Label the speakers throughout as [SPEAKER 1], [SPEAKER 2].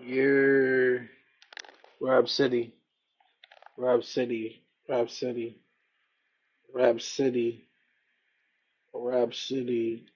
[SPEAKER 1] You're rap City, rap City, rap City, rap City, rap City.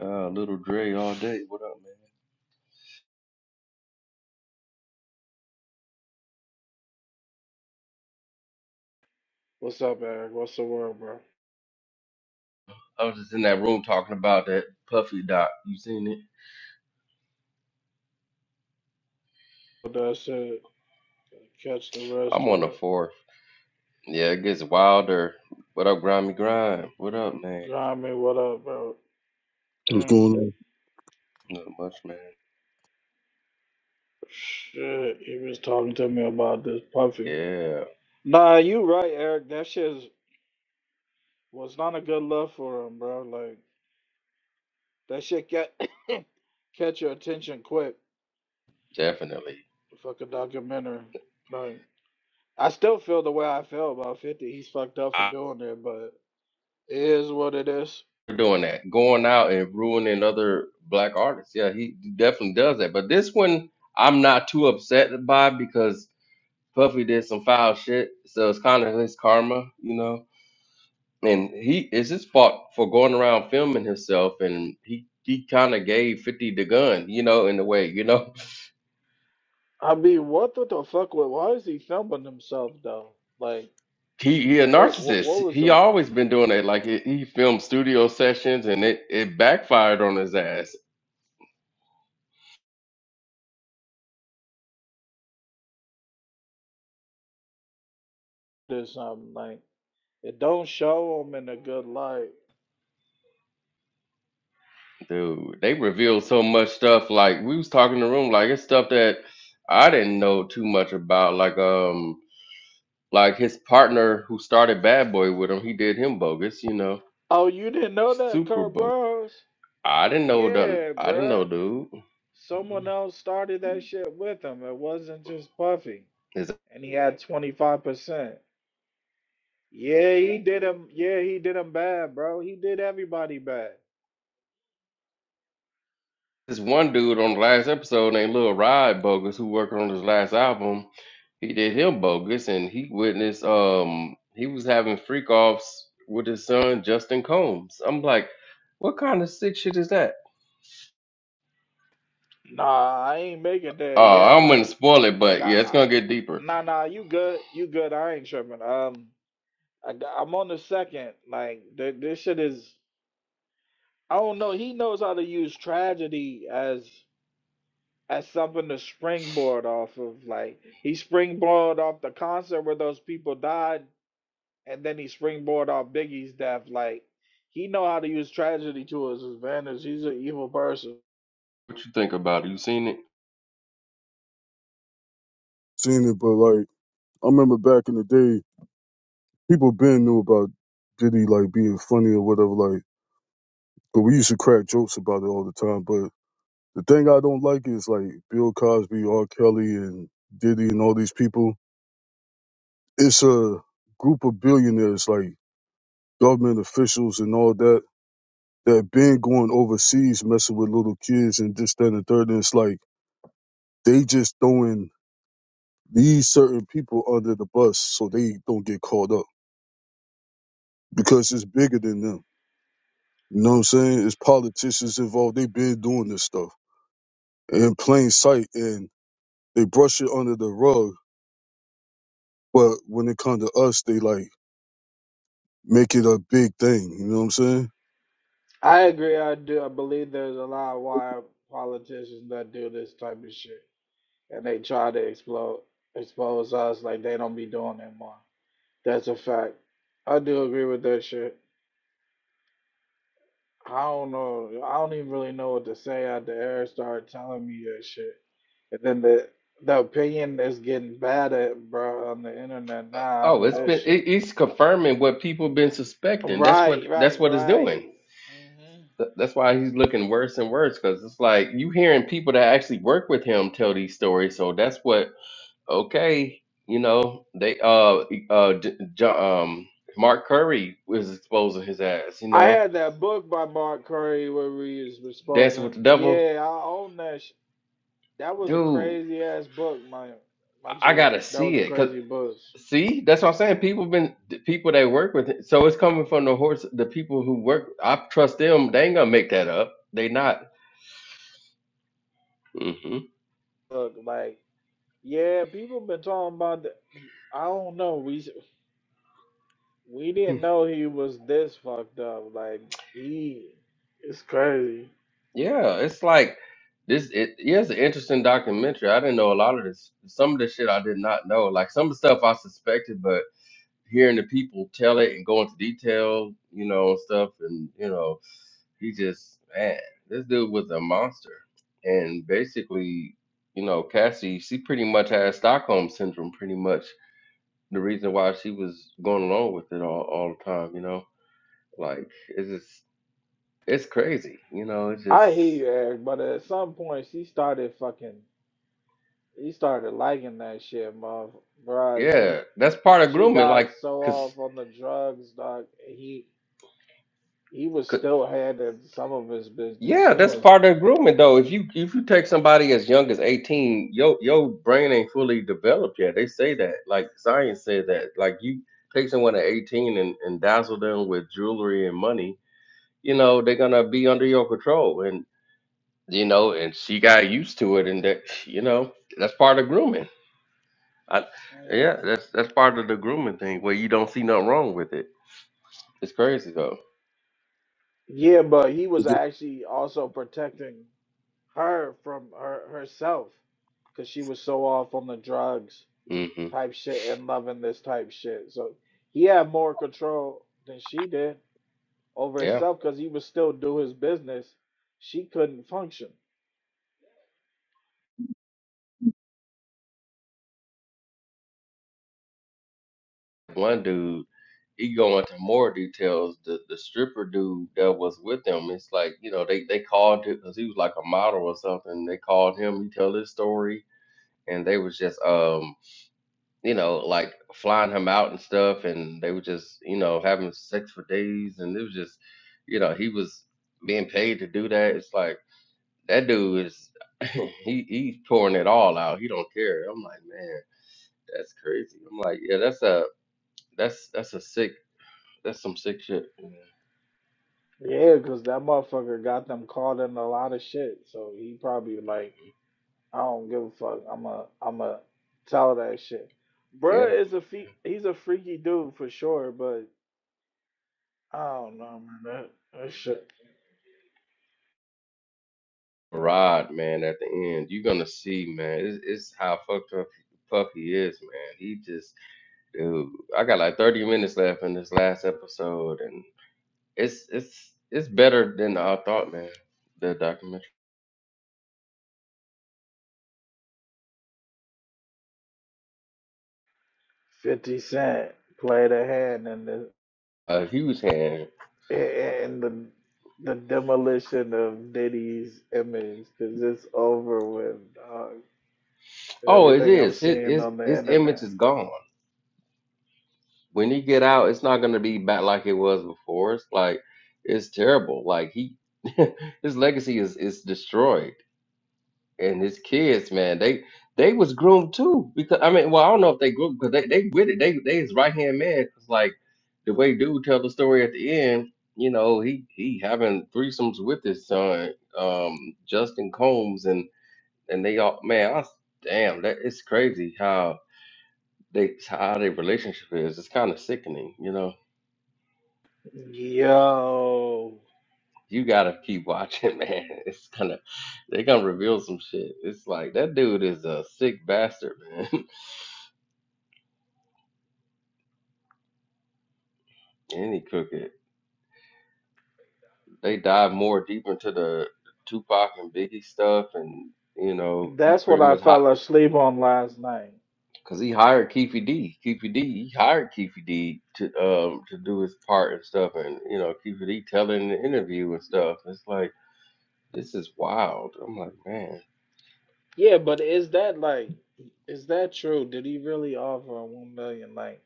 [SPEAKER 2] Uh, little Dre all day. What up, man?
[SPEAKER 1] What's up, Eric? What's the word, bro?
[SPEAKER 2] I was just in that room talking about that Puffy doc. You seen it?
[SPEAKER 1] that's it. Catch the rest
[SPEAKER 2] I'm
[SPEAKER 1] of
[SPEAKER 2] on the
[SPEAKER 1] it.
[SPEAKER 2] fourth. Yeah, it gets wilder. What up, Grimy Grime? What up, man?
[SPEAKER 1] Grimy, what up, bro?
[SPEAKER 3] what's
[SPEAKER 1] Mm.
[SPEAKER 3] going on.
[SPEAKER 2] Not much, man.
[SPEAKER 1] Shit, he was talking to me about this puffy.
[SPEAKER 2] Yeah,
[SPEAKER 1] Nah, you right, Eric. That shit is- was not a good look for him, bro. Like that shit got catch your attention quick.
[SPEAKER 2] definitely.
[SPEAKER 1] Fuck a documentary. like. I still feel the way I feel about 50. He's fucked up for
[SPEAKER 2] i
[SPEAKER 1] doing it, but it is what it is.
[SPEAKER 2] doing that. Going out and ruining other black artists. Yeah, he definitely does that. But this one, I'm not too upset by because Puffy did some foul shit. So it's kind of his karma, you know? and he is his fault for going around filming himself and he he kind of gave 50 the gun you know in a way you know
[SPEAKER 1] I mean, what the, the fuck? wa- Why is he filming himself, though? Like,
[SPEAKER 2] he he a
[SPEAKER 1] what what, what
[SPEAKER 2] narcissist
[SPEAKER 1] was
[SPEAKER 2] he
[SPEAKER 1] the,
[SPEAKER 2] always been doing that like he, he filmed studio sessions and it it backfired on his ass
[SPEAKER 1] this, um, like, it don't show him in a good light.
[SPEAKER 2] dude they revealed so much stuff like we was talking in the room like it's stuff that i didn't know too much about like um like his partner who started bad boy with him he did him bogus you know
[SPEAKER 1] Oh, you didn't know that,
[SPEAKER 2] super
[SPEAKER 1] Kurt
[SPEAKER 2] bogus
[SPEAKER 1] Burrows?
[SPEAKER 2] i didn't know that.
[SPEAKER 1] Yeah,
[SPEAKER 2] i didn't know
[SPEAKER 1] bruh.
[SPEAKER 2] dude
[SPEAKER 1] Someone else started that shit with him. It wasn't just Puffy.
[SPEAKER 2] There's
[SPEAKER 1] And he had 25%. Yeah, he did him. Yeah, he did him bad, bro. He did everybody bad.
[SPEAKER 2] this one dude on the last episode named Lil Rod Bogus who worked on his last album. He did him bogus and he witnessed um he was having freak offs with his son Justin Combs. I'm like, what kind of sick shit is that?
[SPEAKER 1] Nah, I ain't make it there
[SPEAKER 2] Oh,
[SPEAKER 1] yet.
[SPEAKER 2] I'm gonna
[SPEAKER 1] Like,
[SPEAKER 2] spoil it,
[SPEAKER 1] I
[SPEAKER 2] but
[SPEAKER 1] got,
[SPEAKER 2] yeah, it's
[SPEAKER 1] I,
[SPEAKER 2] gonna get deeper.
[SPEAKER 1] nah, nah, you good, you good. I ain't tripping. Um, I got, I'm on the second. Like, th this shit is, I don't know. He knows how to use tragedy as as something to springboard off of. Like, he springboard off the concert where those people died, and then he springboard off Biggie's death. Like, he know how to use tragedy to his advantage. He's an evil person.
[SPEAKER 2] What you think about it? You seen it?
[SPEAKER 3] Seen it, but like I remember back in the day, people been knew about Diddy like being funny or whatever. Like, but we used to crack jokes about it all the time. But the thing I don't like is like Bill Cosby, R. Kelly, and Diddy, and all these people. It's a group of billionaires, like government officials and all that, that been going overseas messing with little kids and this, that, and the third. And it's like they just throwing these certain people under the bus so they don't get caught up because it's bigger than them You know what I'm saying? It's politicians involved. They've been doing this stuff in plain sight and they brush it under the rug. But when it comes to us, they like make it a big thing. You know what I'm saying?
[SPEAKER 1] I agree. I do. I believe there's a lot of wild politicians that do this type of shit, and they try to explode expose us like they don't be doing that more. That's a fact. I do agree with that shit. I don't know. I don't even really know what to say after Eric started telling me that shit, and then the the opinion is getting bad at bro on the internet now
[SPEAKER 2] Oh,
[SPEAKER 1] after
[SPEAKER 2] it's
[SPEAKER 1] this
[SPEAKER 2] been it,
[SPEAKER 1] shit.
[SPEAKER 2] it's confirming what people been suspecting. That's what
[SPEAKER 1] Right,
[SPEAKER 2] that's
[SPEAKER 1] right,
[SPEAKER 2] what it's doing.
[SPEAKER 1] right. Mm-hmm.
[SPEAKER 2] Th- That's why he's looking worse and worse because it's like you hearing people that actually work with him tell these stories. So that's what okay, you know, they uh uh J- J- um Mark Curry was exposing his ass, you
[SPEAKER 1] I
[SPEAKER 2] know,
[SPEAKER 1] had that book by Mark Curry where we was
[SPEAKER 2] dancing
[SPEAKER 1] exposing.
[SPEAKER 2] with the devil,
[SPEAKER 1] Yeah, I own that. Sh- that was a
[SPEAKER 2] dude.
[SPEAKER 1] crazy ass book, my my
[SPEAKER 2] I I
[SPEAKER 1] G.
[SPEAKER 2] gotta
[SPEAKER 1] That
[SPEAKER 2] see
[SPEAKER 1] was a
[SPEAKER 2] it, cause
[SPEAKER 1] crazy book.
[SPEAKER 2] see, that's what I'm saying. People been the people that work with it, so it's coming from the horse. The people who work, I trust them. They ain't gonna make that up. They not. hmm
[SPEAKER 1] Look, like yeah, people been talking about. The, I don't know. We s- we didn't know he was this fucked up. Like he, it's crazy.
[SPEAKER 2] Yeah, it's like this. It, yeah, it's an interesting documentary. I didn't know a lot of this. Some of the shit I did not know. Like some of the stuff I suspected, but. hearing the people tell it and go into detail, you know, and stuff. And, you know, he just, man, this dude was a monster. And basically, you know, Cassie, she pretty much had Stockholm syndrome, pretty much the reason why she was going along with it all, all the time, you know? Like, it's just, it's crazy, you know? It's just,
[SPEAKER 1] I hear you, Eric, but at some point she started fucking. He started liking that shit, mother. Bro, she
[SPEAKER 2] yeah, that's part of
[SPEAKER 1] She
[SPEAKER 2] grooming. like
[SPEAKER 1] got
[SPEAKER 2] Like,
[SPEAKER 1] so
[SPEAKER 2] 'cause
[SPEAKER 1] off on the drugs, dog. He he was still handling some of his business.
[SPEAKER 2] Yeah,
[SPEAKER 1] She
[SPEAKER 2] that's
[SPEAKER 1] wasn't.
[SPEAKER 2] part of grooming though. If you if you take somebody as young as 18, your your brain ain't fully developed yet. They say that. Like science said that. Like you take someone at 18 and, and dazzle them with jewelry and money, you know, they're gonna be under your control. And you know, and she got used to it and that you know, that's part of grooming. I, yeah, that's that's part of the grooming thing where you don't see nothing wrong with it. It's crazy though.
[SPEAKER 1] Yeah, but he
[SPEAKER 3] But
[SPEAKER 1] was
[SPEAKER 3] the-
[SPEAKER 1] actually also protecting her from her herself because she was so off on the drugs
[SPEAKER 2] hmm
[SPEAKER 1] type shit and loving this type shit. So he had more control than she did over
[SPEAKER 2] Yeah.
[SPEAKER 1] herself because he would still do his business. She couldn't function.
[SPEAKER 2] One dude. he go into more details. The the stripper dude that was with him, it's like you know they they called him because he was like a model or something. They called him. He tell his story, and they was just um you know like flying him out and stuff, and they were just you know having sex for days, and it was just you know he was being paid to do that. It's like that dude is he he's pouring it all out. He don't care. I'm like man, that's crazy. I'm like yeah, that's a that's that's a sick that's some sick shit.
[SPEAKER 1] Yeah, because that motherfucker got them caught in a lot of shit. So he probably like. I don't give a fuck. I'm a I'm a tell that shit.
[SPEAKER 2] Yeah,
[SPEAKER 1] Bruh is a fe- he's a freaky dude for sure, but I don't know man. That, that shit.
[SPEAKER 2] Rod, man, at the end, you're gonna see, man. It's, it's how fucked up fuck he is, man. He just, dude. I got like 30 minutes left in this last episode, and it's it's it's better than I thought, man. The documentary.
[SPEAKER 1] Fifty Cent played a hand in the
[SPEAKER 2] Uh, Hugh's hand.
[SPEAKER 1] in the the demolition of Diddy's image because it's over with. Dog.
[SPEAKER 2] Oh, it
[SPEAKER 1] Everything I'm
[SPEAKER 2] is. His
[SPEAKER 1] seeing
[SPEAKER 2] his
[SPEAKER 1] on the
[SPEAKER 2] his image
[SPEAKER 1] internet.
[SPEAKER 2] is gone. When he get out, it's not gonna be back like it was before. It's like it's terrible. Like he, his legacy is is destroyed and his kids, man, they they was groomed too. Because I mean, well, I don't know if they groomed because they they with it. They they his right hand man. 'Cause like the way dude tell the story at the end, you know, he he having threesomes with his son, um, Justin Combs, and and they all man, I, s- damn, that it's crazy how they how their relationship is. It's kind of sickening, you know.
[SPEAKER 1] Yo,
[SPEAKER 2] You gotta keep watching, man. It's gonna, they gonna reveal some shit. It's like that dude is a sick bastard, man. and he cook it. they dive more deep into the Tupac and Biggie stuff, and you know he
[SPEAKER 1] that's what
[SPEAKER 2] pretty
[SPEAKER 1] I
[SPEAKER 2] much hot
[SPEAKER 1] fell asleep on last night.
[SPEAKER 2] because he hired Keefy D. Keefy D. He hired Keefy D. to um to do his part and stuff, and you know Keefy D. telling in the interview and stuff. It's like this is wild. I'm like man.
[SPEAKER 1] Yeah, but is that like, is that true? Did he really offer a one million? Like,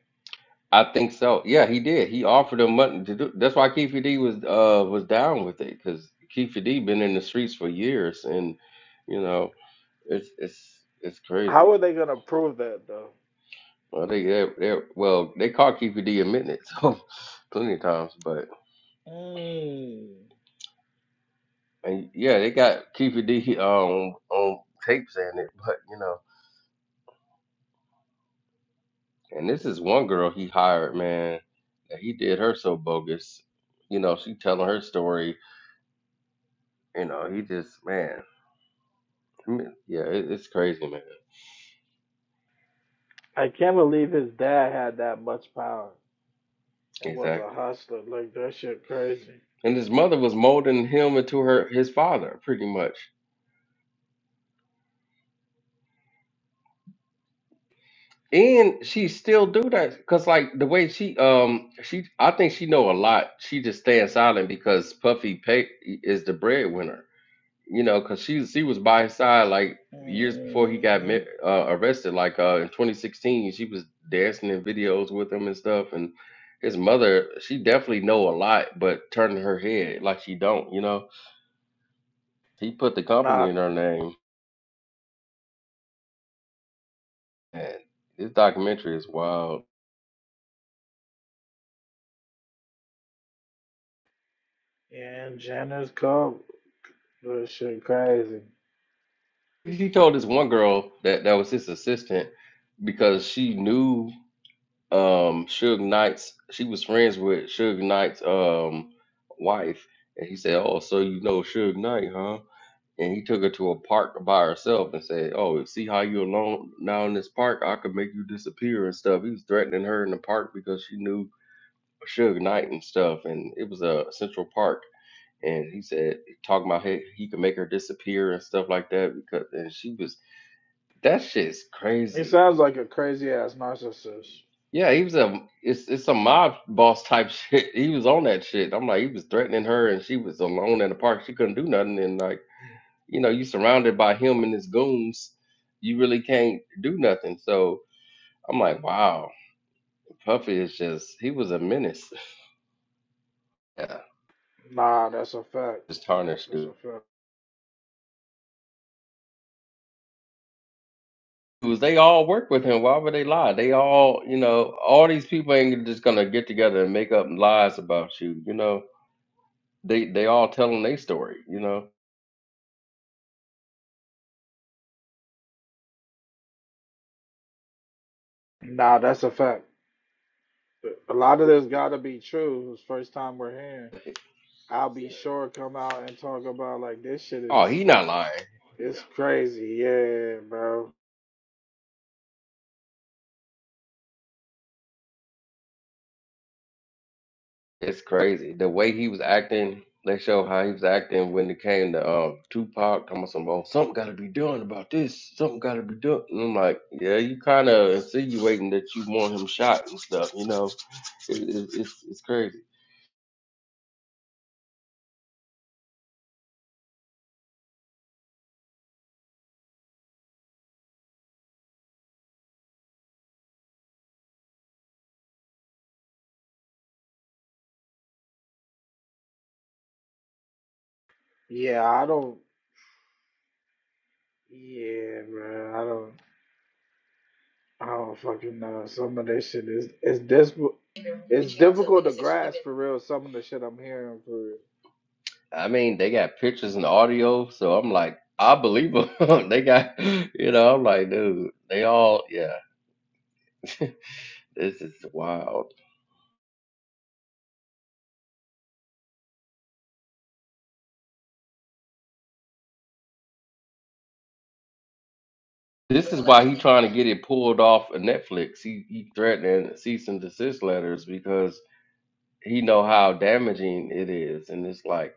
[SPEAKER 2] I think so. Yeah, he did. He offered him money to do. That's why Keefy D was uh was down with it because Keefy D been in the streets for years, and you know it's it's it's crazy.
[SPEAKER 1] how are they gonna prove that though?
[SPEAKER 2] Well, they they they well they caught QPD a minute, so plenty of times. But
[SPEAKER 1] Mm.
[SPEAKER 2] and yeah, they got QPD um on tape saying it, but you know, and this is one girl he hired, man. that He did her so bogus, you know. She telling her story, you know. He just man, I mean, yeah, it, it's crazy, man.
[SPEAKER 1] I can't believe his dad had that much power and was a
[SPEAKER 2] Exactly.
[SPEAKER 1] hustler. Like that shit crazy.
[SPEAKER 2] And his mother was molding him into her his father, pretty much. and she still do that because like the way she um she i think she know a lot she just stands silent because puffy pay is the breadwinner you know because she she was by his side like years before he got
[SPEAKER 1] Mm-hmm.
[SPEAKER 2] mi- uh, arrested like uh in 2016 she was dancing in videos with him and stuff and his mother she definitely know a lot but turning her head like she don't you know he put the company
[SPEAKER 1] Not
[SPEAKER 2] in her name and this documentary is wild
[SPEAKER 1] in Jenner's coat. That shit crazy.
[SPEAKER 2] He told this one girl that that was his assistant because she knew um Suge Knight's. She was friends with Suge Knight's um wife, and he said, "Oh, so you know Suge Knight, huh?" And he took her to a park by herself and said, "Oh, see how you alone now in this park? I could make you disappear and stuff." He was threatening her in the park because she knew Suge Knight and stuff, and it was a Central Park. And he said, talking about he, he could make her disappear and stuff like that because and she was that shit's
[SPEAKER 1] He
[SPEAKER 2] crazy.
[SPEAKER 1] sounds like a crazy ass narcissist.
[SPEAKER 2] Yeah, he was a it's it's a mob boss type shit. He was on that shit. I'm like, he was threatening her, and she was alone in the park. She couldn't do nothing, and like, you know, you surrounded by him and his goons, you really can't do nothing. So I'm like, wow, Puffy is just he was a menace. Yeah,
[SPEAKER 1] Nah, that's a fact.
[SPEAKER 2] just tarnished
[SPEAKER 1] That's a
[SPEAKER 2] dude.
[SPEAKER 1] fact.
[SPEAKER 2] Was they all work with him? Why would they lie? They all, you know, all these people ain't just gonna get together and make up lies about you. You know, they they all telling their story. You know.
[SPEAKER 1] Nah, that's a fact. A lot of this gotta be true. It's first time we're hearing. I'll be sure to come out and talk about like this shit
[SPEAKER 2] Oh,
[SPEAKER 1] is
[SPEAKER 2] he not lying.
[SPEAKER 1] it's crazy. Yeah, bro.
[SPEAKER 2] It's crazy. The way he was acting, they show how he was acting when it came to um Tupac talking about some oh, something gotta be done about this. Something gotta be done. And I'm like, yeah, you kinda insinuating that you want him shot and stuff, you know. It, it, it's it's crazy.
[SPEAKER 1] Yeah, I don't yeah, bro. I don't I don't fucking know. Some of this shit is it's this it's difficult to grasp for real some of the shit I'm hearing for real.
[SPEAKER 2] I mean, they got pictures and audio, so I'm like, I believe them. they got you know, I'm like, dude, they all yeah, this is wild. This is why he trying to get it pulled off of Netflix. He he threatening cease and desist letters because he know how damaging it is, and it's like,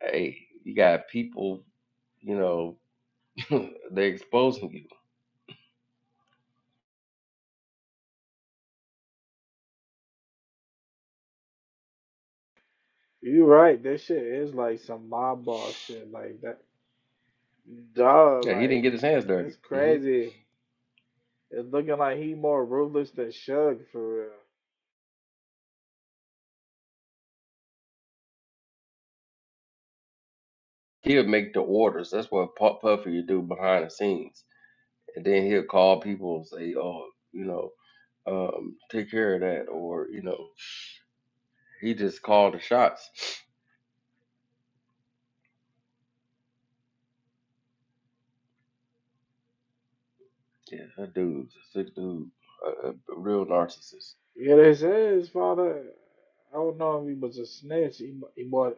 [SPEAKER 2] hey, you got people, you know, they exposing you.
[SPEAKER 1] You right, this shit is like some mob boss shit like that. Duh,
[SPEAKER 2] Yeah, he didn't
[SPEAKER 1] like
[SPEAKER 2] get his hands dirty.
[SPEAKER 1] it's
[SPEAKER 2] hmm
[SPEAKER 1] crazy. It's looking like he more ruthless than Shug for real.
[SPEAKER 2] He'll make the orders. That's what Pu- Puffy would do behind the scenes, and then he'll call people and say, oh, you know, um, take care of that, or you know, he just called the shots. Yeah, that dude's a sick dude, a, a a real narcissist.
[SPEAKER 1] Yeah, they said his father. I don't know if he was a snitch. He mu- he might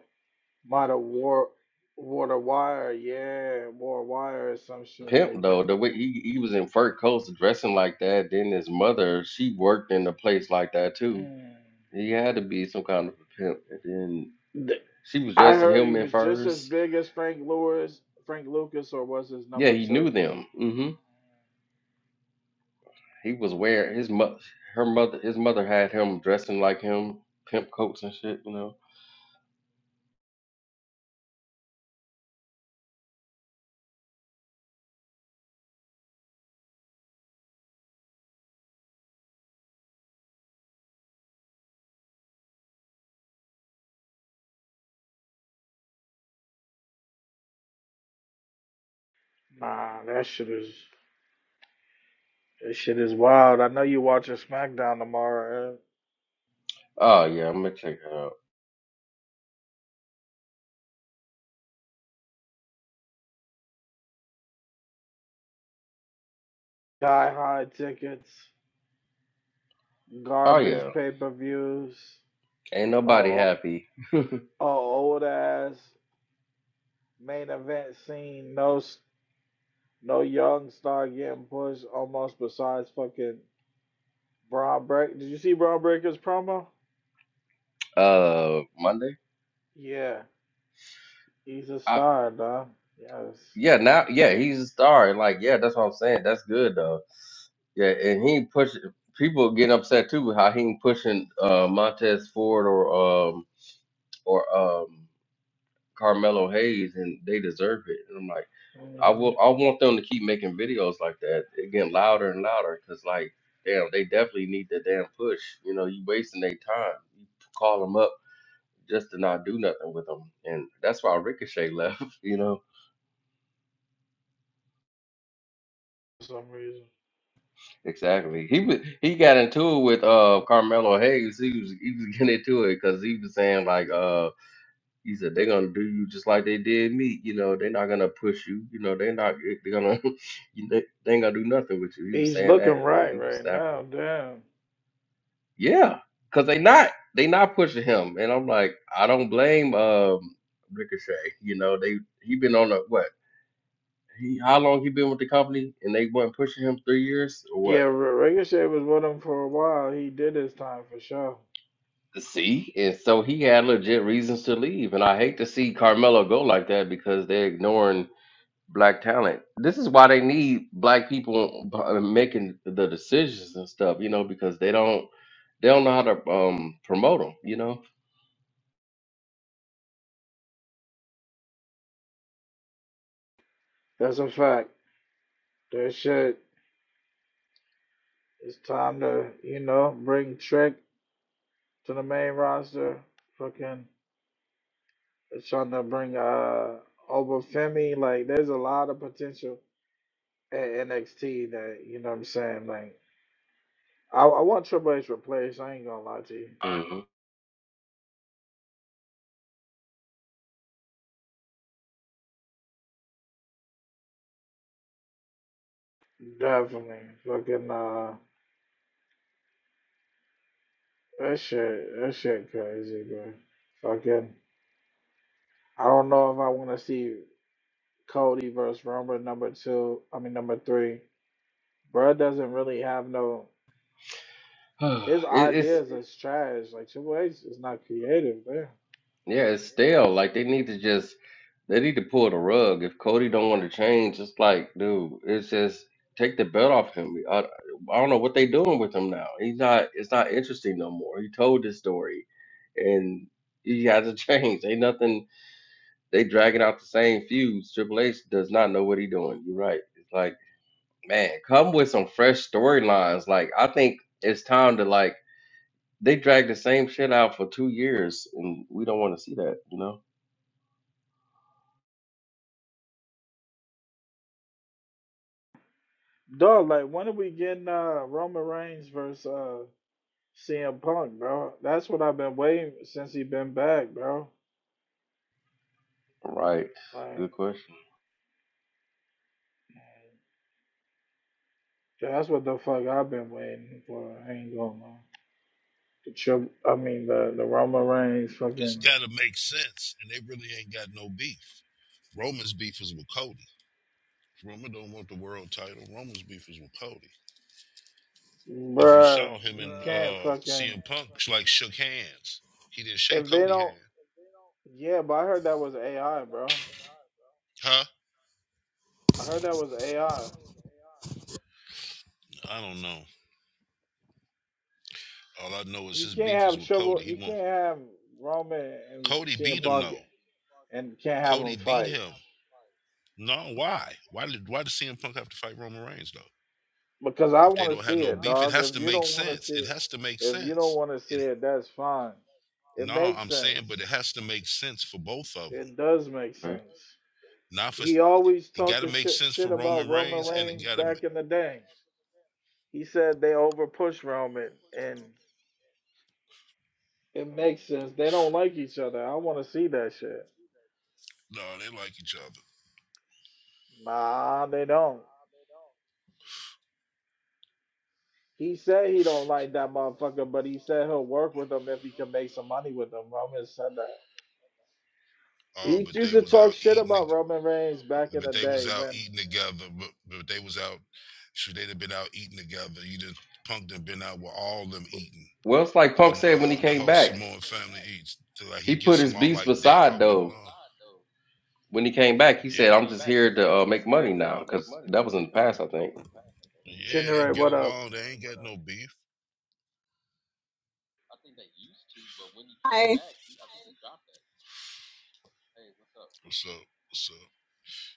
[SPEAKER 1] might have wore wore the wire. Yeah, wore a wire or some shit
[SPEAKER 2] pimp
[SPEAKER 1] like
[SPEAKER 2] though.
[SPEAKER 1] that.
[SPEAKER 2] The way he, he was in fur coats dressing like that. Then his mother, she worked in a place like that
[SPEAKER 1] Like,
[SPEAKER 2] too.
[SPEAKER 1] mm.
[SPEAKER 2] He had to be some kind of a pimp. And then
[SPEAKER 1] The-
[SPEAKER 2] she was
[SPEAKER 1] I
[SPEAKER 2] dressing
[SPEAKER 1] heard he
[SPEAKER 2] him in
[SPEAKER 1] was just as
[SPEAKER 2] furs.
[SPEAKER 1] big as Frank Lewis, Frank Lucas, or was his
[SPEAKER 2] Yeah,
[SPEAKER 1] number
[SPEAKER 2] he
[SPEAKER 1] two?
[SPEAKER 2] knew them. hmm He was wearing his mother, her mother, his mother had him dressing like him, pimp coats and shit. You know.
[SPEAKER 1] Nah, that shit is that shit is wild. I know you watching SmackDown tomorrow. Eh?
[SPEAKER 2] Oh yeah, I'm gonna check it out.
[SPEAKER 1] Guy high tickets,
[SPEAKER 2] Oh
[SPEAKER 1] garbage
[SPEAKER 2] yeah,
[SPEAKER 1] pay per views,
[SPEAKER 2] ain't nobody
[SPEAKER 1] oh,
[SPEAKER 2] happy.
[SPEAKER 1] oh, old ass. Main event scene, no s- no young star getting pushed almost besides fucking Braun Break. Did you see Braun Breaker's promo?
[SPEAKER 2] Uh, Monday.
[SPEAKER 1] Yeah, he's a
[SPEAKER 2] I
[SPEAKER 1] star, dog. Yes.
[SPEAKER 2] yeah now yeah he's a star. Like yeah, that's what I'm saying. That's good though Yeah, and he push people get upset too how he pushing uh, Montez Ford or um or um Carmelo Hayes, and they deserve it. And I'm like, I
[SPEAKER 1] hmm
[SPEAKER 2] will, I want them to keep making videos like that, It getting louder and louder, cause like, damn, they definitely need the damn push. You know, you wasting their time. You call them up just to not do nothing with them, and that's why Ricochet left. You know,
[SPEAKER 1] For some reason.
[SPEAKER 2] exactly. He was, he got into it with uh Carmelo Hayes. He was he was getting into it because he was saying like uh. He said they're gonna do you just like they did me. You know, they're not gonna push you. You know, they're not they're gonna you know, they ain't gonna do nothing with you. He was
[SPEAKER 1] He's
[SPEAKER 2] saying that,
[SPEAKER 1] looking
[SPEAKER 2] and then
[SPEAKER 1] right
[SPEAKER 2] he was
[SPEAKER 1] right
[SPEAKER 2] snapping.
[SPEAKER 1] now, damn.
[SPEAKER 2] Yeah, cause they not they not pushing him, and I'm like, I don't blame um Ricochet. You know, they he been on a what? He how long he been with the company, and they weren't pushing him three years or what?
[SPEAKER 1] Yeah, Re- Ricochet was with him for a while. He did his time for sure.
[SPEAKER 2] See, and so he had legit reasons to leave, and I hate to see Carmelo go like that because they're ignoring black talent. This is why they need black people b- making the decisions and stuff, you know, because they don't they don't know how to um promote them, you know.
[SPEAKER 1] That's a fact. That shit. It's time to, you know, bring Trick to the main roster. Fucking trying to bring uh Obafemi Like, there's a lot of potential at NXT that you know what I'm saying. Like, I, I want Triple H replaced. I ain't gonna lie to you.
[SPEAKER 2] Mhm.
[SPEAKER 1] Definitely, fucking uh, that shit, that shit crazy, bro. Fucking, I don't know if I want to see Cody versus Roman number two. I mean number three. Bro doesn't really have no. His
[SPEAKER 2] it, it's
[SPEAKER 1] ideas is trash. Like Triple H is not creative, man.
[SPEAKER 2] yeah, it's stale. Like they need to just they need to pull the rug. If Cody don't want to change, it's like, dude, it's just take the belt off him. I, I don't know what they doing with him now. He's not. It's not interesting no more. He told this story, and he has to change. Ain't nothing. They dragging out the same feuds. Triple H does not know what he's doing. You're right. It's like, man, come with some fresh storylines. Like, I think it's time to like they dragged the same shit out for two years, and we don't want to see that. You know?
[SPEAKER 1] Dog, like when are we getting uh Roman Reigns versus uh CM Punk, bro? That's what I've been waiting since he been back, bro.
[SPEAKER 2] Right.
[SPEAKER 1] Like
[SPEAKER 2] Good question.
[SPEAKER 1] that's what the fuck I've been waiting for. I ain't going on. The trip, I mean the the Roman Reigns
[SPEAKER 4] It's
[SPEAKER 1] fucking
[SPEAKER 4] got to make sense, and they really ain't got no beef. Roman's beef is with Cody. Roman don't want the world title. Roman's beef is with Cody. If you
[SPEAKER 1] bruh,
[SPEAKER 4] saw him and
[SPEAKER 1] You can't
[SPEAKER 4] uh,
[SPEAKER 1] fucking
[SPEAKER 4] CM Punk like shook hands, he didn't shake
[SPEAKER 1] if they
[SPEAKER 4] Cody hand,
[SPEAKER 1] don't yeah, but I heard that was AI, bro.
[SPEAKER 4] huh?
[SPEAKER 1] I heard that was AI.
[SPEAKER 4] I don't know. All I know is
[SPEAKER 1] You
[SPEAKER 4] his
[SPEAKER 1] can't
[SPEAKER 4] beef is
[SPEAKER 1] have
[SPEAKER 4] with
[SPEAKER 1] trouble
[SPEAKER 4] Cody. He
[SPEAKER 1] you
[SPEAKER 4] won't.
[SPEAKER 1] can't have Roman and
[SPEAKER 4] Cody
[SPEAKER 1] CM
[SPEAKER 4] beat him
[SPEAKER 1] Punk
[SPEAKER 4] though.
[SPEAKER 1] and can't have
[SPEAKER 4] Cody
[SPEAKER 1] them
[SPEAKER 4] beat
[SPEAKER 1] fight.
[SPEAKER 4] him. No, why? Why did why did CM Punk have to fight Roman Reigns though?
[SPEAKER 1] because I
[SPEAKER 4] If they
[SPEAKER 1] want to
[SPEAKER 4] don't have
[SPEAKER 1] see
[SPEAKER 4] no
[SPEAKER 1] it,
[SPEAKER 4] beef, it
[SPEAKER 1] dog.
[SPEAKER 4] has
[SPEAKER 1] If
[SPEAKER 4] to
[SPEAKER 1] you
[SPEAKER 4] make
[SPEAKER 1] don't want to
[SPEAKER 4] sense.
[SPEAKER 1] see
[SPEAKER 4] It
[SPEAKER 1] it,
[SPEAKER 4] has to make
[SPEAKER 1] if you don't
[SPEAKER 4] sense.
[SPEAKER 1] want to see
[SPEAKER 4] It
[SPEAKER 1] it, that's fine. It
[SPEAKER 4] no,
[SPEAKER 1] makes
[SPEAKER 4] I'm saying, but
[SPEAKER 1] sense.
[SPEAKER 4] it has to make sense for both of them.
[SPEAKER 1] It does make
[SPEAKER 2] man.
[SPEAKER 1] sense.
[SPEAKER 4] Not for
[SPEAKER 1] He always
[SPEAKER 4] it got
[SPEAKER 1] talked
[SPEAKER 4] to
[SPEAKER 1] the
[SPEAKER 4] make
[SPEAKER 1] shit,
[SPEAKER 4] sense for
[SPEAKER 1] shit about
[SPEAKER 4] Roman
[SPEAKER 1] Roman
[SPEAKER 4] Reigns, and it
[SPEAKER 1] Reigns
[SPEAKER 4] got to
[SPEAKER 1] back in the
[SPEAKER 4] no,
[SPEAKER 1] day. He said they overpush Roman, and it makes sense. They don't like each other. I want to see that shit.
[SPEAKER 4] they like each other.
[SPEAKER 1] Nah, they don't. He said he don't like that motherfucker, but he said he'll work with him if he can make some money with him. Roman said that.
[SPEAKER 4] Oh,
[SPEAKER 1] He
[SPEAKER 4] but
[SPEAKER 1] used
[SPEAKER 4] they
[SPEAKER 1] to
[SPEAKER 4] was
[SPEAKER 1] talk
[SPEAKER 4] out
[SPEAKER 1] shit
[SPEAKER 4] eating.
[SPEAKER 1] about Roman Reigns back
[SPEAKER 4] toge-
[SPEAKER 1] in
[SPEAKER 4] But
[SPEAKER 1] the
[SPEAKER 4] they was
[SPEAKER 1] day
[SPEAKER 4] out
[SPEAKER 1] when
[SPEAKER 4] eating together. But, but they was out. Should they'd have been out eating together? You done punk done been out with all them eating.
[SPEAKER 2] Well, it's like Punk
[SPEAKER 4] When
[SPEAKER 2] said when he
[SPEAKER 4] uh, the
[SPEAKER 2] came
[SPEAKER 4] whole
[SPEAKER 2] back.
[SPEAKER 4] Samoan family eats, so like
[SPEAKER 2] He
[SPEAKER 4] he
[SPEAKER 2] put
[SPEAKER 4] gets
[SPEAKER 2] his
[SPEAKER 4] along
[SPEAKER 2] beast
[SPEAKER 4] like they
[SPEAKER 2] aside,
[SPEAKER 4] all get
[SPEAKER 2] though.
[SPEAKER 4] along.
[SPEAKER 2] When he came back, he said,
[SPEAKER 4] Yeah,
[SPEAKER 2] "I'm
[SPEAKER 4] Came
[SPEAKER 2] just
[SPEAKER 4] back. He
[SPEAKER 2] here
[SPEAKER 4] said,
[SPEAKER 2] to
[SPEAKER 4] "I'm
[SPEAKER 2] uh, make
[SPEAKER 4] just here
[SPEAKER 2] money
[SPEAKER 4] to
[SPEAKER 2] now,"
[SPEAKER 4] uh, make
[SPEAKER 2] because
[SPEAKER 4] money
[SPEAKER 2] that was
[SPEAKER 4] now."
[SPEAKER 2] in the
[SPEAKER 4] 'cause
[SPEAKER 2] past, I
[SPEAKER 4] that
[SPEAKER 2] think.
[SPEAKER 4] was the yeah, they
[SPEAKER 1] Chinnery,
[SPEAKER 4] get
[SPEAKER 1] what up?
[SPEAKER 4] along. They ain't got no beef. I think they used to, but when he came
[SPEAKER 5] Hi.
[SPEAKER 4] back, he, I think he dropped that. Hey, what's up? What's up? What's up?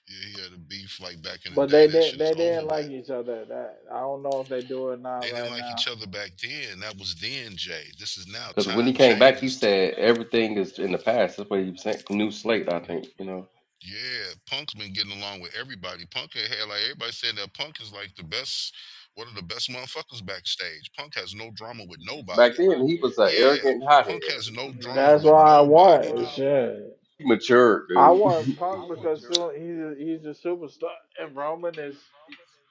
[SPEAKER 4] Yeah, he had a beef like back in the
[SPEAKER 1] But
[SPEAKER 4] day.
[SPEAKER 1] they
[SPEAKER 4] That
[SPEAKER 1] didn't
[SPEAKER 4] shit is
[SPEAKER 1] they
[SPEAKER 4] over
[SPEAKER 1] didn't like
[SPEAKER 4] with.
[SPEAKER 1] each other. That I don't know if they do or not
[SPEAKER 4] They didn't
[SPEAKER 1] right
[SPEAKER 4] like each
[SPEAKER 1] now.
[SPEAKER 4] other back then. That was then, Jay. This is now.
[SPEAKER 2] Because when he
[SPEAKER 4] Time
[SPEAKER 2] came back, he
[SPEAKER 4] changes. Ti-
[SPEAKER 2] said everything is in the past. That's what he was saying. New slate, I think. You know.
[SPEAKER 4] Yeah, Punk's been getting along with everybody. Punk had had, like everybody saying that Punk is like the best, one of the best motherfuckers backstage. Punk has no drama with
[SPEAKER 2] Back
[SPEAKER 4] nobody.
[SPEAKER 2] then, he was an
[SPEAKER 4] Yeah,
[SPEAKER 2] arrogant hothead.
[SPEAKER 4] Punk has no drama
[SPEAKER 1] That's
[SPEAKER 4] with
[SPEAKER 1] why I
[SPEAKER 4] nobody,
[SPEAKER 1] want
[SPEAKER 4] dude.
[SPEAKER 1] shit.
[SPEAKER 2] He matured,
[SPEAKER 1] I
[SPEAKER 2] dude.
[SPEAKER 1] want Punk because soon he's a, he's a superstar and Roman is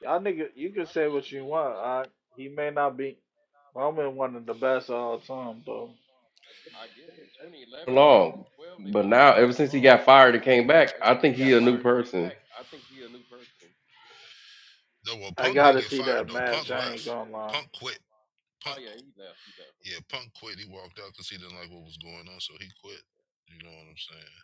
[SPEAKER 1] y'all nigga. You can say what you want. I he may not be Roman one of the best of all time though.
[SPEAKER 4] I get it. In 2011 and
[SPEAKER 2] Long,
[SPEAKER 4] 12, they
[SPEAKER 2] but
[SPEAKER 4] probably
[SPEAKER 2] now
[SPEAKER 4] weren't
[SPEAKER 2] ever
[SPEAKER 4] getting
[SPEAKER 2] since he
[SPEAKER 4] along.
[SPEAKER 2] got fired and
[SPEAKER 4] But
[SPEAKER 2] came
[SPEAKER 4] now,
[SPEAKER 2] back,
[SPEAKER 4] ever
[SPEAKER 2] I
[SPEAKER 4] since he
[SPEAKER 2] think he
[SPEAKER 4] got
[SPEAKER 2] a new
[SPEAKER 4] fired and came
[SPEAKER 2] person.
[SPEAKER 4] back, I think he's a new person. No, well,
[SPEAKER 1] I
[SPEAKER 4] Punk didn't
[SPEAKER 1] gotta
[SPEAKER 4] get
[SPEAKER 1] see
[SPEAKER 4] fired
[SPEAKER 1] that
[SPEAKER 4] though. Punk
[SPEAKER 1] match. I
[SPEAKER 4] left.
[SPEAKER 1] ain't gonna lie.
[SPEAKER 4] Punk quit. Punk, Oh, yeah, he left. He left. yeah, Punk quit. He walked out because he didn't like what was going on, so he quit. You know what I'm saying?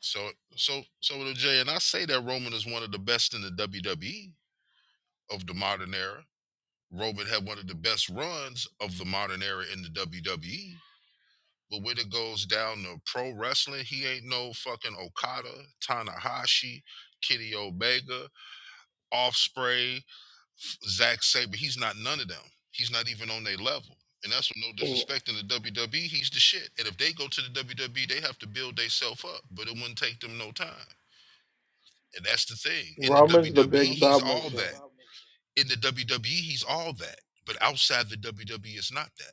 [SPEAKER 4] So, so, so with Jay, and I say that Roman is one of the best in the WWE of the modern era. Roman had one of the best runs of the modern era in the WWE. But when it goes down to pro wrestling, he ain't no fucking Okada, Tanahashi, Kitty Omega, Offspray, Zack Sabre. He's not none of them. He's not even on their level. And that's no disrespect in the WWE. He's the shit. And if they go to the WWE, they have to build themselves up. But it wouldn't take them no time. And that's the thing. In the
[SPEAKER 1] Roman's the
[SPEAKER 4] WWE,
[SPEAKER 1] big
[SPEAKER 4] he's
[SPEAKER 1] belt
[SPEAKER 4] all
[SPEAKER 1] machine.
[SPEAKER 4] that. In the WWE, he's all that. But outside the WWE, it's not that.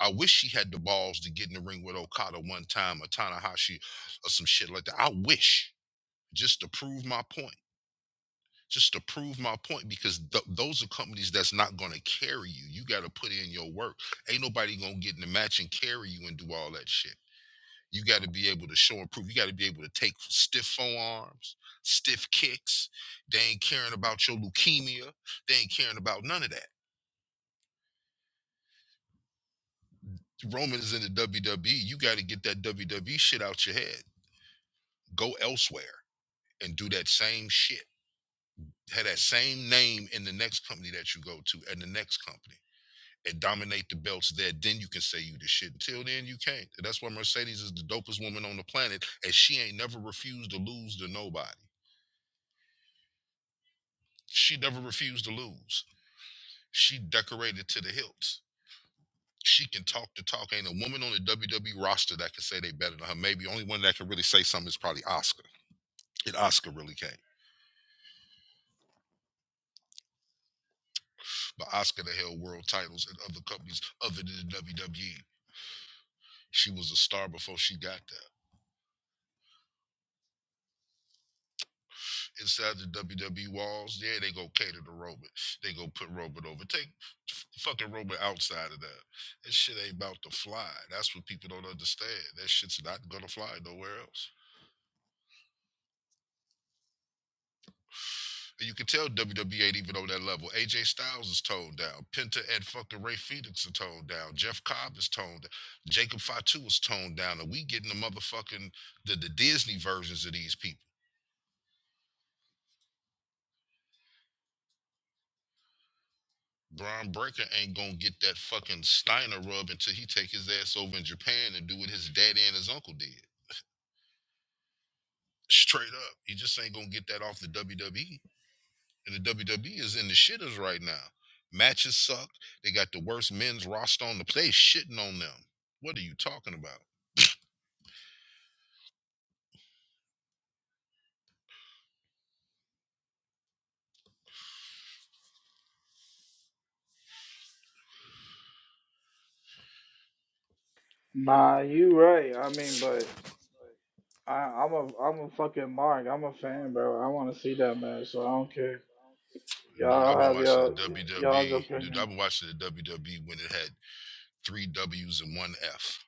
[SPEAKER 4] I wish she had the balls to get in the ring with Okada one time or Tanahashi or some shit like that. I wish just to prove my point. Just to prove my point because th- those are companies that's not going to carry you. You got to put in your work. Ain't nobody going to get in the match and carry you and do all that shit. You got to be able to show and prove. You got to be able to take stiff forearms, stiff kicks. They ain't caring about your leukemia. They ain't caring about none of that. Roman is in the WWE. You got to get that WWE shit out your head. Go elsewhere and do that same shit. Have that same name in the next company that you go to and the next company and dominate the belts there. Then you can say you the shit. Until then, you can't. And that's why Mercedes is the dopest woman on the planet. And she ain't never refused to lose to nobody. She never refused to lose. She decorated to the hilts she can talk the talk. Ain't a woman on the WWE roster that can say they better than her. Maybe only one that can really say something is probably Oscar. And Oscar really can. but Oscar that held world titles in other companies other than the WWE. She was a star before she got there. Inside the WWE walls, yeah, they go cater to Roman. They go put Roman over. Take fucking Roman outside of that. That shit ain't about to fly. That's what people don't understand. That shit's not gonna fly nowhere else. And you can tell WWE ain't even on that level. AJ Styles is toned down. Penta and fucking Ray Phoenix are toned down. Jeff Cobb is toned down. Jacob Fatu is toned down. And we getting the motherfucking the, the Disney versions of these people. Braun Breaker ain't gonna get that fucking Steiner rub until he take his ass over in Japan and do what his daddy and his uncle did. Straight up. He just ain't gonna get that off the WWE. And the WWE is in the shitters right now. Matches suck. They got the worst men's roster on the place shitting on them. What are you talking about?
[SPEAKER 1] Nah, you right. I mean, but I, I'm a I'm a fucking mark. I'm a fan, bro. I want to see that match, so I don't care.
[SPEAKER 4] Dude, I've
[SPEAKER 1] Y'all
[SPEAKER 4] been
[SPEAKER 1] have
[SPEAKER 4] watching
[SPEAKER 1] y'all
[SPEAKER 4] the
[SPEAKER 1] y'all's
[SPEAKER 4] WWE. Dude,
[SPEAKER 1] opinion.
[SPEAKER 4] I've been watching the WWE when it had three W's and one F.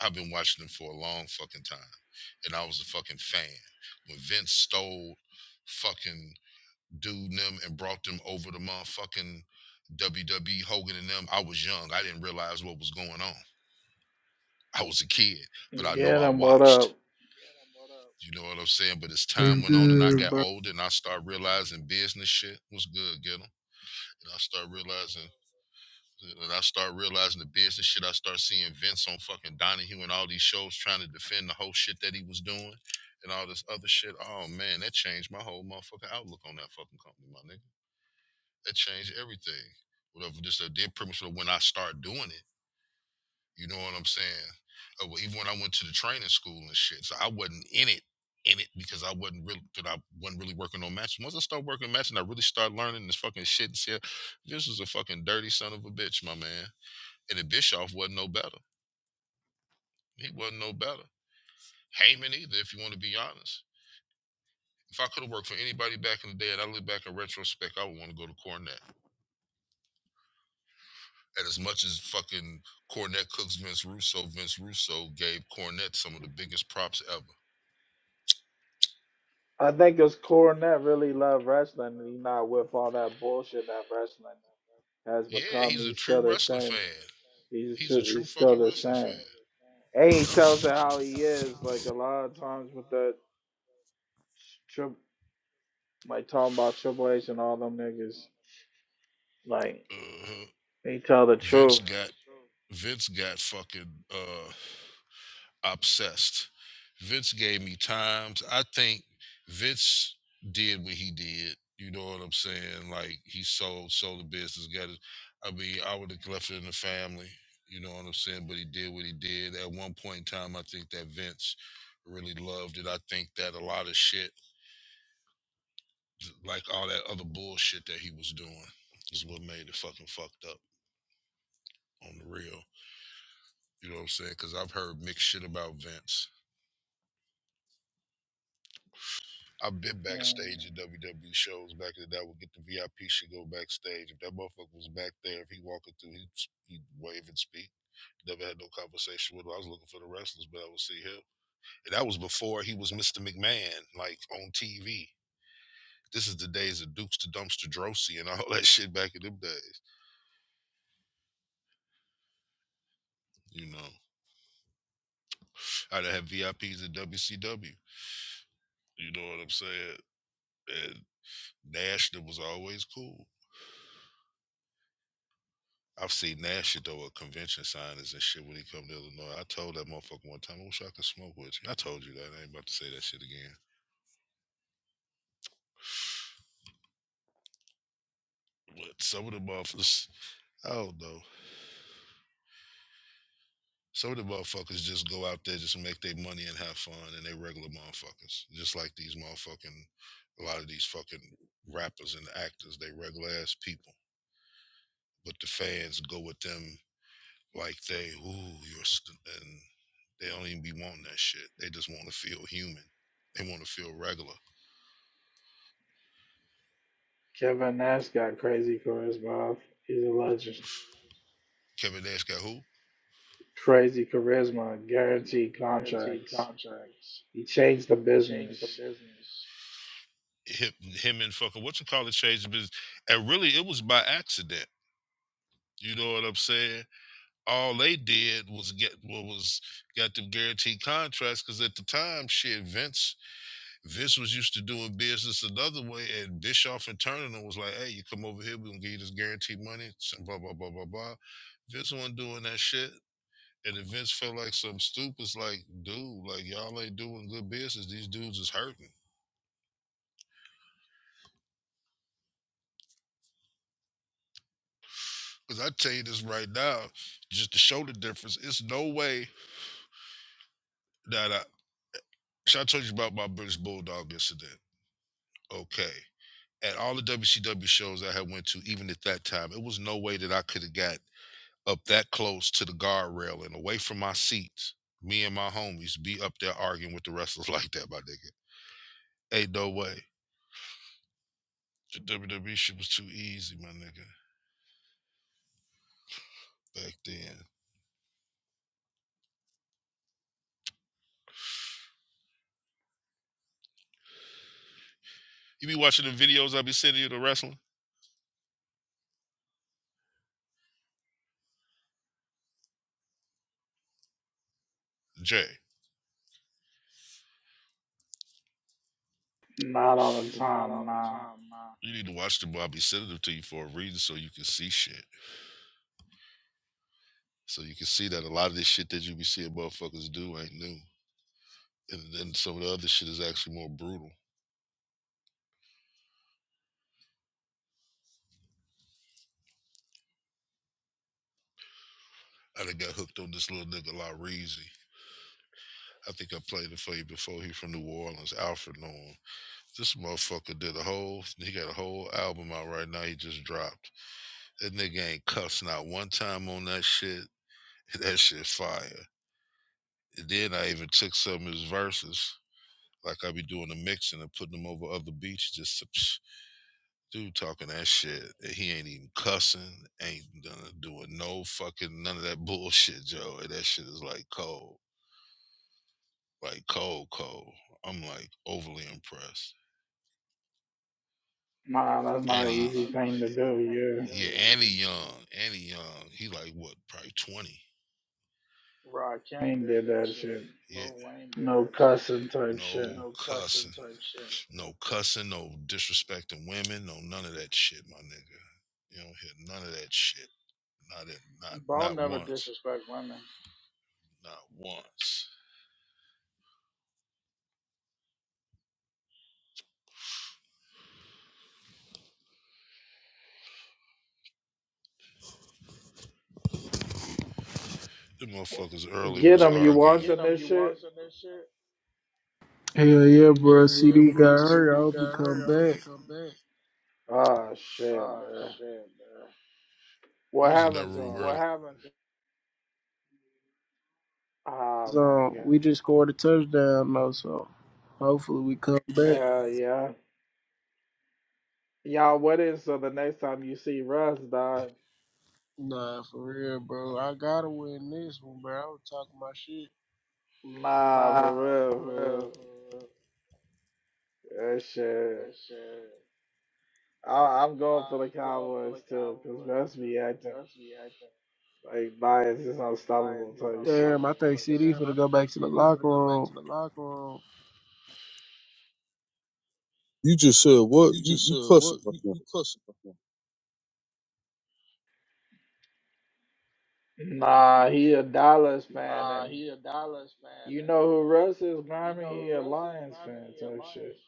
[SPEAKER 4] I've been watching them for a long fucking time. And I was a fucking fan. When Vince stole fucking dude and them and brought them over to motherfucking WWE Hogan and them, I was young. I didn't realize what was going on. I was a kid, but I know
[SPEAKER 1] Get
[SPEAKER 4] I
[SPEAKER 1] him. What
[SPEAKER 4] watched.
[SPEAKER 1] up?
[SPEAKER 4] You know what I'm saying? But as
[SPEAKER 6] i
[SPEAKER 4] time went on and I
[SPEAKER 6] good,
[SPEAKER 4] got
[SPEAKER 6] bro.
[SPEAKER 4] older and I started realizing business shit was good, get 'em? And I started realizing and I start realizing the business shit. I start seeing Vince on fucking Donahue and all these shows trying to defend the whole shit that he was doing and all this other shit. Oh man, that changed my whole motherfucking outlook on that fucking company, my nigga. That changed everything. Whatever just uh, did pretty much when I started doing it. You know what I'm saying? Uh, well, even when I went to the training school and shit, so I wasn't in it, in it because I wasn't really, cause I wasn't really working on matches. Once I started working on matches, I really started learning this fucking shit. And shit. This was a fucking dirty son of a bitch, my man. And the Bischoff wasn't no better. He wasn't no better. Heyman either, if you want to be honest. If I could have worked for anybody back in the day, and I look back in retrospect, I would want to go to Cornette. And as much as fucking Cornette cooks Vince Russo, Vince Russo gave Cornette some of the biggest props ever
[SPEAKER 1] I think it's Cornette really love wrestling, and he not with all that bullshit that wrestling has
[SPEAKER 4] Yeah,
[SPEAKER 1] become.
[SPEAKER 4] he's a
[SPEAKER 1] He's
[SPEAKER 4] true
[SPEAKER 1] still the
[SPEAKER 4] wrestling fan.
[SPEAKER 1] same. He's
[SPEAKER 4] He's a
[SPEAKER 1] ju-
[SPEAKER 4] true
[SPEAKER 1] he's still
[SPEAKER 4] fucking
[SPEAKER 1] the
[SPEAKER 4] wrestling fan.
[SPEAKER 1] same. And he tells it how he is. Like a lot of times with that trip, like talking about Triple H and all them niggas. Like
[SPEAKER 4] Uh-huh.
[SPEAKER 1] he tell the
[SPEAKER 4] Vince
[SPEAKER 1] truth.
[SPEAKER 4] got Vince got fucking uh obsessed. Vince gave me times. I think Vince did what he did. You know what I'm saying? Like he sold sold the business. Got it. I mean, I would have left it in the family. You know what I'm saying? But he did what he did. At one point in time, I think that Vince really loved it. I think that a lot of shit Like all that other bullshit that he was doing is what made it fucking fucked up on the real. You know what I'm saying? Because I've heard mixed shit about Vince. I've been
[SPEAKER 1] Um,
[SPEAKER 4] backstage at WWE shows back in the day. I would get the VIP shit, go backstage. If that motherfucker was back there, if he walking through, he'd, he'd wave and speak. Never had no conversation with him. I was looking for the wrestlers, but I would see him. And that was before he was Mr. McMahon, like on TV. This is the days of Dukes to Dumpster Drosy and all that shit back in them days. You know, I'd have VIPs at WCW. You know what I'm saying? And Nash was always cool. I've seen Nash though at convention signings and shit when he come to Illinois. I told that motherfucker one time, I wish I could smoke with you. I told you that. I ain't about to say that shit again. But some of the motherfuckers, I don't know. Some of the motherfuckers just go out there just to make their money and have fun, and they regular motherfuckers. Just like these motherfucking, a lot of these fucking rappers and actors, they regular ass people. But the fans go with them Like they, ooh, you're, st-, and they don't even be wanting that shit. They just want to feel human. They want to feel regular.
[SPEAKER 1] Kevin Nash got crazy charisma. He's a legend.
[SPEAKER 4] Kevin Nash got who?
[SPEAKER 1] Crazy charisma, guaranteed contracts. He changed the business.
[SPEAKER 4] Him, him and fucking what you call it changed business. And really, it was by accident. You know what I'm saying? All they did was get what was got them guaranteed contracts because at the time, shit, Vince Vince was used to doing business another way, and Bischoff and Turner was like, "Hey, you come over here, we gonna give you this guaranteed money." and Blah blah blah blah blah. Vince wasn't doing that shit. And the Vince felt like some stupid's like, dude, like y'all ain't doing good business. These dudes is hurting. Cause I tell you this right now, just to show the difference, it's no way that I. So I told you about my British Bulldog incident. Okay, at all the WCW shows I had went to, even at that time, it was no way that I could have got up that close to the guardrail and away from my seats. Me and my homies be up there arguing with the wrestlers like that, my nigga. Ain't no way. The WWE shit was too easy, my nigga, back then. You be watching the videos I be sending you to wrestling? Jay,
[SPEAKER 1] Not all the time, nah.
[SPEAKER 4] you need to watch them. I be sending them to you for a reason so you can see shit. So you can see that a lot of this shit that you be seeing motherfuckers do ain't new. And then some of the other shit is actually more brutal. I done got hooked on this little nigga La I think I played it for you before. He from New Orleans, Alfred Norm. This motherfucker did a whole, he got a whole album out right now. He just dropped. That nigga ain't cussed not one time on that shit. That shit fire. And then I even took some of his verses like I be doing the mixing and putting them over other beats. Just dude talking that shit. and He ain't even cussing. Ain't done doing no fucking none of that bullshit, Joe. And that shit is like cold, like cold, cold. I'm like overly impressed.
[SPEAKER 1] Nah, that's not
[SPEAKER 4] And
[SPEAKER 1] an
[SPEAKER 4] he, Nah,
[SPEAKER 1] easy
[SPEAKER 4] that's not
[SPEAKER 1] thing
[SPEAKER 4] an
[SPEAKER 1] to
[SPEAKER 4] easy
[SPEAKER 1] do,
[SPEAKER 4] thing to do.
[SPEAKER 1] yeah.
[SPEAKER 4] yeah, and he young, and he young. He like what, probably 20.
[SPEAKER 1] Ain't did that shit.
[SPEAKER 4] Yeah,
[SPEAKER 1] No cussing type shit.
[SPEAKER 4] no cussing, no cussing, no disrespecting women, no none of that shit, my nigga. You don't hear none of that shit. Not at not not once, not once. The motherfuckers early
[SPEAKER 1] Get
[SPEAKER 4] was
[SPEAKER 1] him, you
[SPEAKER 4] arguing.
[SPEAKER 1] watching
[SPEAKER 4] them.
[SPEAKER 1] this shit?
[SPEAKER 6] Hell yeah, bro. CD got hurt. I hope he come back.
[SPEAKER 1] Oh shit, bro.
[SPEAKER 4] You
[SPEAKER 1] What
[SPEAKER 4] was in that
[SPEAKER 1] happened to
[SPEAKER 4] room
[SPEAKER 1] him?
[SPEAKER 4] early.
[SPEAKER 1] Oh my
[SPEAKER 6] So
[SPEAKER 1] god.
[SPEAKER 6] we just scored a touchdown though, so hopefully we come back.
[SPEAKER 1] Hell yeah. Y'all, what is so the next time you see Russ, dog?
[SPEAKER 4] Nah, for real, bro. I gotta win this one, bro. I was talking my shit.
[SPEAKER 1] Nah, for real, for real. That shit. I, I'm going for the Cowboys too, because Russ be acting like bias is unstoppable type shit.
[SPEAKER 6] Damn, I think CD
[SPEAKER 4] Damn,
[SPEAKER 6] for to
[SPEAKER 4] I
[SPEAKER 6] go
[SPEAKER 4] think
[SPEAKER 6] back to the
[SPEAKER 4] City for to
[SPEAKER 6] locker
[SPEAKER 4] go back
[SPEAKER 6] room.
[SPEAKER 4] to the locker room.
[SPEAKER 3] You just said what?
[SPEAKER 4] You
[SPEAKER 3] You
[SPEAKER 4] just
[SPEAKER 3] you
[SPEAKER 4] said
[SPEAKER 3] cussing
[SPEAKER 4] what?
[SPEAKER 3] like
[SPEAKER 4] You,
[SPEAKER 3] that.
[SPEAKER 4] you cussing up on me.
[SPEAKER 1] Nah, he a Dallas fan, and you know who Russ is, Grimy? He a Lions fan type shit.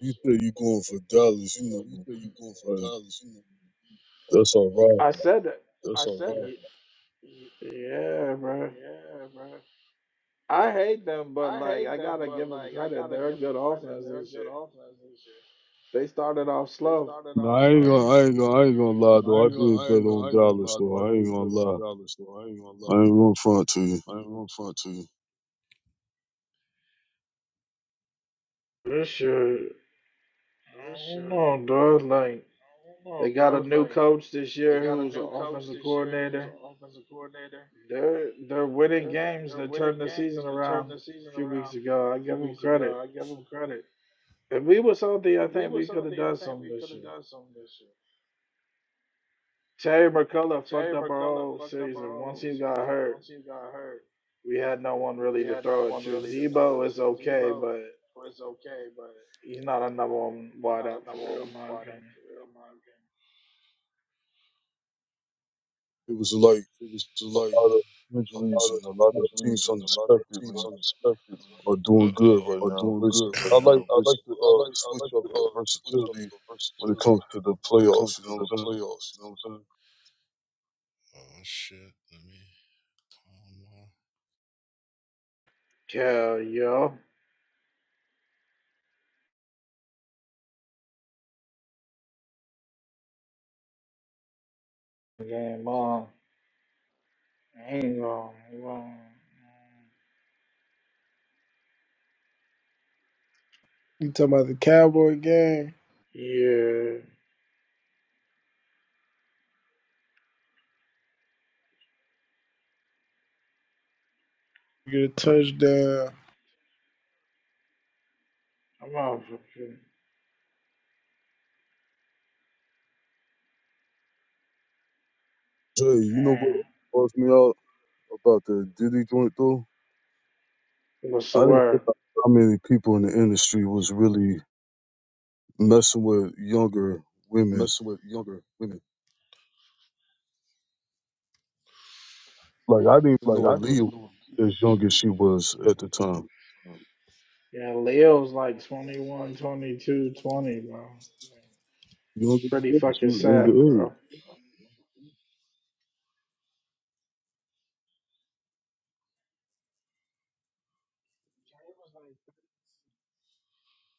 [SPEAKER 3] You think you going for dollars, you
[SPEAKER 4] Oh, you said
[SPEAKER 3] know.
[SPEAKER 4] you going for
[SPEAKER 3] Like,
[SPEAKER 4] dollars. You know.
[SPEAKER 3] that's all
[SPEAKER 1] I
[SPEAKER 3] right.
[SPEAKER 1] said that.
[SPEAKER 4] Hey.
[SPEAKER 1] Ye- Yeah, bro. I hate them, but like, I gotta give them credit. They're a good offense this year. They started off slow.
[SPEAKER 3] No, I ain't gonna I ain't gonna I ain't gonna lie
[SPEAKER 4] No, I
[SPEAKER 3] though. I
[SPEAKER 4] ain't gonna,
[SPEAKER 3] did
[SPEAKER 4] I
[SPEAKER 3] bet
[SPEAKER 4] ain't gonna,
[SPEAKER 3] on
[SPEAKER 4] I ain't gonna
[SPEAKER 3] dollars
[SPEAKER 4] lie though. I
[SPEAKER 3] though. I ain't
[SPEAKER 4] did
[SPEAKER 3] gonna
[SPEAKER 4] bet on
[SPEAKER 3] lie.
[SPEAKER 4] Dallas though. I ain't gonna
[SPEAKER 3] I
[SPEAKER 4] lie.
[SPEAKER 3] ain't gonna front to you.
[SPEAKER 4] I ain't gonna front to you.
[SPEAKER 1] This shit, I don't know, dog. Like they got a new coach this year who's an offensive coordinator. They're they're winning games. They turned the season around a few weeks ago. I give them credit. If we was healthy, I think we could have done something this year. Terry McCullough fucked up our whole season. Once he got hurt, we had no one really to throw it to. Debo is okay, but he's not a number one wideout for real, in my opinion.
[SPEAKER 3] It was like
[SPEAKER 4] It was just like
[SPEAKER 3] a lot of
[SPEAKER 4] a lot
[SPEAKER 3] injuries
[SPEAKER 4] of
[SPEAKER 3] and a lot of
[SPEAKER 4] injuries
[SPEAKER 3] teams
[SPEAKER 4] and a lot of teams
[SPEAKER 3] unexpectedly.
[SPEAKER 4] unexpectedly
[SPEAKER 3] are
[SPEAKER 4] Uh
[SPEAKER 3] doing good
[SPEAKER 4] oh.
[SPEAKER 3] right
[SPEAKER 4] are
[SPEAKER 3] now.
[SPEAKER 4] doing
[SPEAKER 3] Which
[SPEAKER 4] good
[SPEAKER 3] I
[SPEAKER 4] right
[SPEAKER 3] like.
[SPEAKER 4] now.
[SPEAKER 3] I
[SPEAKER 4] Which
[SPEAKER 3] like to
[SPEAKER 4] I
[SPEAKER 3] uh,
[SPEAKER 4] like. I
[SPEAKER 3] switch
[SPEAKER 4] like
[SPEAKER 3] up
[SPEAKER 4] to
[SPEAKER 3] the
[SPEAKER 4] uh, switch up
[SPEAKER 3] versatility
[SPEAKER 4] the
[SPEAKER 3] when it comes
[SPEAKER 4] versatility
[SPEAKER 3] to the
[SPEAKER 4] when it comes
[SPEAKER 3] playoffs. You
[SPEAKER 4] to
[SPEAKER 3] know what
[SPEAKER 4] the
[SPEAKER 3] I'm
[SPEAKER 4] playoffs. You know what I'm saying? Oh shit. Let me calm down.
[SPEAKER 1] Hell, yo. Game on. I ain't gonna, I'm gonna,
[SPEAKER 6] You talking about the Cowboy game?
[SPEAKER 1] yeah,
[SPEAKER 6] Get a touchdown,
[SPEAKER 1] I'm gonna fucking,
[SPEAKER 3] saying? Jay, you know what
[SPEAKER 1] damn.
[SPEAKER 3] bugs me out about the Diddy joint though?
[SPEAKER 1] What's the
[SPEAKER 3] I didn't
[SPEAKER 1] word?
[SPEAKER 3] realize how many people in the industry was really messing with younger women.
[SPEAKER 4] Messing with younger women.
[SPEAKER 3] Like I didn't even
[SPEAKER 4] Like I
[SPEAKER 3] know
[SPEAKER 4] didn't
[SPEAKER 3] Aaliyah
[SPEAKER 4] even
[SPEAKER 3] was
[SPEAKER 4] know.
[SPEAKER 3] as young as she was at the time.
[SPEAKER 1] Yeah, Leo's like 21, 22, 20 bro.
[SPEAKER 3] Younger, than
[SPEAKER 1] Pretty
[SPEAKER 3] that, she
[SPEAKER 1] fucking
[SPEAKER 3] was
[SPEAKER 1] sad,
[SPEAKER 3] underage.
[SPEAKER 1] bro.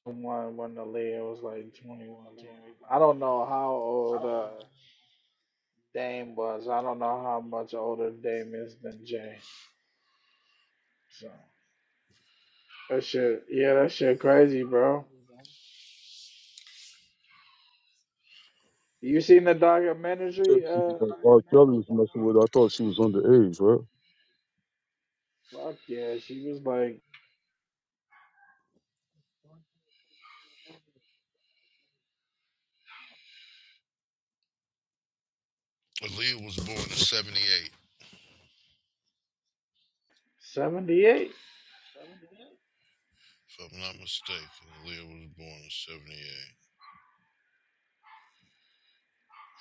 [SPEAKER 1] One when the Leo was like 21, 20. I don't know how old uh, Dame was. I don't know how much older Dame is than Jay. So that shit, yeah, that shit crazy, bro. You seen the
[SPEAKER 3] Said,
[SPEAKER 1] documentary? Uh,
[SPEAKER 3] people like, R. Kelly was messing with. her. I thought she was underage, right?
[SPEAKER 1] fuck yeah, she was like
[SPEAKER 4] Aaliyah was born in 78,
[SPEAKER 1] 78.
[SPEAKER 4] if I'm not mistaken. Aaliyah was born in 78.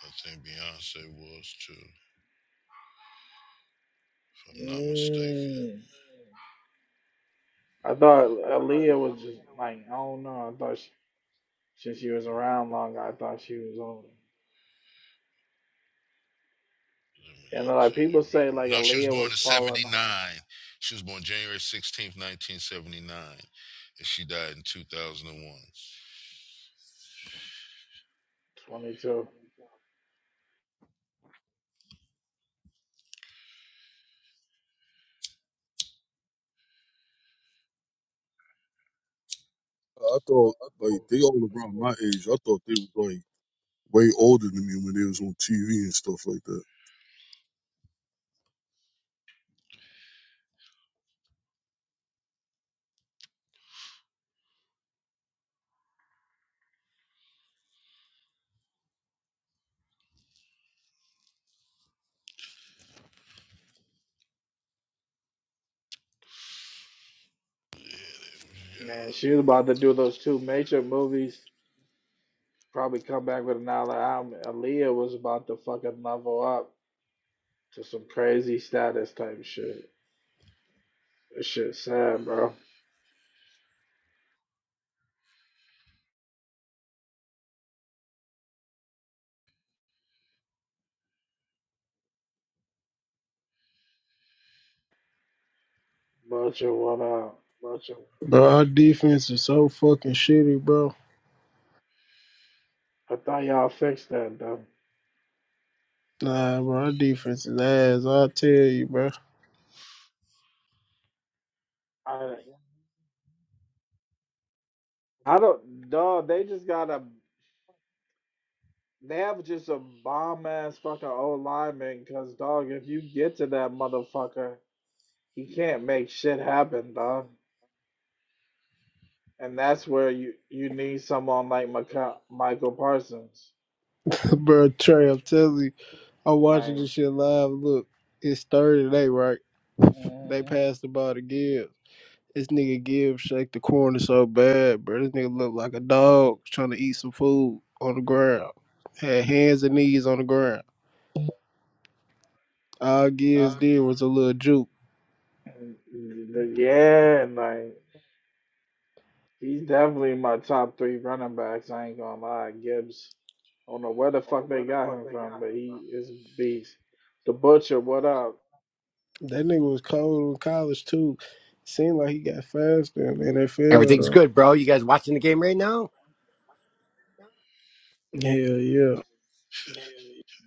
[SPEAKER 4] I think Beyonce was too, if I'm not mistaken.
[SPEAKER 1] Mm. I thought Aaliyah was just like, I don't know. I thought she, since she was around longer, I thought she was older.
[SPEAKER 4] Let me
[SPEAKER 1] And
[SPEAKER 4] not
[SPEAKER 1] uh, like
[SPEAKER 4] tell you.
[SPEAKER 1] people say,
[SPEAKER 4] right-
[SPEAKER 1] like
[SPEAKER 4] No, she was
[SPEAKER 1] Aaliyah
[SPEAKER 4] born
[SPEAKER 1] was
[SPEAKER 4] in
[SPEAKER 1] falling on
[SPEAKER 4] 79. She was born January 16th, 1979. And she died in 2001.
[SPEAKER 1] 22.
[SPEAKER 3] I thought like they all around my age. I thought they was like way older than me when they was on TV and stuff like that.
[SPEAKER 4] Yeah.
[SPEAKER 1] Man, she was about to do those two major movies. Probably come back with another album. Aaliyah was about to fucking level up to some crazy status type shit. This shit sad, bro. But you what up?
[SPEAKER 6] bro. Our defense is so fucking shitty, bro.
[SPEAKER 1] I thought y'all fixed that though.
[SPEAKER 6] Nah, bro, our defense is ass. I tell you, bro.
[SPEAKER 1] I don't, dog. They just got a. They have just a bomb ass fucking old lineman, cause dog, if you get to that motherfucker, he can't make shit happen, dog. And that's where you you need someone like Maca- Michael Parsons,
[SPEAKER 6] bro, Trey, I'm telling you, I'm watching
[SPEAKER 1] like,
[SPEAKER 6] this shit live. Look, it's Thursday, right? They
[SPEAKER 1] mm,
[SPEAKER 6] passed the ball to Gibbs. This nigga give Shake the corner so bad, bro. This nigga look like a dog trying to eat some food on the ground. Had hands and knees on the ground. All
[SPEAKER 4] Uh,
[SPEAKER 6] Gibbs did was a little juke.
[SPEAKER 1] mm, yeah, like he's definitely my top three running backs. I ain't gonna lie, Gibbs. I don't know where the fuck they got him from, but he is a beast. The Butcher, what up?
[SPEAKER 6] That nigga was cold in college too. Seemed like he got faster in the NFL
[SPEAKER 7] Everything's
[SPEAKER 6] though.
[SPEAKER 7] good, bro. You guys watching the game right now?
[SPEAKER 6] Hell yeah.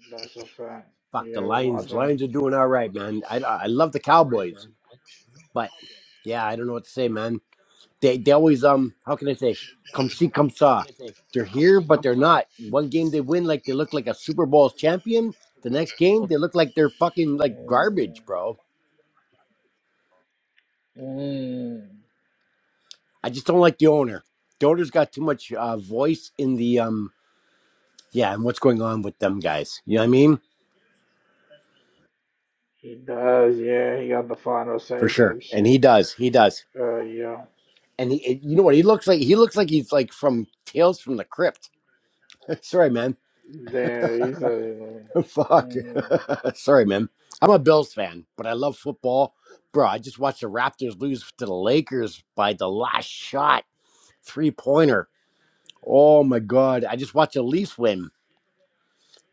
[SPEAKER 1] That's a fact.
[SPEAKER 7] Fuck
[SPEAKER 1] You
[SPEAKER 7] the
[SPEAKER 1] ever
[SPEAKER 7] Lions.
[SPEAKER 1] watch
[SPEAKER 7] The
[SPEAKER 1] him?
[SPEAKER 7] Lions are doing all right, man. I, I love the Cowboys, but yeah, I don't know what to say, man. They they always um how can I say come see come saw. They're here, but they're not. One game they win like they look like a Super Bowl champion. The next game they look like they're fucking like
[SPEAKER 1] Mm-hmm.
[SPEAKER 7] garbage, bro.
[SPEAKER 1] Mm,
[SPEAKER 7] I just don't like the owner. The owner's got too much uh, voice in the um yeah and what's going on with them guys. You know what I mean?
[SPEAKER 1] he does, yeah. He got the final
[SPEAKER 7] For
[SPEAKER 1] say
[SPEAKER 7] sure,
[SPEAKER 1] type
[SPEAKER 7] and he
[SPEAKER 1] shit.
[SPEAKER 7] does. He does.
[SPEAKER 1] Uh, yeah.
[SPEAKER 7] and he, it- you know what? He looks like he looks like he's like from Tales from the Crypt. Sorry, man.
[SPEAKER 1] There, he's a.
[SPEAKER 7] Fuck.
[SPEAKER 1] Mm, mhm.
[SPEAKER 7] Sorry, man. I'm a Bills fan, but I love football, bro. I just watched the Raptors lose to the Lakers by the last shot, three pointer. Oh my god! I just watched the Leafs win.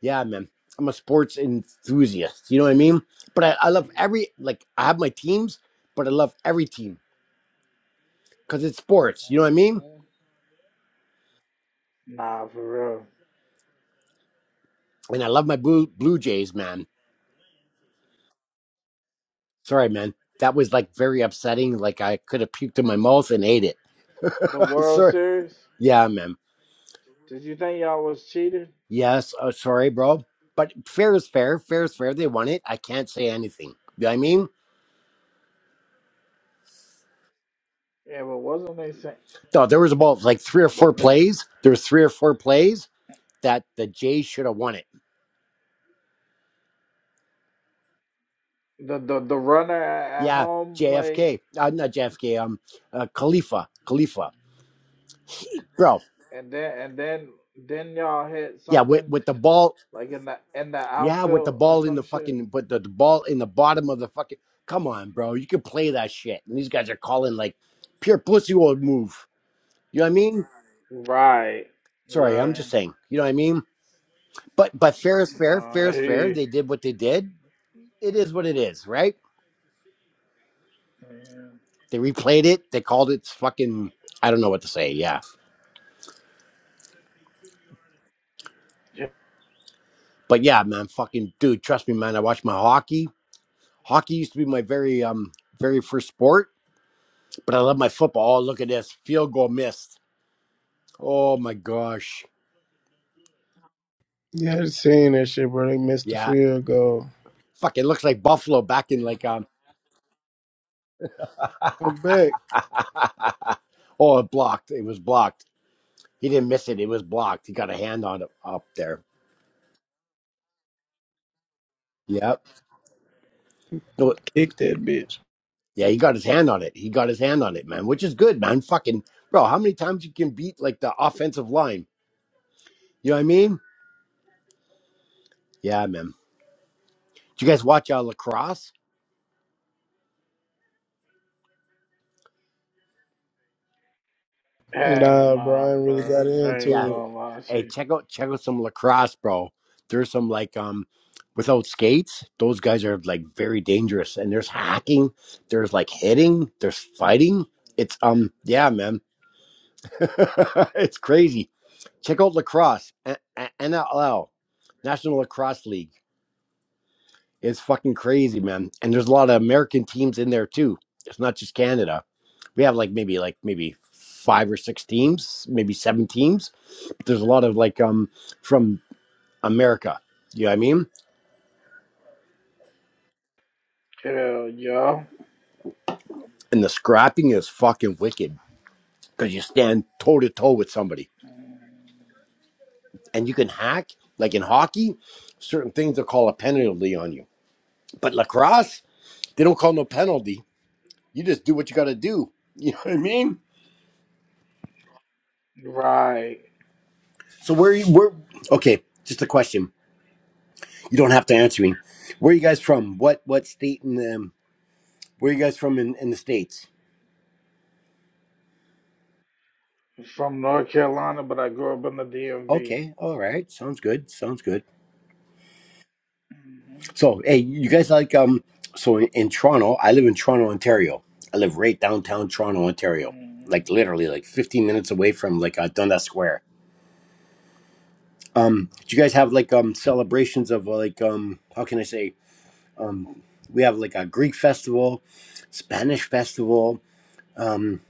[SPEAKER 7] Yeah, man. I'm a sports enthusiast. You know what I mean? But I, I love every like I have my teams, but I love every team because it's sports. You know what I mean?
[SPEAKER 1] Nah, for real.
[SPEAKER 7] And I love my blue Blue Jays, man Sorry, man. That was like very upsetting. Like I could have puked in my mouth and ate it.
[SPEAKER 1] The World
[SPEAKER 7] sorry.
[SPEAKER 1] Series.
[SPEAKER 7] Yeah, man.
[SPEAKER 1] Did you think y'all was cheated?
[SPEAKER 7] Yes. Oh, sorry, bro. But fair is fair. Fair is fair. They won it. I can't say anything. You know what I mean?
[SPEAKER 1] Yeah, but wasn't they saying
[SPEAKER 7] No, there was about like three or
[SPEAKER 1] the
[SPEAKER 7] four
[SPEAKER 1] the
[SPEAKER 7] plays. There was three or four plays that the Jays should have won it.
[SPEAKER 1] the the, the runner at, at
[SPEAKER 7] Yeah,
[SPEAKER 1] home plate
[SPEAKER 7] JFK. Uh, not JFK. Um, uh, Khalifa. Khalifa. Bro.
[SPEAKER 1] and then and then then y'all hit
[SPEAKER 7] Yeah, with,
[SPEAKER 1] something
[SPEAKER 7] with the ball.
[SPEAKER 1] like in the in the
[SPEAKER 7] Yeah, with the
[SPEAKER 1] outfield or
[SPEAKER 7] ball in
[SPEAKER 1] some
[SPEAKER 7] the
[SPEAKER 1] shit.
[SPEAKER 7] fucking, but the, the ball in the bottom of the fucking. Come on, bro. You can play that shit. And these guys are calling like pure pussy old move. You know what I mean?
[SPEAKER 1] Right,
[SPEAKER 7] Sorry, I'm just
[SPEAKER 1] right.
[SPEAKER 7] saying. You know what I mean? But but fair is
[SPEAKER 1] No,
[SPEAKER 7] fair. Fair
[SPEAKER 1] I
[SPEAKER 7] is fair.
[SPEAKER 1] hear
[SPEAKER 7] They did what they did. It is what it is, right?
[SPEAKER 1] you.
[SPEAKER 7] They replayed it. They called it fucking. I don't know what to say. Yeah, but yeah, man, fucking dude. Trust me, man. I watch my hockey. Hockey used to be my very um very first sport, but I love my football. Oh, look at this field goal missed. Oh my gosh
[SPEAKER 6] You had seen that shit, bro. They missed the
[SPEAKER 7] Yeah.
[SPEAKER 6] field goal.
[SPEAKER 7] Fuck, it looks like Buffalo back in like um
[SPEAKER 6] Come back,
[SPEAKER 7] Oh, it blocked. It was blocked. He didn't miss it. It was blocked. He got a hand on it up there. Yep. No
[SPEAKER 6] kick that bitch.
[SPEAKER 7] yeah, he got his hand on it. He got his hand on it, man, which is good, man. Fucking bro, how many times you can beat like the offensive line? You know what I mean? Yeah, man. Did you guys watch uh lacrosse?
[SPEAKER 1] Hell
[SPEAKER 6] Nah, bro.
[SPEAKER 1] nah,
[SPEAKER 6] Brian really
[SPEAKER 1] bro.
[SPEAKER 6] got
[SPEAKER 1] I ain't
[SPEAKER 7] Yeah.
[SPEAKER 6] into
[SPEAKER 1] gonna lie to
[SPEAKER 7] Hey,
[SPEAKER 1] you.
[SPEAKER 7] check out check out some lacrosse, bro. There's some like um without skates, those guys are like very dangerous. And there's hacking, there's like hitting, there's fighting. It's um yeah, man. it's crazy. Check out lacrosse, N- N- NLL, National Lacrosse League. It's fucking crazy, man. And there's a lot of American teams in there too. It's not just Canada. We have like maybe like maybe five or six teams, maybe seven teams. there's a lot of like um from America. You know what I mean?
[SPEAKER 1] Hell yo.
[SPEAKER 7] And the scrapping is fucking wicked because you stand toe to toe with somebody and you can hack. Like in hockey, certain things they'll call a penalty on you. But lacrosse, they don't call no penalty. You just do what you got to do. You know what I mean?
[SPEAKER 1] Right.
[SPEAKER 7] So where you where? Okay, just a question. You don't have to answer me. Where are you guys from? What what state in the? Where are you guys from in, in the states?
[SPEAKER 1] From North Carolina, but I grew up in the DMV.
[SPEAKER 7] Okay, all right, sounds good. Sounds good.
[SPEAKER 1] hmm
[SPEAKER 7] So, hey, you guys like um? So in, in Toronto, I live in Toronto, Ontario. I live right downtown Toronto, Ontario. Like literally, like 15 minutes away from like uh, Dundas Square. Um, do you guys have like um celebrations of uh, like um? How can I say um? We have like a Greek festival, Spanish festival, um,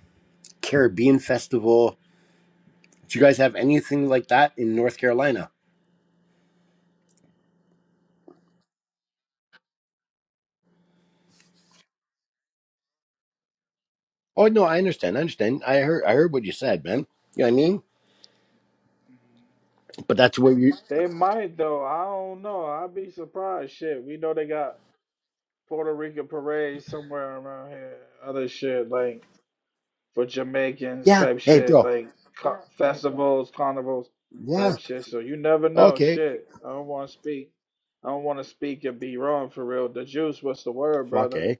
[SPEAKER 7] Caribbean festival. Do you guys have anything like that in North Carolina? Oh no, I understand. I understand. I heard. I heard what you said, man. You know what I mean? But that's where you.
[SPEAKER 1] They might though. I don't know. I'd be surprised. Shit, we know they got Puerto Rican parades somewhere around here. Other shit like for Jamaicans
[SPEAKER 7] Yeah.
[SPEAKER 1] type
[SPEAKER 7] Hey,
[SPEAKER 1] shit,
[SPEAKER 7] bro.
[SPEAKER 1] like ca- Yeah, like festivals, carnivals
[SPEAKER 7] Yeah.
[SPEAKER 1] type shit. So you never know.
[SPEAKER 7] Okay.
[SPEAKER 1] Shit, I don't want to speak. I don't want to speak and be wrong for real. The juice, what's the word,
[SPEAKER 7] Fuck,
[SPEAKER 1] brother?
[SPEAKER 7] eh?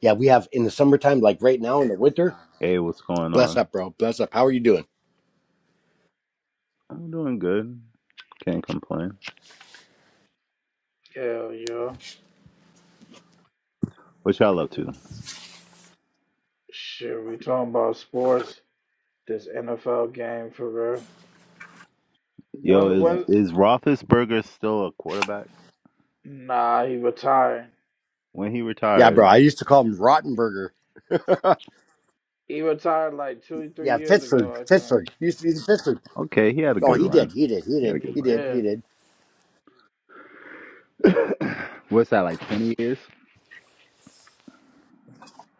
[SPEAKER 7] Yeah, we have in the summertime, like right now in the winter.
[SPEAKER 8] Hey, what's going
[SPEAKER 7] Bless
[SPEAKER 8] on?
[SPEAKER 7] up, bro. Bless up. How are you doing?
[SPEAKER 8] I'm doing good. Can't complain.
[SPEAKER 1] Hell yeah.
[SPEAKER 8] What y'all up to?
[SPEAKER 1] Shit, we talking about sports. This NFL game for real.
[SPEAKER 8] Yo,
[SPEAKER 1] When Yeah.
[SPEAKER 8] is
[SPEAKER 1] when?
[SPEAKER 8] is Roethlisberger still a quarterback?
[SPEAKER 1] Nah, he retired.
[SPEAKER 8] When he
[SPEAKER 7] Yeah,
[SPEAKER 8] retired,
[SPEAKER 7] bro. I used to call him Rottenberger.
[SPEAKER 1] He retired like two, three
[SPEAKER 7] Yeah,
[SPEAKER 1] years
[SPEAKER 7] Pittsburgh.
[SPEAKER 1] ago, I think.
[SPEAKER 7] Pittsburgh. He used to be the Pittsburgh.
[SPEAKER 8] okay, he had a
[SPEAKER 7] Oh,
[SPEAKER 8] good
[SPEAKER 7] he did.
[SPEAKER 8] run.
[SPEAKER 7] He did. He
[SPEAKER 8] He had
[SPEAKER 7] did.
[SPEAKER 8] a good
[SPEAKER 1] He
[SPEAKER 7] He
[SPEAKER 8] run.
[SPEAKER 7] did. He
[SPEAKER 1] did.
[SPEAKER 7] did.
[SPEAKER 8] What's that like? Twenty years?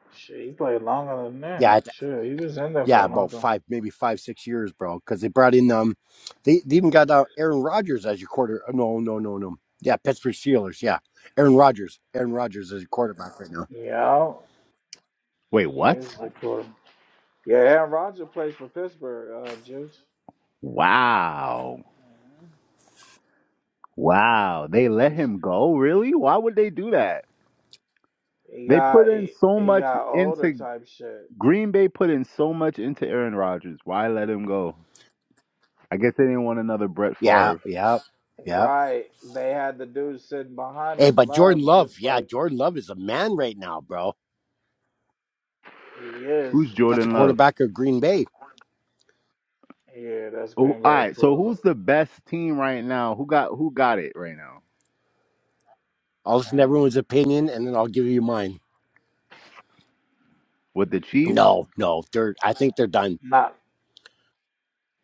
[SPEAKER 1] Shit, he played longer than
[SPEAKER 7] Yeah,
[SPEAKER 1] that.
[SPEAKER 7] I th-
[SPEAKER 1] Sure, he was in there for
[SPEAKER 7] yeah,
[SPEAKER 1] a long
[SPEAKER 7] about
[SPEAKER 1] time.
[SPEAKER 7] five, maybe five, six years, bro. Because they brought in um, they, they even got uh, Aaron Rodgers as your quarter. oh, No, no, no, no. Yeah, Pittsburgh Steelers. Yeah, Aaron Rodgers. Aaron Rodgers is your quarterback right now.
[SPEAKER 1] Yeah,
[SPEAKER 8] Wait,
[SPEAKER 1] he
[SPEAKER 8] what?
[SPEAKER 1] is the what? quarter. Yeah, Aaron Rodgers plays for Pittsburgh, uh, Juice.
[SPEAKER 8] Wow,
[SPEAKER 1] Mhm.
[SPEAKER 8] wow. They let
[SPEAKER 1] It's-
[SPEAKER 8] him go? Really? Why would they do that?
[SPEAKER 1] He
[SPEAKER 8] They put
[SPEAKER 1] got
[SPEAKER 8] in
[SPEAKER 1] he,
[SPEAKER 8] so
[SPEAKER 1] he
[SPEAKER 8] much
[SPEAKER 1] got older
[SPEAKER 8] into
[SPEAKER 1] type shit.
[SPEAKER 8] Green Bay. Put in so much into Aaron Rodgers. Why let him go? I guess they didn't want another Brett
[SPEAKER 7] Yeah,
[SPEAKER 8] Favre.
[SPEAKER 7] yeah, yeah.
[SPEAKER 1] Right. They had the dude sitting behind
[SPEAKER 7] Hey,
[SPEAKER 1] him,
[SPEAKER 7] but Jordan
[SPEAKER 1] love,
[SPEAKER 7] Love.
[SPEAKER 1] just
[SPEAKER 7] Yeah,
[SPEAKER 1] like
[SPEAKER 7] Jordan Love is a man right now, bro.
[SPEAKER 1] he is.
[SPEAKER 8] Who's
[SPEAKER 7] That's a
[SPEAKER 8] Jordan Love?
[SPEAKER 7] quarterback of Green Bay.
[SPEAKER 1] Yeah, that's
[SPEAKER 8] Oh,
[SPEAKER 1] Green
[SPEAKER 8] all
[SPEAKER 1] Bay's
[SPEAKER 8] right. So who's
[SPEAKER 1] quarterback.
[SPEAKER 8] the best team right now? Who got who got it right now?
[SPEAKER 7] I'll listen to
[SPEAKER 1] Mm.
[SPEAKER 7] everyone's opinion and then I'll give you mine.
[SPEAKER 8] With the Chiefs?
[SPEAKER 7] No, no, they're. I think they're done.
[SPEAKER 1] Not,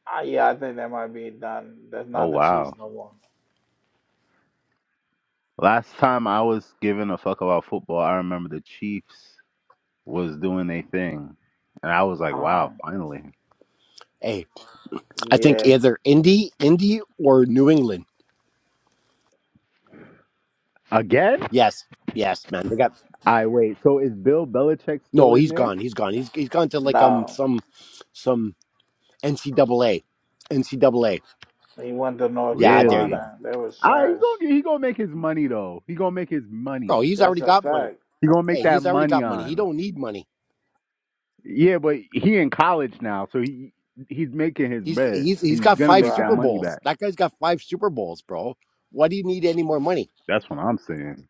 [SPEAKER 1] uh, yeah, I think that might be done. That's
[SPEAKER 8] Oh
[SPEAKER 1] not the Chiefs
[SPEAKER 8] wow.
[SPEAKER 1] no more.
[SPEAKER 8] Last time I was giving a fuck about football, I remember the Chiefs was doing their thing. And I was like, wow,
[SPEAKER 1] Um,
[SPEAKER 8] finally.
[SPEAKER 7] Hey, I think
[SPEAKER 1] yeah,
[SPEAKER 7] either Indy, Indy, or New England.
[SPEAKER 8] Again?
[SPEAKER 7] Yes, yes, man. They got
[SPEAKER 8] I wait. So is Bill Belichick still
[SPEAKER 7] no.
[SPEAKER 8] in
[SPEAKER 7] He's
[SPEAKER 8] there?
[SPEAKER 7] gone. He's gone. He's he's gone to like um
[SPEAKER 1] no.
[SPEAKER 7] some some NCAA, NCAA.
[SPEAKER 1] He went to North
[SPEAKER 7] Yeah, there you go,
[SPEAKER 8] Really?
[SPEAKER 1] Carolina. That was
[SPEAKER 8] All right, he's
[SPEAKER 1] trash.
[SPEAKER 8] gonna get- he gonna make his money though. He gonna make his
[SPEAKER 7] bro.
[SPEAKER 8] money.
[SPEAKER 7] He's already
[SPEAKER 1] That's a
[SPEAKER 7] got money.
[SPEAKER 1] fact.
[SPEAKER 8] He gonna make
[SPEAKER 7] Hey,
[SPEAKER 8] that
[SPEAKER 7] he's already
[SPEAKER 8] money
[SPEAKER 7] got money. He
[SPEAKER 8] on.
[SPEAKER 7] don't need money.
[SPEAKER 8] Yeah, but he in college now, so he he's making his
[SPEAKER 7] He's
[SPEAKER 8] bread.
[SPEAKER 7] he's he's
[SPEAKER 8] He's
[SPEAKER 7] got
[SPEAKER 8] gonna
[SPEAKER 7] five
[SPEAKER 8] make that
[SPEAKER 7] Super
[SPEAKER 1] Right.
[SPEAKER 8] money
[SPEAKER 7] Bowls.
[SPEAKER 8] back.
[SPEAKER 7] That guy's got five Super Bowls, bro. Why do you need any more money?
[SPEAKER 8] That's what I'm saying.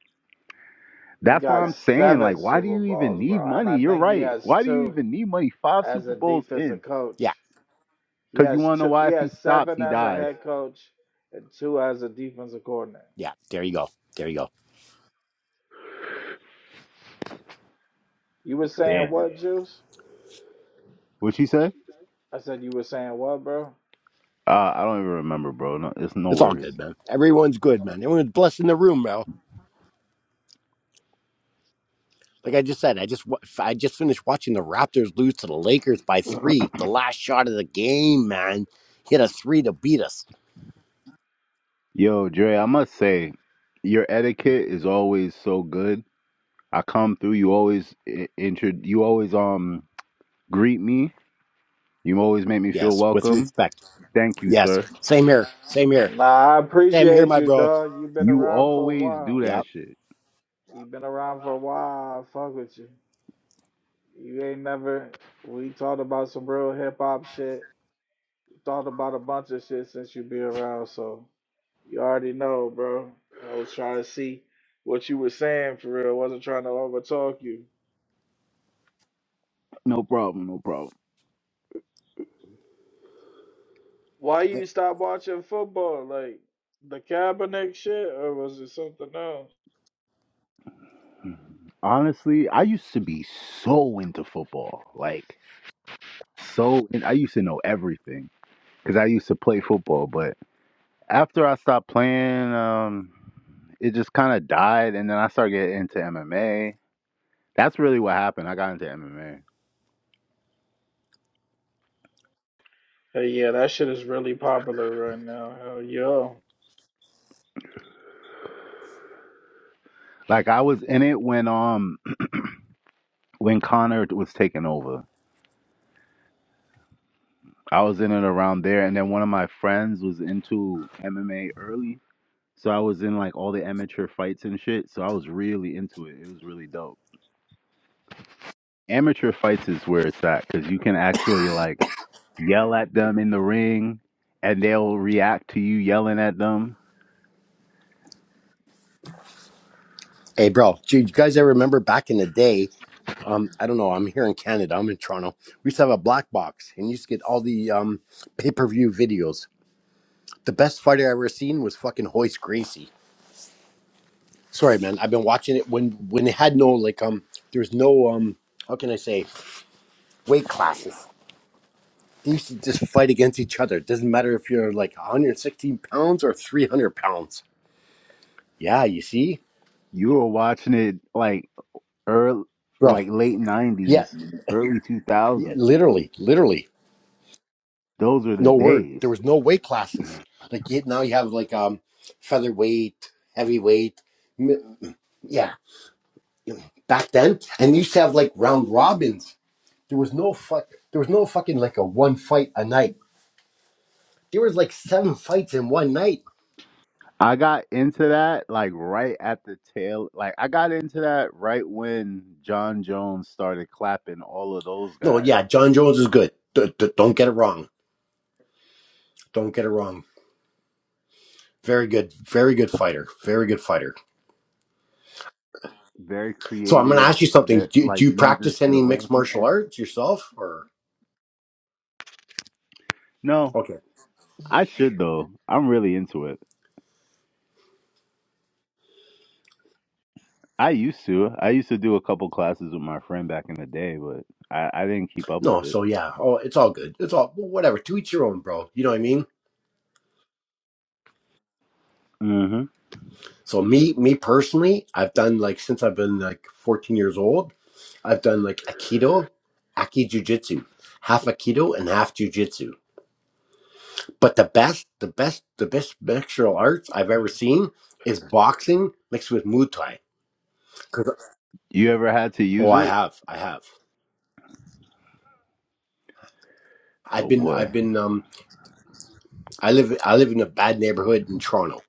[SPEAKER 1] He
[SPEAKER 8] That's what
[SPEAKER 1] got
[SPEAKER 8] I'm saying, like,
[SPEAKER 1] seven
[SPEAKER 8] why do
[SPEAKER 1] Super
[SPEAKER 8] you even
[SPEAKER 1] Bowls,
[SPEAKER 8] need
[SPEAKER 1] bro, and
[SPEAKER 8] money?
[SPEAKER 1] I
[SPEAKER 8] You're
[SPEAKER 1] think he
[SPEAKER 8] right.
[SPEAKER 1] has
[SPEAKER 8] Why do you
[SPEAKER 1] two
[SPEAKER 8] even need money? Five
[SPEAKER 1] as
[SPEAKER 8] Super
[SPEAKER 1] a
[SPEAKER 8] Bowls in.
[SPEAKER 1] defensive coach.
[SPEAKER 7] Yeah,
[SPEAKER 1] He
[SPEAKER 8] Because you
[SPEAKER 1] has
[SPEAKER 8] want to know
[SPEAKER 1] two. He
[SPEAKER 8] why? If he
[SPEAKER 1] has
[SPEAKER 8] stops,
[SPEAKER 1] seven
[SPEAKER 8] he
[SPEAKER 1] as a
[SPEAKER 8] dies.
[SPEAKER 1] head coach and two as a defensive coordinator.
[SPEAKER 7] yeah. There you go. There you go.
[SPEAKER 1] You were saying
[SPEAKER 8] Damn.
[SPEAKER 1] what, Juice?
[SPEAKER 8] What'd she say?
[SPEAKER 1] I said you were saying what, bro?
[SPEAKER 8] Uh, I don't even remember, bro. No, it's no
[SPEAKER 7] It's all good,
[SPEAKER 8] worries.
[SPEAKER 7] man. Everyone's good, man. Everyone's blessed in the room, bro. Like I just said, I just wa- I just finished watching the Raptors lose to the Lakers by three. The last shot of the game, man. Hit a three to beat us.
[SPEAKER 8] Yo, Dre, I must say, your etiquette is always so good. I come through. You always i- intro. You always um greet me. You always make me feel
[SPEAKER 7] Yes, with
[SPEAKER 8] welcome.
[SPEAKER 7] respect.
[SPEAKER 8] Thank you,
[SPEAKER 7] Yes,
[SPEAKER 8] sir.
[SPEAKER 7] same here. Same here.
[SPEAKER 1] Nah, I
[SPEAKER 7] Same here,
[SPEAKER 1] appreciate
[SPEAKER 7] my
[SPEAKER 1] you,
[SPEAKER 7] bro.
[SPEAKER 1] dog. You've been
[SPEAKER 8] You
[SPEAKER 1] around for a
[SPEAKER 8] always do
[SPEAKER 1] while.
[SPEAKER 8] that
[SPEAKER 7] Yep.
[SPEAKER 8] shit.
[SPEAKER 1] You've been around for a while. I fuck with you. You ain't never. We talked about some real hip hop shit. Thought about a bunch of shit since you been around, so you already know, bro. I was trying to see what you were saying for real. wasn't trying to overtalk you.
[SPEAKER 8] No problem. No problem.
[SPEAKER 1] Why you stop watching football? Like the Kaepernick shit, or was it something else?
[SPEAKER 8] Honestly, I used to be so into football. Like, so, and I used to know everything because I used to play football. But after I stopped playing, um, it just kind of died. And then I started getting into MMA. That's really what happened. I got into MMA.
[SPEAKER 1] Hey, yeah, that shit is really popular right now. Hell yeah.
[SPEAKER 8] Like, I was in it when, um, when Connor was taking over. I was in it around there. And then one of my friends was into MMA early. So I was in like all the amateur fights and shit. So I was really into it. It was really dope. amateur fights is where it's at because you can actually like yell at them in the ring and they'll react to you yelling at them
[SPEAKER 7] Hey, bro. Do you guys ever remember back in the day? Um, I don't know. I'm here in Canada. I'm in Toronto. We used to have a black box, and you used to get all the um pay per view videos. The best fighter I ever seen was fucking Hoist Gracie. Sorry, man. I've been watching it when when it had no like um. There was no um. How can I say weight classes? They used to just fight against each other. It doesn't matter if you're like 116 pounds or 300 pounds. Yeah, you see,
[SPEAKER 8] you were watching it like early
[SPEAKER 7] bro.
[SPEAKER 8] like late
[SPEAKER 7] Yeah,
[SPEAKER 8] 90s early
[SPEAKER 7] yeah,
[SPEAKER 8] 2000s
[SPEAKER 7] literally, literally.
[SPEAKER 8] those were the
[SPEAKER 7] No word.
[SPEAKER 8] days
[SPEAKER 7] There was no weight classes. Like you, now, you have like um featherweight, heavyweight. m- Yeah, back then, and you used to have like round robins. There was no fuck. There was no fucking like a one fight a night. There was like seven fights in one night.
[SPEAKER 8] i got into that like right at the tail like i got into that right when john jones started clapping all of those
[SPEAKER 7] No,
[SPEAKER 8] guys
[SPEAKER 7] yeah, John Jones is good. D- d- don't get it wrong. Don't get it wrong. Very good, very good fighter. Very good fighter.
[SPEAKER 8] very
[SPEAKER 7] So I'm going to
[SPEAKER 8] creative
[SPEAKER 7] ask you something.
[SPEAKER 8] that
[SPEAKER 7] Do, do
[SPEAKER 8] like
[SPEAKER 7] you
[SPEAKER 8] uses
[SPEAKER 7] practice
[SPEAKER 8] the
[SPEAKER 7] any mixed martial
[SPEAKER 8] lankiness.
[SPEAKER 7] arts yourself, or
[SPEAKER 8] No.
[SPEAKER 7] okay?
[SPEAKER 8] I should though. I'm really into it. I used to. I used to do a couple classes with my friend back in the day, but I, I didn't keep up
[SPEAKER 7] No,
[SPEAKER 8] with it.
[SPEAKER 7] so yeah. Oh, it's all good. It's all well, whatever. To each your own, bro. You know what I mean?
[SPEAKER 8] hmm
[SPEAKER 7] So me, me personally, I've done like since I've been like 14 years old. I've done like Aikido, Aki Jiu Jitsu, half Aikido and half Jiu Jitsu. But the best, the best, the best martial arts I've ever seen is boxing mixed with Muay Thai. 'Cause-
[SPEAKER 8] You ever had to
[SPEAKER 7] oh,
[SPEAKER 8] use
[SPEAKER 7] I
[SPEAKER 8] it?
[SPEAKER 7] have, I have. I've
[SPEAKER 8] Oh
[SPEAKER 7] been,
[SPEAKER 8] boy,
[SPEAKER 7] I've been. Um, I live, I live in a bad neighborhood in Toronto.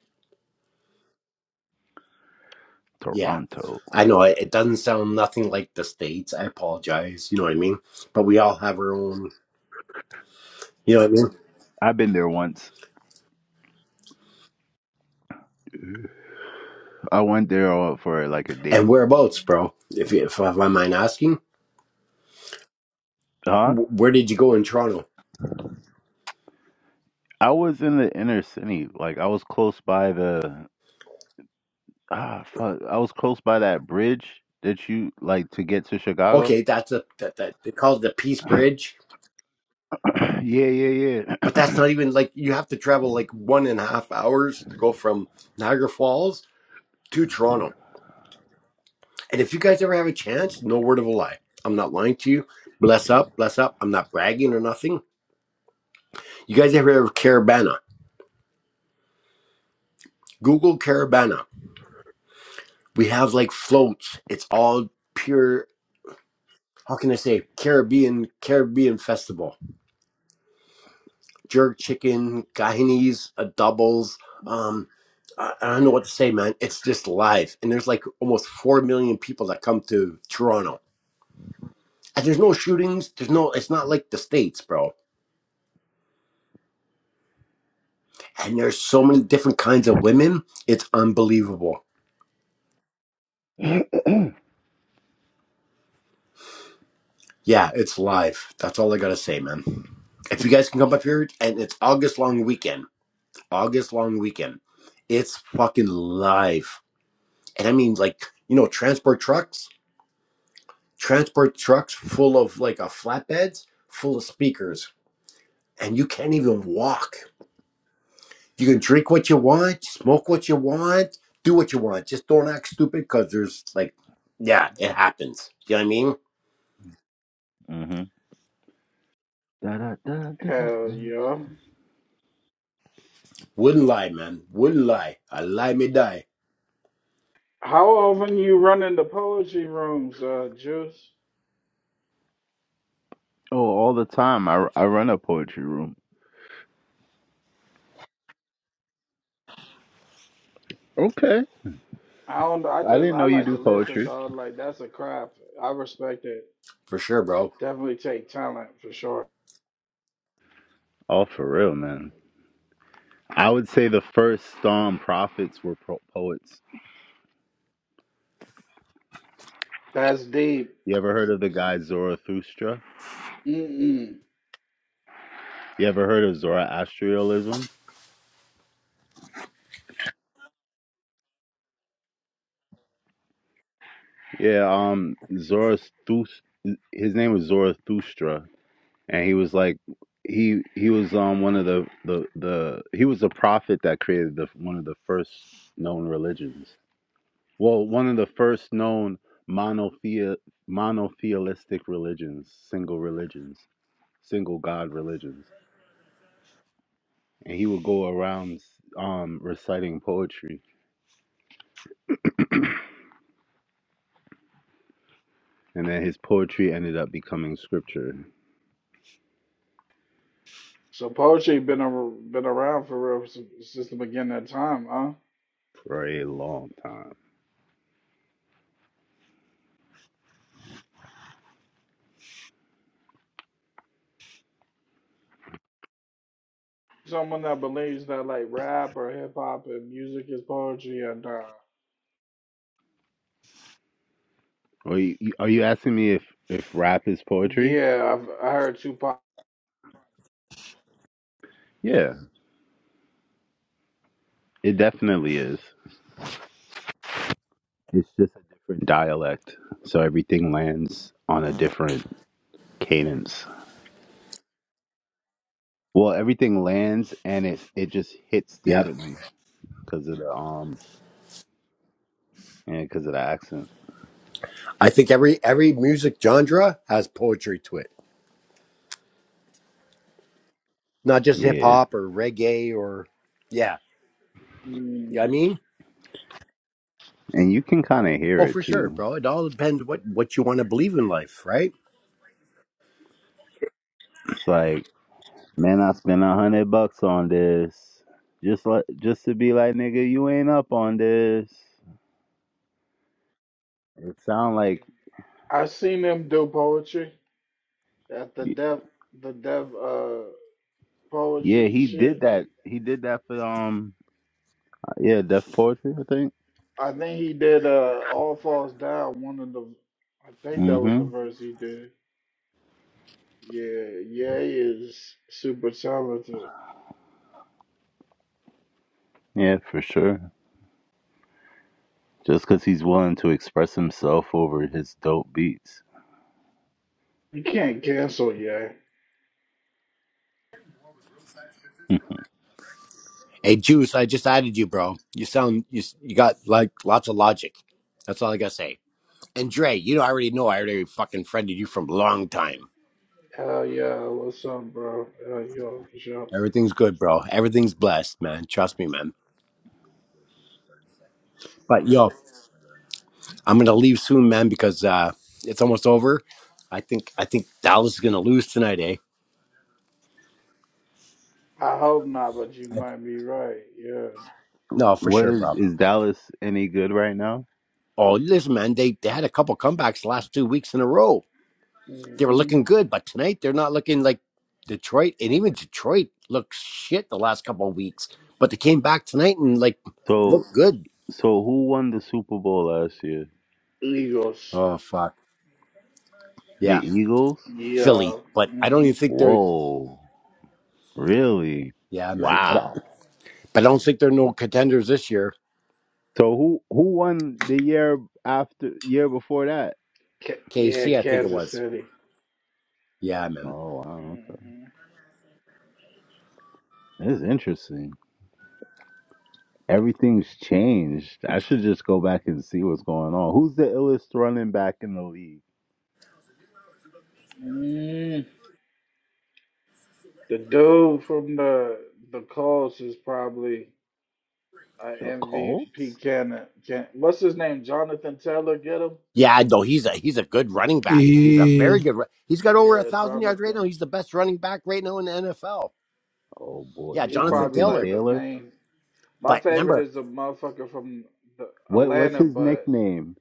[SPEAKER 7] Yeah,
[SPEAKER 8] Toronto.
[SPEAKER 7] I know it, it doesn't sound nothing like the states. I apologize. You know what I mean? But we all have our own. You know what I mean?
[SPEAKER 8] I've been there once. I went there uh, for like a
[SPEAKER 7] And
[SPEAKER 8] date.
[SPEAKER 7] whereabouts, bro? If you- if I don't mind asking,
[SPEAKER 8] Huh?
[SPEAKER 7] Wh- where did you go in Toronto?
[SPEAKER 8] I was in the inner city. Like I was close by the ah fuck. I was close by that bridge that you like to get to Chicago.
[SPEAKER 7] Okay, that's a that, that they call it the Peace Bridge
[SPEAKER 8] yeah, yeah,
[SPEAKER 7] But that's
[SPEAKER 8] yeah.
[SPEAKER 7] not even like you have to travel like one and a half hours to go from Niagara Falls to Toronto. And if you guys ever have a chance, no word of a lie. I'm not lying to you. Bless up, bless up. I'm not bragging or nothing. You guys ever have Carabana? Google Carabana. We have like floats. It's all pure, how can I say, Caribbean, Caribbean festival jerk chicken, Guyanese uh, doubles. Um, I, I don't know what to say, man. It's just life, and there's like almost four million people that come to Toronto. And there's no shootings. There's no. It's not like the states, bro. And there's so many different kinds of women. It's unbelievable. Yeah, it's live. That's all I gotta say, man. If you guys can come up here, and it's August long weekend. August long weekend. It's fucking live, and I mean like you know transport trucks. transport trucks full of like a flatbeds full of speakers and you can't even walk you can drink what you want smoke what you want do what you want just don't act stupid because there's like yeah it happens you know what i mean
[SPEAKER 8] hmm Da, da, da, da, da,
[SPEAKER 1] Hell
[SPEAKER 8] da.
[SPEAKER 1] yeah.
[SPEAKER 7] wouldn't lie man wouldn't lie i lie me die
[SPEAKER 1] How often you run into poetry rooms, uh, Juice?
[SPEAKER 8] Oh, all the time. I, I run a poetry room. Okay.
[SPEAKER 1] I don't. I
[SPEAKER 8] I
[SPEAKER 1] just
[SPEAKER 8] didn't
[SPEAKER 1] I
[SPEAKER 8] know you
[SPEAKER 1] like
[SPEAKER 8] do
[SPEAKER 1] to listen,
[SPEAKER 8] poetry.
[SPEAKER 1] dog. Like that's a craft. I respect it.
[SPEAKER 7] for sure bro
[SPEAKER 1] Definitely take talent for sure.
[SPEAKER 8] Oh, for real, man. I would say the first storm prophets were pro- poets.
[SPEAKER 1] That's deep.
[SPEAKER 8] You ever heard of the guy Zarathustra?
[SPEAKER 1] Mm-mm.
[SPEAKER 8] You ever heard of Zoroastrianism? Yeah, um, Zarathustra, his name was Zarathustra, and he was like, he he was um one of the the the he was a prophet that created the one of the first known religions. Well, one of the first known monothe- monotheistic religions, single religions, single god religions. And he would go around um, reciting poetry, and then his poetry ended up becoming scripture
[SPEAKER 1] So poetry been a, been around for real since, since the beginning of time, huh?
[SPEAKER 8] for a long time.
[SPEAKER 1] Someone that believes that like rap or hip hop and music is poetry, and uh,
[SPEAKER 8] Are you, are you asking me if, if rap is poetry?
[SPEAKER 1] yeah, I've I heard Tupac.
[SPEAKER 8] Yeah, it definitely is. It's just a different dialect, so everything lands on a different cadence. Well, everything lands and it it just hits
[SPEAKER 7] yep
[SPEAKER 8] differently because of the um and because of the accent.
[SPEAKER 7] i think every every music genre has poetry to it not just
[SPEAKER 8] Yeah,
[SPEAKER 7] hip-hop or reggae or yeah you know what
[SPEAKER 1] Mm.
[SPEAKER 7] i mean
[SPEAKER 8] and you can kind of
[SPEAKER 7] oh
[SPEAKER 8] hear it
[SPEAKER 7] for sure
[SPEAKER 8] too.
[SPEAKER 7] bro it all depends what what you want to believe in life right
[SPEAKER 8] It's like, man, I spent a hundred bucks on this, just like just to be like, nigga, you ain't up on this. It sound like,
[SPEAKER 1] I seen him do poetry at the
[SPEAKER 8] y-
[SPEAKER 1] dev the dev uh
[SPEAKER 8] yeah,
[SPEAKER 1] poetry
[SPEAKER 8] he did
[SPEAKER 1] shit.
[SPEAKER 8] that. He did that for um, yeah, deaf poetry, I think.
[SPEAKER 1] I think he did uh All Falls Down. One of the, I think that was the
[SPEAKER 8] hmm
[SPEAKER 1] verse he did. Yeah, yeah, he is super talented.
[SPEAKER 8] Yeah, for sure. Just because he's willing to express himself over his dope beats.
[SPEAKER 1] You can't cancel yet.
[SPEAKER 7] Hey, Juice, I just added you, bro. You sound you you got like lots of logic. That's all I gotta say. And Dre, you know, I already know. I already fucking friended you from a long time.
[SPEAKER 1] Hell yeah, what's up, bro? Hell yeah, for sure.
[SPEAKER 7] Everything's good, bro. Everything's blessed, man. Trust me, man. But yo, I'm gonna leave soon, man, because uh it's almost over. I think I think Dallas is gonna lose tonight, eh?
[SPEAKER 1] I hope not, but you might be right. Yeah.
[SPEAKER 7] No, for
[SPEAKER 8] what
[SPEAKER 7] sure,
[SPEAKER 8] is
[SPEAKER 7] bro.
[SPEAKER 8] is Dallas any good right now?
[SPEAKER 7] Oh, listen, man. They they had a couple comebacks the last two weeks in a row. They were
[SPEAKER 1] hmm
[SPEAKER 7] looking good, but tonight they're not looking like Detroit. And even Detroit looked shit the last couple of weeks, but they came back tonight and like
[SPEAKER 8] So
[SPEAKER 7] looked good.
[SPEAKER 8] So who won the Super Bowl last year?
[SPEAKER 1] Eagles.
[SPEAKER 7] Oh fuck,
[SPEAKER 8] The
[SPEAKER 7] yeah,
[SPEAKER 8] Eagles?
[SPEAKER 1] Yeah.
[SPEAKER 7] Philly. But I don't
[SPEAKER 1] hmm
[SPEAKER 7] even think they're.
[SPEAKER 8] Whoa. Really?
[SPEAKER 7] Yeah, man. I don't
[SPEAKER 8] Wow.
[SPEAKER 7] But I don't think they're no contenders this year.
[SPEAKER 8] So who who won the year after year before that?
[SPEAKER 1] Ca- yeah,
[SPEAKER 7] KC, I think it
[SPEAKER 1] Kansas
[SPEAKER 7] was.
[SPEAKER 1] City.
[SPEAKER 7] Yeah, man.
[SPEAKER 8] Oh wow, okay.
[SPEAKER 1] hmm
[SPEAKER 8] This interesting. Everything's changed. I should just go back and see what's going on. Who's the illest running back in the league?
[SPEAKER 1] mm The dude from the the Colts is probably an
[SPEAKER 8] The Colts?
[SPEAKER 1] MVP candidate. Can- What's his name? Jonathan Taylor. Get him.
[SPEAKER 7] Yeah, no, he's a he's a good running
[SPEAKER 6] it.
[SPEAKER 7] back. He's a
[SPEAKER 6] Yeah,
[SPEAKER 7] very good. ru- He's got over a
[SPEAKER 1] Yeah,
[SPEAKER 7] thousand yards right now.
[SPEAKER 1] Jonathan.
[SPEAKER 7] He's the best running back right now in the NFL.
[SPEAKER 8] Oh boy.
[SPEAKER 7] Yeah,
[SPEAKER 1] He
[SPEAKER 7] Jonathan
[SPEAKER 1] probably
[SPEAKER 8] Jonathan
[SPEAKER 7] Taylor.
[SPEAKER 1] like the
[SPEAKER 8] Taylor?
[SPEAKER 1] main. My
[SPEAKER 7] But
[SPEAKER 1] favorite
[SPEAKER 7] remember,
[SPEAKER 1] is a motherfucker from the
[SPEAKER 8] What what's
[SPEAKER 1] Atlanta,
[SPEAKER 8] his
[SPEAKER 1] but
[SPEAKER 8] nickname?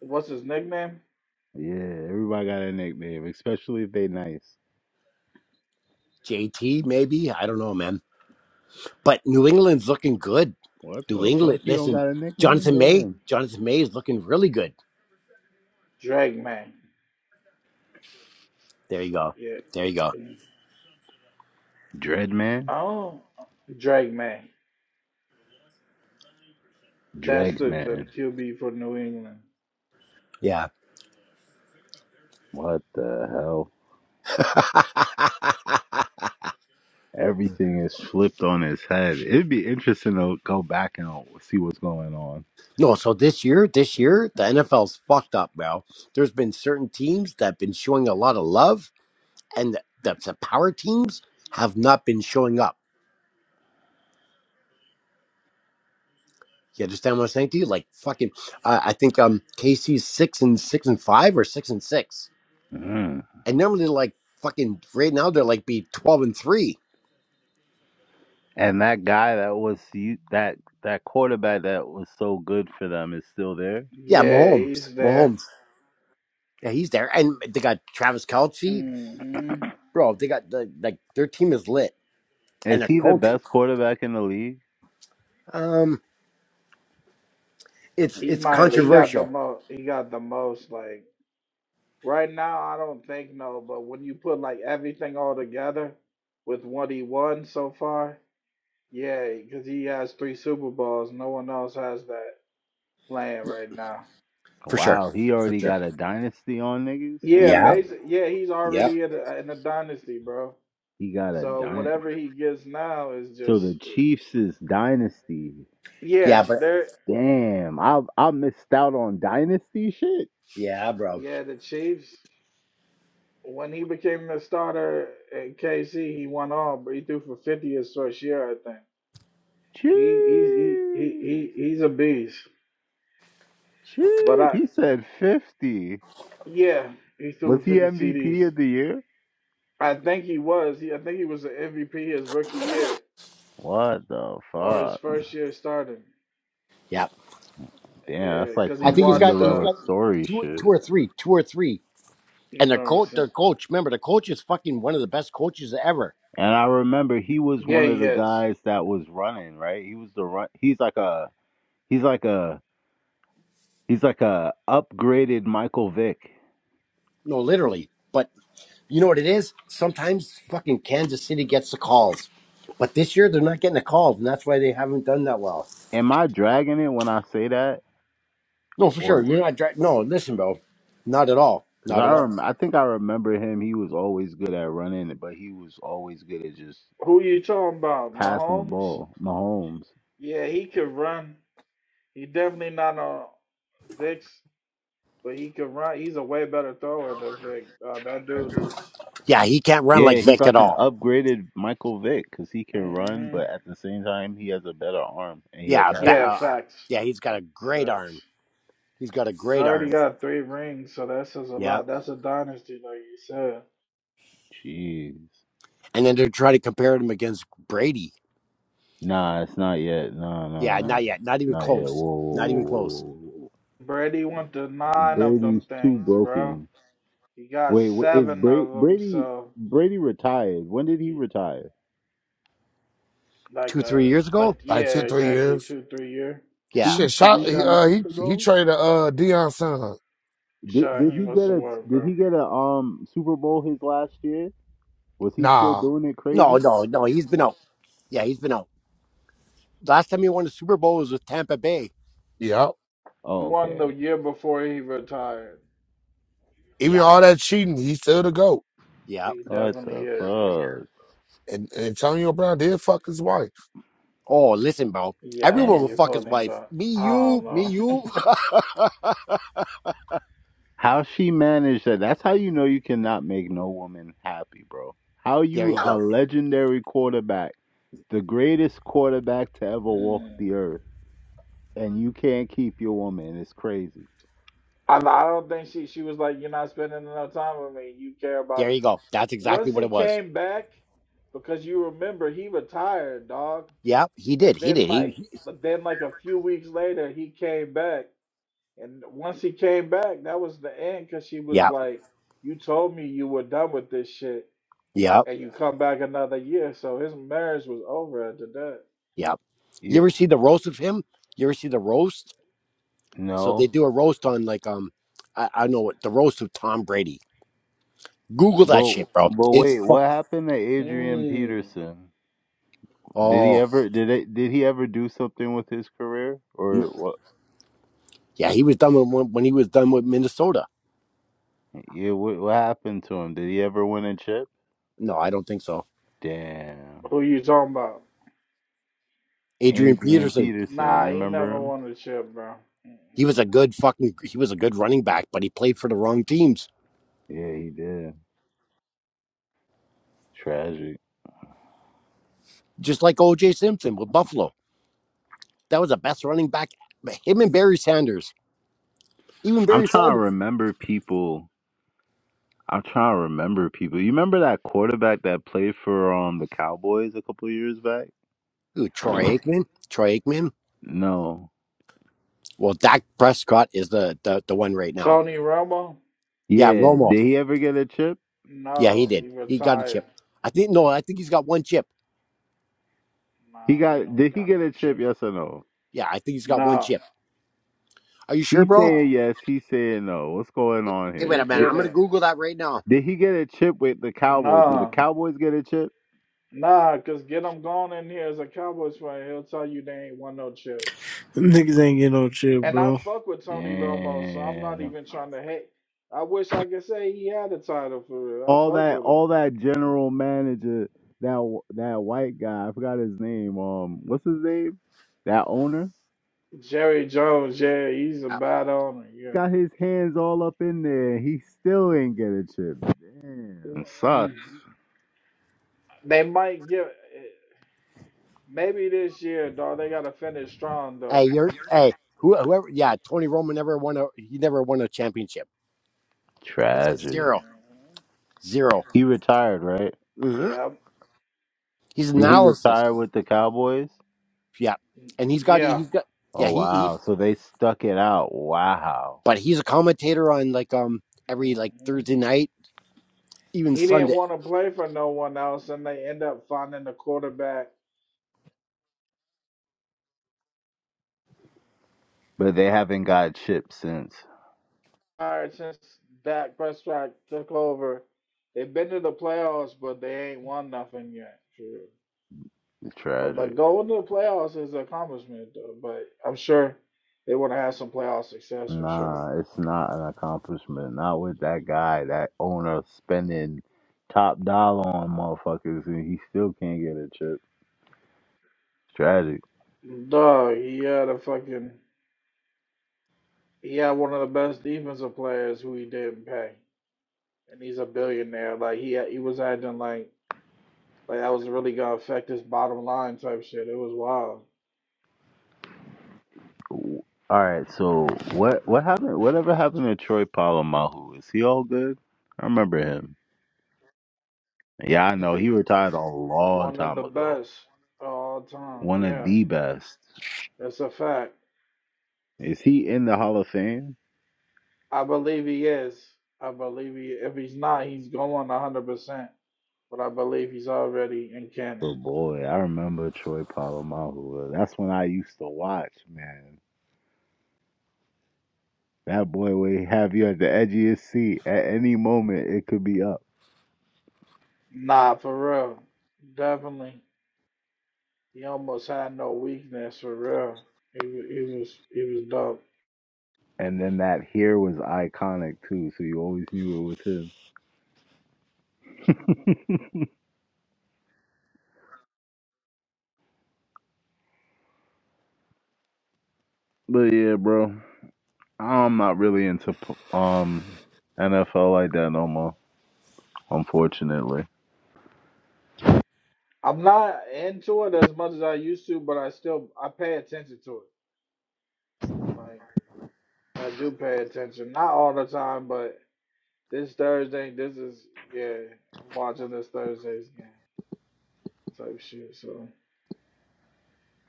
[SPEAKER 1] what's his nickname?
[SPEAKER 8] Yeah, everybody got a nickname, especially if they nice.
[SPEAKER 7] JT maybe I don't know, man. But New England's looking good.
[SPEAKER 8] What
[SPEAKER 7] New
[SPEAKER 8] the
[SPEAKER 7] England,
[SPEAKER 8] fuck? He don't
[SPEAKER 7] listen,
[SPEAKER 8] got a nickname?
[SPEAKER 7] Jonathan May,
[SPEAKER 8] Damn.
[SPEAKER 7] Jonathan May is looking really good.
[SPEAKER 1] Drag Man.
[SPEAKER 7] There you go.
[SPEAKER 1] Yeah.
[SPEAKER 7] There you go.
[SPEAKER 8] Dreadman?
[SPEAKER 1] Oh, Drag Man. That's the, the
[SPEAKER 8] Dregsman.
[SPEAKER 1] QB for New England.
[SPEAKER 7] Yeah.
[SPEAKER 8] What the hell? Everything is flipped on its head. It'd be interesting to go back and see what's going on.
[SPEAKER 7] no, so this year, this year, the NFL's fucked up, bro. There's been certain teams that have been showing a lot of love, and the, the, the power teams have not been showing up. You understand what I'm saying to you? Like fucking, uh, I think um KC's six and six and five or six and six,
[SPEAKER 8] Mm.
[SPEAKER 7] and normally like fucking right now they're like be twelve and three
[SPEAKER 8] And that guy that was you- that that quarterback that was so good for them is still there.
[SPEAKER 7] Yeah,
[SPEAKER 1] Yeah,
[SPEAKER 7] Mahomes.
[SPEAKER 1] he's there.
[SPEAKER 7] Mahomes. Yeah, he's there. And they got Travis Kelce.
[SPEAKER 1] hmm
[SPEAKER 7] Bro, they got the like their team is lit. And
[SPEAKER 8] Is
[SPEAKER 7] their
[SPEAKER 8] he the
[SPEAKER 7] coach,
[SPEAKER 8] best quarterback in the league?
[SPEAKER 7] um, it's
[SPEAKER 1] He
[SPEAKER 7] it's
[SPEAKER 1] might. He got the
[SPEAKER 7] controversial.
[SPEAKER 1] most. He got the most. Like right now, I don't think no. But when you put like everything all together, with what he won so far, yeah, because he has three Super Bowls. No one else has that playing right now.
[SPEAKER 7] For sure.
[SPEAKER 8] Wow, he
[SPEAKER 7] For
[SPEAKER 8] already
[SPEAKER 7] sure.
[SPEAKER 8] got a dynasty on niggas.
[SPEAKER 1] Yeah,
[SPEAKER 7] Yeah.
[SPEAKER 8] Damn,
[SPEAKER 1] basic. Yeah, he's
[SPEAKER 7] Yep.
[SPEAKER 1] already in a, in a dynasty, bro.
[SPEAKER 8] he got a
[SPEAKER 1] So
[SPEAKER 8] dynasty.
[SPEAKER 1] whatever he gets now is
[SPEAKER 8] So
[SPEAKER 1] just
[SPEAKER 8] the Chiefs is dynasty.
[SPEAKER 7] Yeah,
[SPEAKER 1] yeah.
[SPEAKER 7] but
[SPEAKER 1] There,
[SPEAKER 8] Damn, I I missed out on dynasty shit.
[SPEAKER 7] yeah, bro.
[SPEAKER 1] yeah. The Chiefs when he became the starter at KC, he won all, but he threw for fifty his first year, I think.
[SPEAKER 8] Chee,
[SPEAKER 1] He he's he he, he he's a beast. But
[SPEAKER 8] chee.
[SPEAKER 1] I
[SPEAKER 8] He said fifty.
[SPEAKER 1] yeah, he threw
[SPEAKER 8] Was
[SPEAKER 1] for
[SPEAKER 8] he
[SPEAKER 1] fifty TDs.
[SPEAKER 8] MVP of the year?
[SPEAKER 1] I think he was. He I think he was the MVP his rookie year
[SPEAKER 8] What the
[SPEAKER 1] or his
[SPEAKER 8] fuck?
[SPEAKER 1] first year starting.
[SPEAKER 7] Yeah.
[SPEAKER 8] Damn,
[SPEAKER 1] Yeah,
[SPEAKER 8] that's like
[SPEAKER 1] because
[SPEAKER 7] I
[SPEAKER 1] he
[SPEAKER 8] some
[SPEAKER 7] think he's got
[SPEAKER 1] watched
[SPEAKER 7] he's
[SPEAKER 8] Cinderella
[SPEAKER 1] uh,
[SPEAKER 7] got
[SPEAKER 8] story
[SPEAKER 7] two
[SPEAKER 8] shit.
[SPEAKER 7] two or three. Two or three. And
[SPEAKER 1] you know
[SPEAKER 7] their
[SPEAKER 1] what I'm
[SPEAKER 7] coach their
[SPEAKER 1] saying.
[SPEAKER 7] coach, remember the coach is fucking one of the best coaches ever.
[SPEAKER 8] And I remember he was
[SPEAKER 1] Yeah,
[SPEAKER 8] one of
[SPEAKER 1] he
[SPEAKER 8] the
[SPEAKER 1] is.
[SPEAKER 8] guys that was running, right? He was the run. He's like a. He's like a He's like a upgraded Michael Vick.
[SPEAKER 7] No, literally. But you know what it is? Sometimes fucking Kansas City gets the calls. But this year they're not getting the calls, and that's why they haven't done that well.
[SPEAKER 8] Am I dragging it when I say that,
[SPEAKER 7] No, for sure.
[SPEAKER 8] or
[SPEAKER 7] You're not. Dra- no, listen, bro. Not at all.
[SPEAKER 8] because
[SPEAKER 7] Not
[SPEAKER 8] I
[SPEAKER 7] at all.
[SPEAKER 8] rem- I think I remember him. He was always good at running, but he was always good at just
[SPEAKER 1] Who you talking about?
[SPEAKER 8] passing the
[SPEAKER 1] Mahomes?
[SPEAKER 8] ball. Mahomes.
[SPEAKER 1] Yeah, he could run. He definitely not on Vic's, but he could run. He's a way better thrower than Vic. Uh, that dude is.
[SPEAKER 7] Yeah, he can't run like
[SPEAKER 8] Yeah, he's
[SPEAKER 7] Vic at
[SPEAKER 8] like an
[SPEAKER 7] all.
[SPEAKER 8] upgraded Michael Vick because he can run,
[SPEAKER 1] hmm
[SPEAKER 8] but at the same time he has a better arm and he has
[SPEAKER 7] Yeah, ba-
[SPEAKER 8] effort.
[SPEAKER 1] Yeah,
[SPEAKER 7] uh, uh,
[SPEAKER 1] facts.
[SPEAKER 7] yeah. He's got a great
[SPEAKER 1] Facts.
[SPEAKER 7] arm. He's got a
[SPEAKER 1] He's
[SPEAKER 7] great
[SPEAKER 1] already
[SPEAKER 7] arm.
[SPEAKER 1] got three rings, so that says a
[SPEAKER 7] Yep.
[SPEAKER 1] lot. That's a dynasty, like you said.
[SPEAKER 8] Jeez.
[SPEAKER 7] And then they're trying to compare him against Brady.
[SPEAKER 8] Nah, it's not yet. No, no,
[SPEAKER 7] Yeah,
[SPEAKER 8] no.
[SPEAKER 7] not yet. Not even
[SPEAKER 8] Not yet. Whoa,
[SPEAKER 7] close.
[SPEAKER 8] whoa,
[SPEAKER 7] Not
[SPEAKER 8] whoa,
[SPEAKER 7] even
[SPEAKER 8] whoa,
[SPEAKER 7] close.
[SPEAKER 8] whoa. whoa.
[SPEAKER 1] Brady went to nine of them
[SPEAKER 8] Brady's too
[SPEAKER 1] things, bro.
[SPEAKER 8] broken.
[SPEAKER 1] He got
[SPEAKER 8] Wait, wait is
[SPEAKER 1] seven of
[SPEAKER 8] Brady
[SPEAKER 1] them,
[SPEAKER 8] Brady
[SPEAKER 1] so
[SPEAKER 8] Brady retired? When did he
[SPEAKER 1] he-
[SPEAKER 8] retire?
[SPEAKER 1] like
[SPEAKER 7] Two, three
[SPEAKER 1] uh,
[SPEAKER 7] years ago.
[SPEAKER 1] like
[SPEAKER 9] like two,
[SPEAKER 1] yeah,
[SPEAKER 9] three
[SPEAKER 1] exactly
[SPEAKER 9] years.
[SPEAKER 1] two, three year.
[SPEAKER 7] Yeah.
[SPEAKER 8] Two,
[SPEAKER 9] Shit,
[SPEAKER 8] three
[SPEAKER 9] shot. He
[SPEAKER 1] Shut.
[SPEAKER 9] uh,
[SPEAKER 8] years
[SPEAKER 9] he he
[SPEAKER 8] ago?
[SPEAKER 9] traded uh Deion Sanders.
[SPEAKER 8] Did did
[SPEAKER 1] Shaheem
[SPEAKER 8] he get
[SPEAKER 1] was some
[SPEAKER 8] a
[SPEAKER 1] work,
[SPEAKER 8] did
[SPEAKER 1] bro.
[SPEAKER 8] he get a um Super Bowl his last year? Was he still
[SPEAKER 9] Nah,
[SPEAKER 8] doing it
[SPEAKER 7] No,
[SPEAKER 8] crazy?
[SPEAKER 7] no, no. He's been out. Yeah, he's been out. Last time he won the Super Bowl was with Tampa Bay.
[SPEAKER 9] yep.
[SPEAKER 8] Oh,
[SPEAKER 1] Won the
[SPEAKER 8] okay.
[SPEAKER 1] year before he retired.
[SPEAKER 9] Even
[SPEAKER 7] Yeah,
[SPEAKER 9] all that cheating, he still the goat.
[SPEAKER 7] yeah.
[SPEAKER 1] He
[SPEAKER 8] What
[SPEAKER 1] definitely
[SPEAKER 8] the
[SPEAKER 1] is, though.
[SPEAKER 8] fuck?
[SPEAKER 9] And, and Antonio Brown did fuck his wife.
[SPEAKER 7] Oh, listen, bro.
[SPEAKER 1] Yeah,
[SPEAKER 7] Everyone will
[SPEAKER 1] you
[SPEAKER 8] Damn.
[SPEAKER 7] fuck
[SPEAKER 1] feel
[SPEAKER 7] his
[SPEAKER 1] me,
[SPEAKER 7] wife.
[SPEAKER 1] but
[SPEAKER 7] Me,
[SPEAKER 1] I don't
[SPEAKER 7] you, me,
[SPEAKER 1] know.
[SPEAKER 7] you.
[SPEAKER 8] How she managed that? That's how you know you cannot make no woman happy, bro. How
[SPEAKER 7] there
[SPEAKER 8] you
[SPEAKER 7] you go.
[SPEAKER 8] a legendary quarterback, the greatest quarterback to ever walk
[SPEAKER 1] Mm.
[SPEAKER 8] the earth, and you can't keep your woman? It's crazy.
[SPEAKER 1] I, I don't think she she was like, you're not spending enough time with me. You care
[SPEAKER 7] There
[SPEAKER 1] about.
[SPEAKER 7] you go. That's exactly
[SPEAKER 1] Once
[SPEAKER 7] what
[SPEAKER 1] he
[SPEAKER 7] it was.
[SPEAKER 1] came back, because you remember he retired, dog,
[SPEAKER 7] Yeah, he did.
[SPEAKER 1] and
[SPEAKER 7] He
[SPEAKER 1] then
[SPEAKER 7] did. He,
[SPEAKER 1] like,
[SPEAKER 7] he-
[SPEAKER 1] but then like a few weeks later he came back, and once he came back, that was the end. Because she was
[SPEAKER 7] yeah,
[SPEAKER 1] like, you told me you were done with this shit
[SPEAKER 7] yeah,
[SPEAKER 1] and you come back another year. So his marriage was over after that.
[SPEAKER 7] yeah. You
[SPEAKER 8] You
[SPEAKER 7] ever see the roast of him? You ever see the roast? So they
[SPEAKER 8] no.
[SPEAKER 7] do a roast on like um, I, I know what the roast of Tom Brady. Google that
[SPEAKER 8] But
[SPEAKER 7] shit, bro.
[SPEAKER 8] but
[SPEAKER 7] It's
[SPEAKER 8] wait, what
[SPEAKER 7] fuck.
[SPEAKER 8] happened to Adrian
[SPEAKER 1] Mm.
[SPEAKER 8] Peterson? Did he
[SPEAKER 7] Oh,
[SPEAKER 8] ever did it did he ever do something with his career or
[SPEAKER 7] n-
[SPEAKER 8] what?
[SPEAKER 7] yeah. He was done with, when when he was done with Minnesota.
[SPEAKER 8] Yeah, what what happened to him? Did he ever win a chip?
[SPEAKER 7] No, I don't think so.
[SPEAKER 8] Damn,
[SPEAKER 1] Who you talking about?
[SPEAKER 7] Adrian
[SPEAKER 8] Adrian
[SPEAKER 7] Peterson.
[SPEAKER 8] Peterson,
[SPEAKER 1] Nah,
[SPEAKER 8] you
[SPEAKER 1] he
[SPEAKER 8] remember
[SPEAKER 1] never
[SPEAKER 8] him?
[SPEAKER 1] won a chip, bro.
[SPEAKER 7] He was a good fucking. He was a good running back, but he played for the wrong teams.
[SPEAKER 8] Yeah, he did. Tragic.
[SPEAKER 7] Just like O.J. Simpson with Buffalo. That was the best running back. Him and Barry Sanders. Even
[SPEAKER 8] I'm
[SPEAKER 7] Barry Sanders.
[SPEAKER 8] trying to remember people. I'm trying to remember people. You remember that quarterback that played for um the Cowboys a couple years back?
[SPEAKER 7] Who, Troy Aikman? Troy Aikman?
[SPEAKER 8] No.
[SPEAKER 7] Well, Dak Prescott is the, the, the one right now.
[SPEAKER 1] Tony Romo?
[SPEAKER 7] Yeah,
[SPEAKER 8] Yeah.
[SPEAKER 7] Romo.
[SPEAKER 8] Did he ever get a chip?
[SPEAKER 7] Yeah, he
[SPEAKER 1] No,
[SPEAKER 7] did.
[SPEAKER 1] he
[SPEAKER 7] He got a
[SPEAKER 1] retired.
[SPEAKER 7] chip. I think, no, I think he's got one chip.
[SPEAKER 8] He
[SPEAKER 1] Nah, he
[SPEAKER 8] got.
[SPEAKER 1] don't
[SPEAKER 8] Did he
[SPEAKER 1] got
[SPEAKER 8] get
[SPEAKER 1] no
[SPEAKER 8] a chip?
[SPEAKER 1] chip.
[SPEAKER 8] Yes or no?
[SPEAKER 7] Yeah, I think he's got one
[SPEAKER 1] No,
[SPEAKER 7] chip. Are you sure,
[SPEAKER 8] He's
[SPEAKER 7] bro?
[SPEAKER 8] saying
[SPEAKER 1] no,
[SPEAKER 8] yes. He's saying no. What's going on
[SPEAKER 7] Hey, wait
[SPEAKER 8] here?
[SPEAKER 7] a
[SPEAKER 1] he
[SPEAKER 7] minute.
[SPEAKER 8] Did,
[SPEAKER 7] I'm going to
[SPEAKER 1] didn't.
[SPEAKER 7] Google that right now.
[SPEAKER 8] did he get a chip with the Cowboys? Did the
[SPEAKER 1] Nah,
[SPEAKER 8] Cowboys get a chip?
[SPEAKER 1] nah, cause get him gone in here as a Cowboys fan. He'll tell you they ain't won no chip.
[SPEAKER 6] them niggas ain't getting no chip,
[SPEAKER 1] And
[SPEAKER 6] bro.
[SPEAKER 1] I fuck with Tony Romo, so I'm not
[SPEAKER 8] Damn.
[SPEAKER 1] even trying to hate. I wish I could say he had a title for real. I
[SPEAKER 8] All
[SPEAKER 1] fucked
[SPEAKER 8] that,
[SPEAKER 1] with him.
[SPEAKER 8] all that general manager, that that white guy. I forgot his name. Um, what's his name? That owner
[SPEAKER 1] Jerry Jones, yeah, he's a
[SPEAKER 7] Uh,
[SPEAKER 1] bad owner.
[SPEAKER 8] got
[SPEAKER 1] Yeah,
[SPEAKER 8] his hands all up in there. and He still ain't get a chip. Damn. Sucks.
[SPEAKER 1] Mm-mm. they might give maybe this year, dog. They gotta finish strong,
[SPEAKER 7] Hey,
[SPEAKER 1] though.
[SPEAKER 7] you're, hey, who, whoever, yeah, Tony Romo never won a, he never won a championship. It says
[SPEAKER 8] Tragic.
[SPEAKER 7] zero.
[SPEAKER 1] Mm-hmm.
[SPEAKER 7] Zero.
[SPEAKER 8] He retired, right?
[SPEAKER 7] Mm-hmm.
[SPEAKER 1] Yeah,
[SPEAKER 7] He's
[SPEAKER 8] Did he
[SPEAKER 7] analysis.
[SPEAKER 8] retire with the Cowboys?
[SPEAKER 7] Yeah. And he's got,
[SPEAKER 1] yeah.
[SPEAKER 7] he's got, yeah,
[SPEAKER 8] Oh
[SPEAKER 7] he, he,
[SPEAKER 8] wow. So they stuck it out. Wow.
[SPEAKER 7] but he's a commentator on like, um, every like
[SPEAKER 1] hmm
[SPEAKER 7] Thursday night, even
[SPEAKER 1] He didn't
[SPEAKER 7] Sunday.
[SPEAKER 1] want to play for no one else, and they end up finding the quarterback.
[SPEAKER 8] But they haven't got chipped since.
[SPEAKER 1] All right, since Dak Prescott took over, they've been to the playoffs, but they ain't won nothing yet. true.
[SPEAKER 8] It's
[SPEAKER 1] But but
[SPEAKER 8] tragic.
[SPEAKER 1] going to the playoffs is an accomplishment though. But I'm sure they want to have had some playoff success for sure.
[SPEAKER 8] Nah, it's not an accomplishment. Not with that guy, that owner spending top dollar on motherfuckers, and he still can't get a chip. It's tragic.
[SPEAKER 1] Dog, he had a fucking he had one of the best defensive players who he didn't pay, and he's a billionaire. Like he had, he was acting like like that was really gonna affect his bottom line type shit. It was wild.
[SPEAKER 8] All right, so what what happened? Whatever happened to Troy Polamalu? Is he all good? I remember him. Yeah, I know he
[SPEAKER 1] The-
[SPEAKER 8] retired a long
[SPEAKER 1] One of the
[SPEAKER 8] time ago.
[SPEAKER 1] best of all time.
[SPEAKER 8] One of
[SPEAKER 1] Yeah,
[SPEAKER 8] the best.
[SPEAKER 1] that's a fact.
[SPEAKER 8] Is he in the Hall of Fame?
[SPEAKER 1] I believe he is. I believe he. If he's not, he's going hundred percent. but I believe he's already in canon.
[SPEAKER 8] But boy, I remember Troy Polamalu. That's when I used to watch, man. That boy would have you at the edge of your seat. At any moment, it could be up.
[SPEAKER 1] Nah, for real, definitely. He almost had no weakness for real. He wa- he was he was dope.
[SPEAKER 8] And then that hair was iconic too, so you always knew it was him. But yeah, bro, I'm not really into um NFL like that no more, unfortunately.
[SPEAKER 1] I'm not into it as much as I used to, but I still I pay attention to it. Like I do pay attention, not all the time, but this Thursday, this is yeah. I'm watching this Thursday's game type shit. So,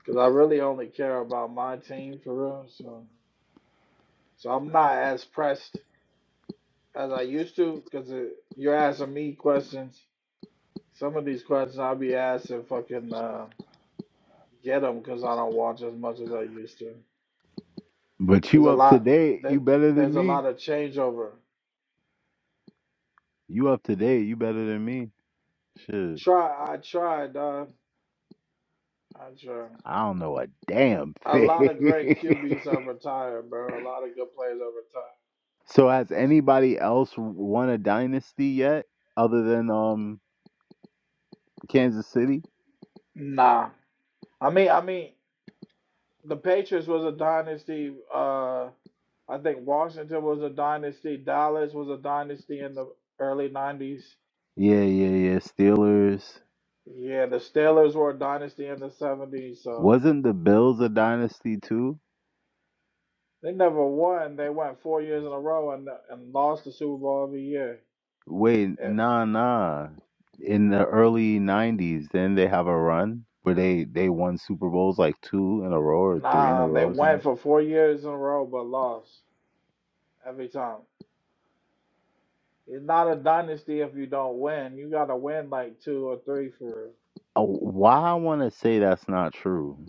[SPEAKER 1] cause I really only care about my team for real. So, so I'm not as pressed as I used to, because you're asking me questions. Some of these questions I'll be asking fucking uh, get them because I don't watch as much as I used to.
[SPEAKER 8] But
[SPEAKER 1] There's
[SPEAKER 8] you
[SPEAKER 1] a
[SPEAKER 8] up to
[SPEAKER 1] lot
[SPEAKER 8] date? You
[SPEAKER 1] that
[SPEAKER 8] better than
[SPEAKER 1] there's a
[SPEAKER 8] me.
[SPEAKER 1] lot of changeover.
[SPEAKER 8] You up to date? You better than me? Shit,
[SPEAKER 1] Try I tried, dog. I tried.
[SPEAKER 8] I don't know a damn
[SPEAKER 1] A lot of great
[SPEAKER 8] thing.
[SPEAKER 1] QBs have retired, bro. A lot of good players have retired.
[SPEAKER 8] So has anybody else won a dynasty yet other than um Kansas City?
[SPEAKER 1] Nah, I mean, I mean, the Patriots was a dynasty. Uh, I think Washington was a dynasty. Dallas was a dynasty in the early '90s
[SPEAKER 8] Yeah, yeah, yeah. Steelers.
[SPEAKER 1] Yeah, the Steelers were a dynasty in the 70s, so
[SPEAKER 8] Wasn't the Bills a dynasty too?
[SPEAKER 1] they never won. They went four years in a row and and lost the Super Bowl every year.
[SPEAKER 8] Wait,
[SPEAKER 1] It,
[SPEAKER 8] nah, nah. In the early '90s, then they have a run where they they won Super Bowls like two in a row or three in a
[SPEAKER 1] nah, they
[SPEAKER 8] row or something.
[SPEAKER 1] went for four years in a row but lost every time. It's not a dynasty if you don't win. You gotta win like two or three for real.
[SPEAKER 8] Oh, why I want to say that's not true?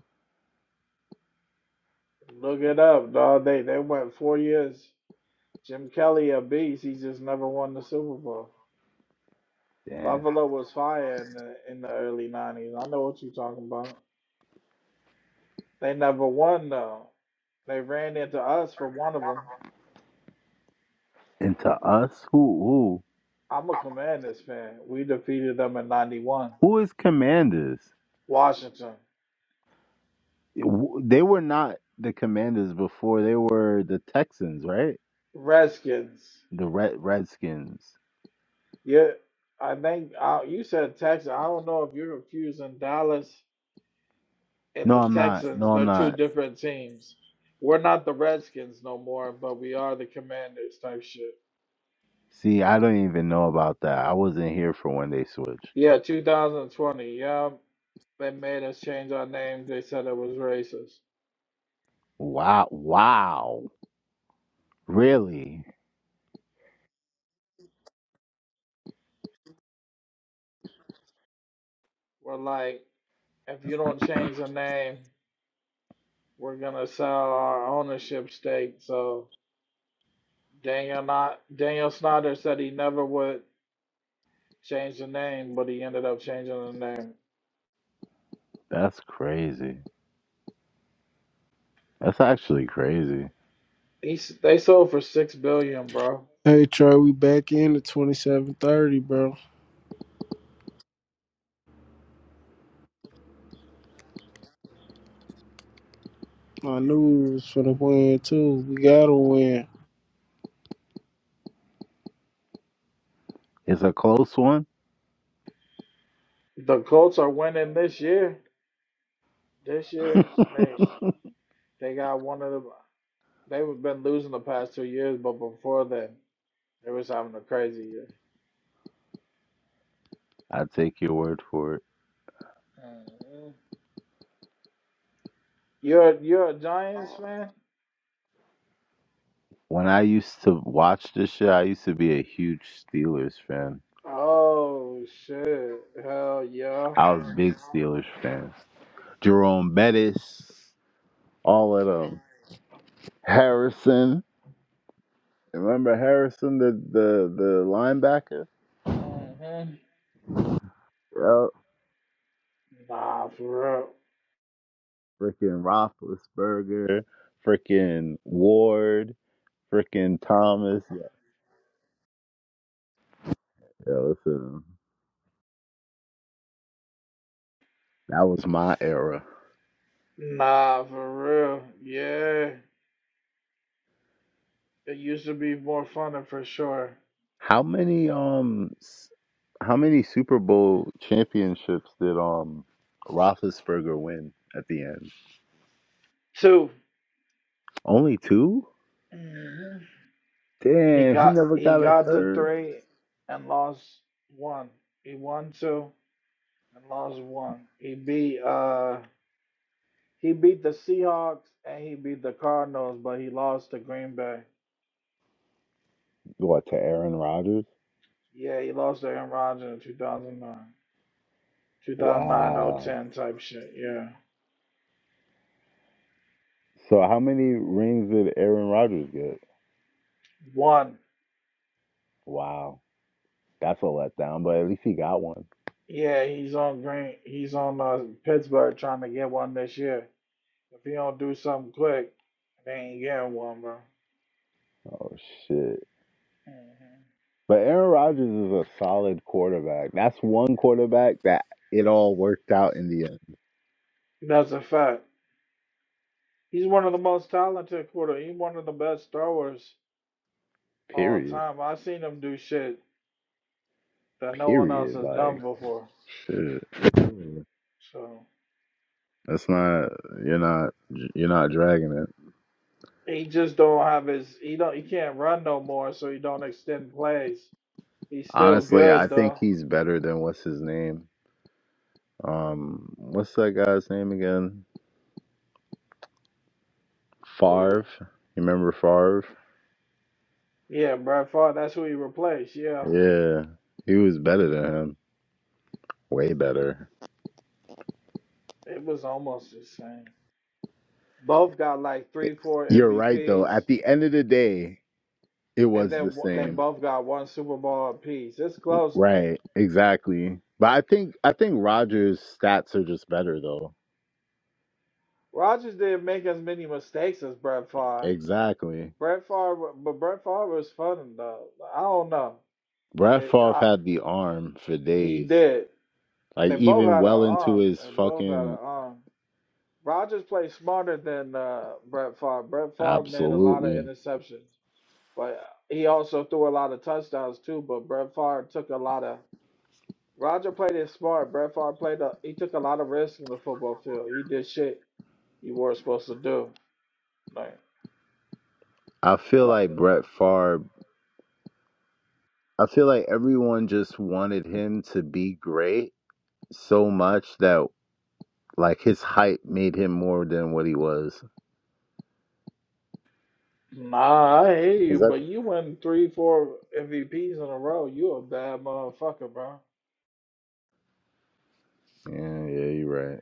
[SPEAKER 1] Look it up, dog. They they went four years. Jim Kelly a beast. He just never won the Super Bowl.
[SPEAKER 8] Damn.
[SPEAKER 1] Buffalo was fire in the in the early 90s. I know what you're talking about. They never won though. They ran into us for one of them.
[SPEAKER 8] And to us, who
[SPEAKER 1] I'm a Commanders fan. We defeated them in '91.
[SPEAKER 8] who who is Commanders?
[SPEAKER 1] Washington
[SPEAKER 8] w- they were not the Commanders before. They were the Texans, right?
[SPEAKER 1] Redskins.
[SPEAKER 8] The Red Redskins.
[SPEAKER 1] Yeah, I think uh, you said Texans. I don't know if you're confusing Dallas and
[SPEAKER 8] No,
[SPEAKER 1] the
[SPEAKER 8] I'm not.
[SPEAKER 1] Texans.
[SPEAKER 8] No, I'm
[SPEAKER 1] They're two
[SPEAKER 8] not.
[SPEAKER 1] different teams. We're not the Redskins no more, but we are the Commanders type shit.
[SPEAKER 8] See, I don't even know about that. I wasn't here for when they switched.
[SPEAKER 1] Yeah, 2020. Yeah, they made us change our name. They said it was racist.
[SPEAKER 8] Wow. Wow. Really?
[SPEAKER 1] We're like, if you don't change the name, We're gonna sell our ownership stake. So Daniel not Daniel Snyder said he never would change the name, but he ended up changing the name.
[SPEAKER 8] That's crazy. That's actually crazy.
[SPEAKER 1] He they sold for six billion, bro.
[SPEAKER 6] Hey Trey, we back in at twenty seven thirty, bro. I knew we was finna win too. We gotta win.
[SPEAKER 8] It's a close one.
[SPEAKER 1] The Colts are winning this year. This year
[SPEAKER 8] I
[SPEAKER 1] they they got one of the they've been losing the past two years, but before then they was having a crazy year.
[SPEAKER 8] take your word for it.
[SPEAKER 1] Mhm. You're you're a Giants fan?
[SPEAKER 8] When I used to watch this shit, I used to be a huge Steelers fan.
[SPEAKER 1] Oh shit! Hell yeah.
[SPEAKER 8] I was a big Steelers fan. Jerome Bettis. all of them, Harrison. Remember Harrison, the the the linebacker?
[SPEAKER 1] hmm
[SPEAKER 8] Yep.
[SPEAKER 1] Nah, for real.
[SPEAKER 8] Freaking Roethlisberger, freaking Ward, freaking Thomas. Yeah. yeah, listen, that was my era.
[SPEAKER 1] Nah, for real. Yeah. It used to be more fun for sure.
[SPEAKER 8] How many um, s- how many Super Bowl championships did um Roethlisberger win at the end?
[SPEAKER 1] 2
[SPEAKER 8] Only two.
[SPEAKER 1] hmm He
[SPEAKER 8] Damn, he
[SPEAKER 1] got
[SPEAKER 8] never
[SPEAKER 1] he
[SPEAKER 8] got a
[SPEAKER 1] got to
[SPEAKER 8] third.
[SPEAKER 1] three and lost one. He won two and lost one. He beat uh he beat the Seahawks and he beat the Cardinals, but he lost to Green Bay.
[SPEAKER 8] What to Aaron Rodgers?
[SPEAKER 1] Yeah, he lost to Aaron Rodgers in 2009. 2009
[SPEAKER 8] Wow.
[SPEAKER 1] 010 type shit. Yeah.
[SPEAKER 8] So how many rings did Aaron Rodgers get?
[SPEAKER 1] One.
[SPEAKER 8] Wow, that's a letdown. But at least he got one.
[SPEAKER 1] Yeah, he's on Green. He's on uh, Pittsburgh trying to get one this year. If he don't do something quick, they ain't getting one, bro.
[SPEAKER 8] Oh shit!
[SPEAKER 1] Mhm.
[SPEAKER 8] But Aaron Rodgers is a solid quarterback. That's one quarterback that it all worked out in the end.
[SPEAKER 1] That's a fact. He's one of the most talented quarter. He's one of the best throwers all
[SPEAKER 8] Period.
[SPEAKER 1] time. I've seen him do shit that no one else
[SPEAKER 8] Period.
[SPEAKER 1] has
[SPEAKER 8] Like
[SPEAKER 1] done before.
[SPEAKER 8] shit.
[SPEAKER 1] So
[SPEAKER 8] That's not. You're not. You're not dragging it.
[SPEAKER 1] he just don't have his. He don't. He can't run no more, so he don't extend plays. He's still
[SPEAKER 8] Honestly, I
[SPEAKER 1] good
[SPEAKER 8] think
[SPEAKER 1] though.
[SPEAKER 8] he's better than what's his name. Um, what's that guy's name again?
[SPEAKER 1] Ooh.
[SPEAKER 8] Favre. You remember Favre?
[SPEAKER 1] Yeah, Brett Favre. That's who he replaced. Yeah,
[SPEAKER 8] Yeah, he was better than him. Way better.
[SPEAKER 1] it was almost the same. Both got like three, four
[SPEAKER 8] You're right, though.
[SPEAKER 1] MVPs,
[SPEAKER 8] At the end of the day, it
[SPEAKER 1] and
[SPEAKER 8] was the
[SPEAKER 1] then one- they
[SPEAKER 8] same.
[SPEAKER 1] both got one Super Bowl apiece. It's close.
[SPEAKER 8] Right, exactly. But I think I think Rogers' stats are just better, though.
[SPEAKER 1] Rodgers didn't make as many mistakes as Brett Favre.
[SPEAKER 8] Exactly.
[SPEAKER 1] Brett Favre, but Brett Favre was fun though. I don't know.
[SPEAKER 8] Brett
[SPEAKER 1] It,
[SPEAKER 8] Favre
[SPEAKER 1] I,
[SPEAKER 8] had the arm for
[SPEAKER 1] he
[SPEAKER 8] days,
[SPEAKER 1] did.
[SPEAKER 8] like
[SPEAKER 1] They both
[SPEAKER 8] even
[SPEAKER 1] had an
[SPEAKER 8] well into
[SPEAKER 1] arm.
[SPEAKER 8] his
[SPEAKER 1] They both had an
[SPEAKER 8] fucking.
[SPEAKER 1] arm. Rodgers played smarter than uh, Brett Favre. Brett Favre made a lot of
[SPEAKER 8] Absolutely.
[SPEAKER 1] interceptions, but he also threw a lot of touchdowns too. But Brett Favre took a lot of Roger played it smart. Brett Favre played a, he took a lot of risks on the football field. He did shit you weren't supposed to do. Like,
[SPEAKER 8] I feel
[SPEAKER 1] like
[SPEAKER 8] like Brett Favre. I feel like everyone just wanted him to be great so much that like his hype made him more than what he was.
[SPEAKER 1] nah, I hear
[SPEAKER 8] Is
[SPEAKER 1] you,
[SPEAKER 8] that?
[SPEAKER 1] but you win three, four MVPs in a row. You a bad motherfucker, bro.
[SPEAKER 8] Yeah, yeah, you're right.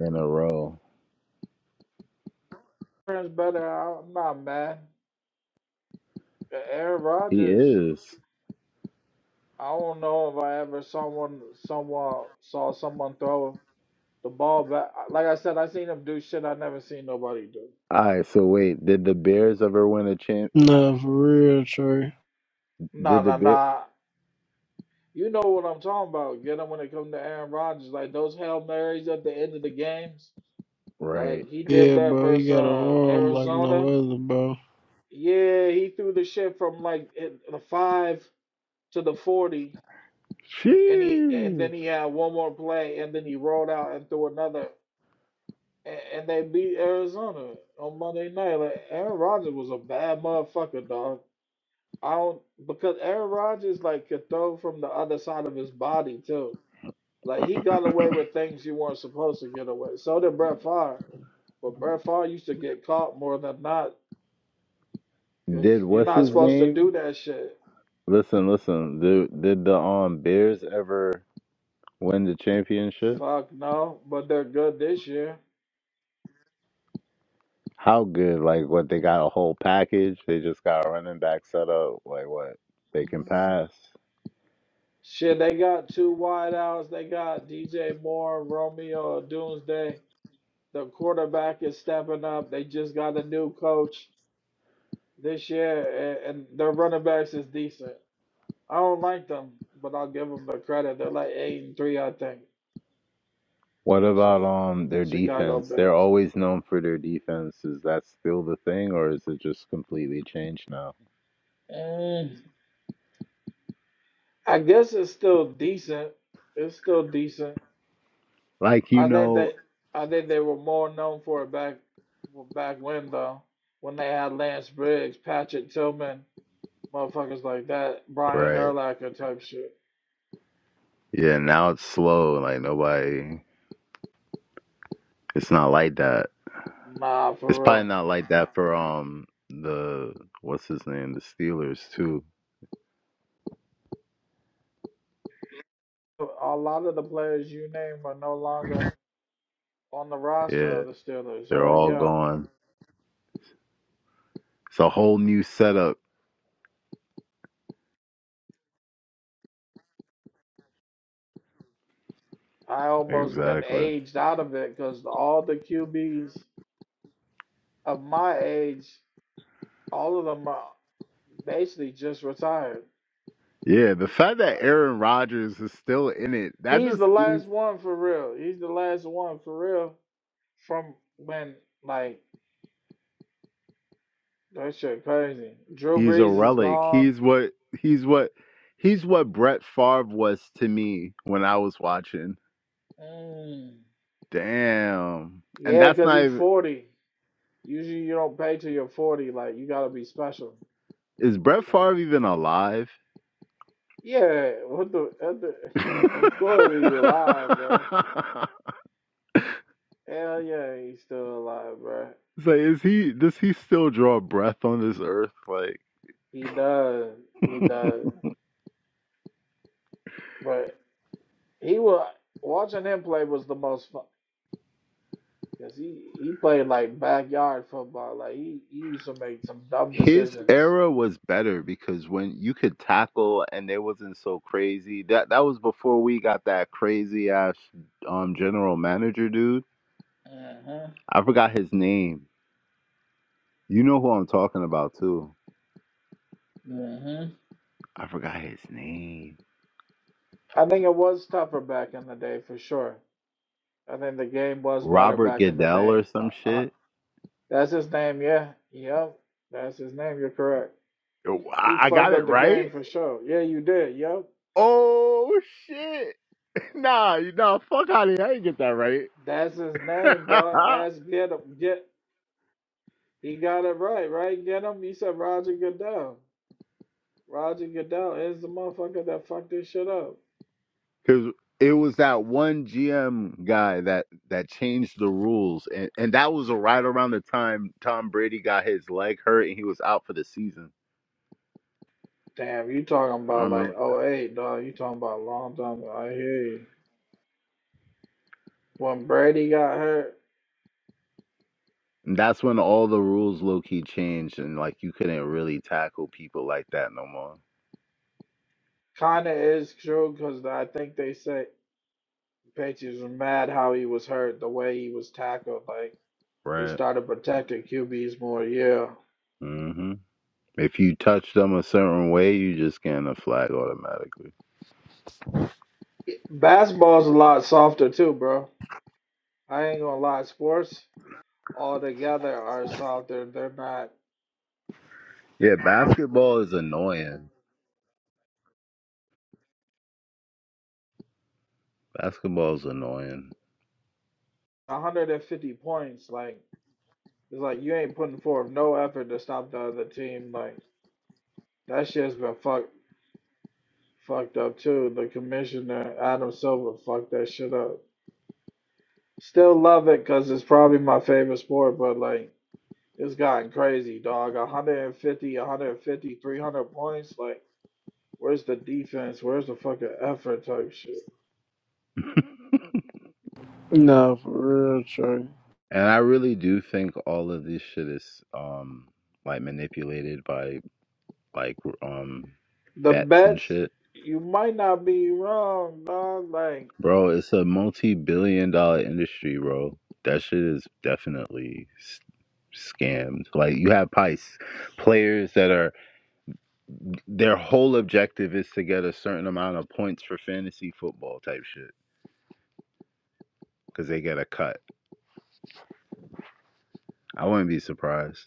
[SPEAKER 8] In a row,
[SPEAKER 1] Friends better. I- am not mad. Uh, Aaron
[SPEAKER 8] he
[SPEAKER 1] Rodgers.
[SPEAKER 8] is.
[SPEAKER 1] I don't know if I ever someone someone saw someone throw the ball back. Like I said, I seen him do shit I never seen nobody do.
[SPEAKER 8] All right. So wait, did the Bears ever win a champ?
[SPEAKER 6] Nah, for real, Trey.
[SPEAKER 1] Nah,
[SPEAKER 8] Did the
[SPEAKER 1] nah,
[SPEAKER 8] Bear?
[SPEAKER 1] nah. You know what I'm talking about. Get him when it comes to Aaron Rodgers, like those Hail Marys at the end of the games. Like
[SPEAKER 8] Right.
[SPEAKER 1] he did
[SPEAKER 6] Yeah,
[SPEAKER 1] that
[SPEAKER 6] bro, you
[SPEAKER 1] versus
[SPEAKER 6] got an
[SPEAKER 1] uh,
[SPEAKER 6] arm like no
[SPEAKER 1] Arizona.
[SPEAKER 6] other, bro.
[SPEAKER 1] Yeah, he threw the shit from like it- the five to the forty, and he and
[SPEAKER 8] Sheesh.
[SPEAKER 1] then he had one more play, and then he rolled out and threw another, and, and they beat Arizona on Monday night. Like Aaron Rodgers was a bad motherfucker, dog. I don't because Aaron Rodgers like could throw from the other side of his body too. Like he got away with things you weren't supposed to get away. So did Brett Favre, but Brett Favre used to get caught more than not because
[SPEAKER 8] Did
[SPEAKER 1] you're
[SPEAKER 8] what's
[SPEAKER 1] not
[SPEAKER 8] his
[SPEAKER 1] supposed to do
[SPEAKER 8] name?
[SPEAKER 1] that shit.
[SPEAKER 8] Listen, listen. Did did the um Bears ever win the championship?
[SPEAKER 1] Fuck no, but they're good this year.
[SPEAKER 8] How good? Like what? They got a whole package. They just got a running back set up. Like what? They can pass.
[SPEAKER 1] Shit, they got two wideouts. They got DJ Moore, Romeo Doomsday. The quarterback is stepping up. They just got a new coach this year, and, and their running backs is decent. I don't like them, but I'll give them the credit. They're like eight and three, I think.
[SPEAKER 8] What
[SPEAKER 1] Chi-
[SPEAKER 8] about um their
[SPEAKER 1] Chicago
[SPEAKER 8] defense? They're
[SPEAKER 1] Bears.
[SPEAKER 8] always known for their defense. Is that still the thing, or is it just completely changed now?
[SPEAKER 1] Mm. I guess it's still decent. It's still decent.
[SPEAKER 8] Like you
[SPEAKER 1] I think
[SPEAKER 8] know,
[SPEAKER 1] that I think they were more known for it back well, back when though, when they had Lance Briggs, Patrick Tillman, motherfuckers like that, Brian
[SPEAKER 8] right?
[SPEAKER 1] Urlacher type shit.
[SPEAKER 8] Yeah, now it's slow. Like nobody, it's not like that.
[SPEAKER 1] Nah,
[SPEAKER 8] It's
[SPEAKER 1] for
[SPEAKER 8] probably
[SPEAKER 1] real.
[SPEAKER 8] not like that for um the what's his name, the Steelers too.
[SPEAKER 1] A lot of the players you name are no longer on the roster
[SPEAKER 8] Yeah,
[SPEAKER 1] of the Steelers.
[SPEAKER 8] they're
[SPEAKER 1] Hell
[SPEAKER 8] all
[SPEAKER 1] yeah.
[SPEAKER 8] gone. It's a whole new setup.
[SPEAKER 1] I almost been
[SPEAKER 8] Exactly.
[SPEAKER 1] aged out of it because all the QBs of my age, all of them are. basically just retired.
[SPEAKER 8] Yeah, the fact that Aaron Rodgers is still in it, that
[SPEAKER 1] He's
[SPEAKER 8] just
[SPEAKER 1] the
[SPEAKER 8] means
[SPEAKER 1] last one for real. He's the last one for real from when like that shit crazy. Drew
[SPEAKER 8] He's a
[SPEAKER 1] Brees is
[SPEAKER 8] relic.
[SPEAKER 1] gone.
[SPEAKER 8] He's what he's what he's what Brett Favre was to me when I was watching.
[SPEAKER 1] Mm.
[SPEAKER 8] Damn. And
[SPEAKER 1] Yeah,
[SPEAKER 8] that's
[SPEAKER 1] cause
[SPEAKER 8] not
[SPEAKER 1] he's
[SPEAKER 8] even
[SPEAKER 1] forty. Usually you don't pay till you're forty. Like you gotta be special.
[SPEAKER 8] is Brett
[SPEAKER 1] So
[SPEAKER 8] Favre even alive?
[SPEAKER 1] yeah, what the, what the of course he's alive, bro. Hell yeah, he's still alive, bro.
[SPEAKER 8] It's Like, is he does he still draw breath on this earth? Like
[SPEAKER 1] He does. He does. But he was watching him play was the most fun. Cause he he played like backyard football. Like he, he used to make some dumb
[SPEAKER 8] his
[SPEAKER 1] decisions.
[SPEAKER 8] era was better because when you could tackle and it wasn't so crazy. That that was before we got that crazy ass um general manager dude.
[SPEAKER 1] hmm
[SPEAKER 8] I forgot his name. You know who I'm talking about too.
[SPEAKER 1] hmm
[SPEAKER 8] I forgot his name.
[SPEAKER 1] I think it was tougher back in the day for sure. I think the game was better
[SPEAKER 8] Robert
[SPEAKER 1] back in the
[SPEAKER 8] Goodell
[SPEAKER 1] day.
[SPEAKER 8] or some
[SPEAKER 1] Uh, uh,
[SPEAKER 8] shit.
[SPEAKER 1] that's his name, yeah. Yep. That's his name, you're correct.
[SPEAKER 8] Oh, I,
[SPEAKER 1] He
[SPEAKER 8] I
[SPEAKER 1] fucked
[SPEAKER 8] got it
[SPEAKER 1] up the game
[SPEAKER 8] right.
[SPEAKER 1] for sure. Yeah, you did, yep.
[SPEAKER 8] Oh shit! Nah,
[SPEAKER 1] Mhm.
[SPEAKER 8] you nah, fuck out of here. I didn't get that right.
[SPEAKER 1] That's his name, dog. Ask get him get he got it right, right? Get him. He said Roger Goodell. Roger Goodell is the motherfucker that fucked this shit up.
[SPEAKER 8] Because it was that one GM guy that that changed the rules, and and that was right around the time Tom Brady got his leg hurt and he was out for the season.
[SPEAKER 1] Damn, you talking
[SPEAKER 8] I
[SPEAKER 1] about
[SPEAKER 8] remember.
[SPEAKER 1] like
[SPEAKER 8] that.
[SPEAKER 1] oh eight dog. You talking about a long time ago. I hear you. When Brady got hurt,
[SPEAKER 8] And that's when all the rules low key changed, and like you couldn't really tackle people like that no more.
[SPEAKER 1] kind of is true because I think they say Patriots were mad how he was hurt, the way he was tackled. Like, they
[SPEAKER 8] Right.
[SPEAKER 1] started protecting QBs more. Yeah.
[SPEAKER 8] hmm If you touch them a certain way, you just getting a flag automatically.
[SPEAKER 1] Basketball's a lot softer, too, bro. I ain't gonna lie. Sports altogether are softer. They're not
[SPEAKER 8] Yeah, basketball is annoying. Basketball is annoying,
[SPEAKER 1] 150 points. Like, it's like you ain't putting forth no effort to stop the other team. Like, that shit's been fucked. fucked up too. The commissioner Adam Silver fucked that shit up. Still love it because it's probably my favorite sport, but like it's gotten crazy, dog. 150, 150, 300 points. Like, where's the defense? Where's the fucking effort type shit?
[SPEAKER 6] Nah, for real, Trey.
[SPEAKER 8] and I really do think all of this shit is um like manipulated by like um
[SPEAKER 1] The
[SPEAKER 8] bets and
[SPEAKER 1] bets,
[SPEAKER 8] shit,
[SPEAKER 1] you might not be wrong, dog. Like,
[SPEAKER 8] bro. It's a multi-billion-dollar industry, bro. That shit is definitely s- scammed. Like you have probably s- players that are Their whole objective is to get a certain amount of points for fantasy football type shit because they get a cut. I wouldn't be surprised.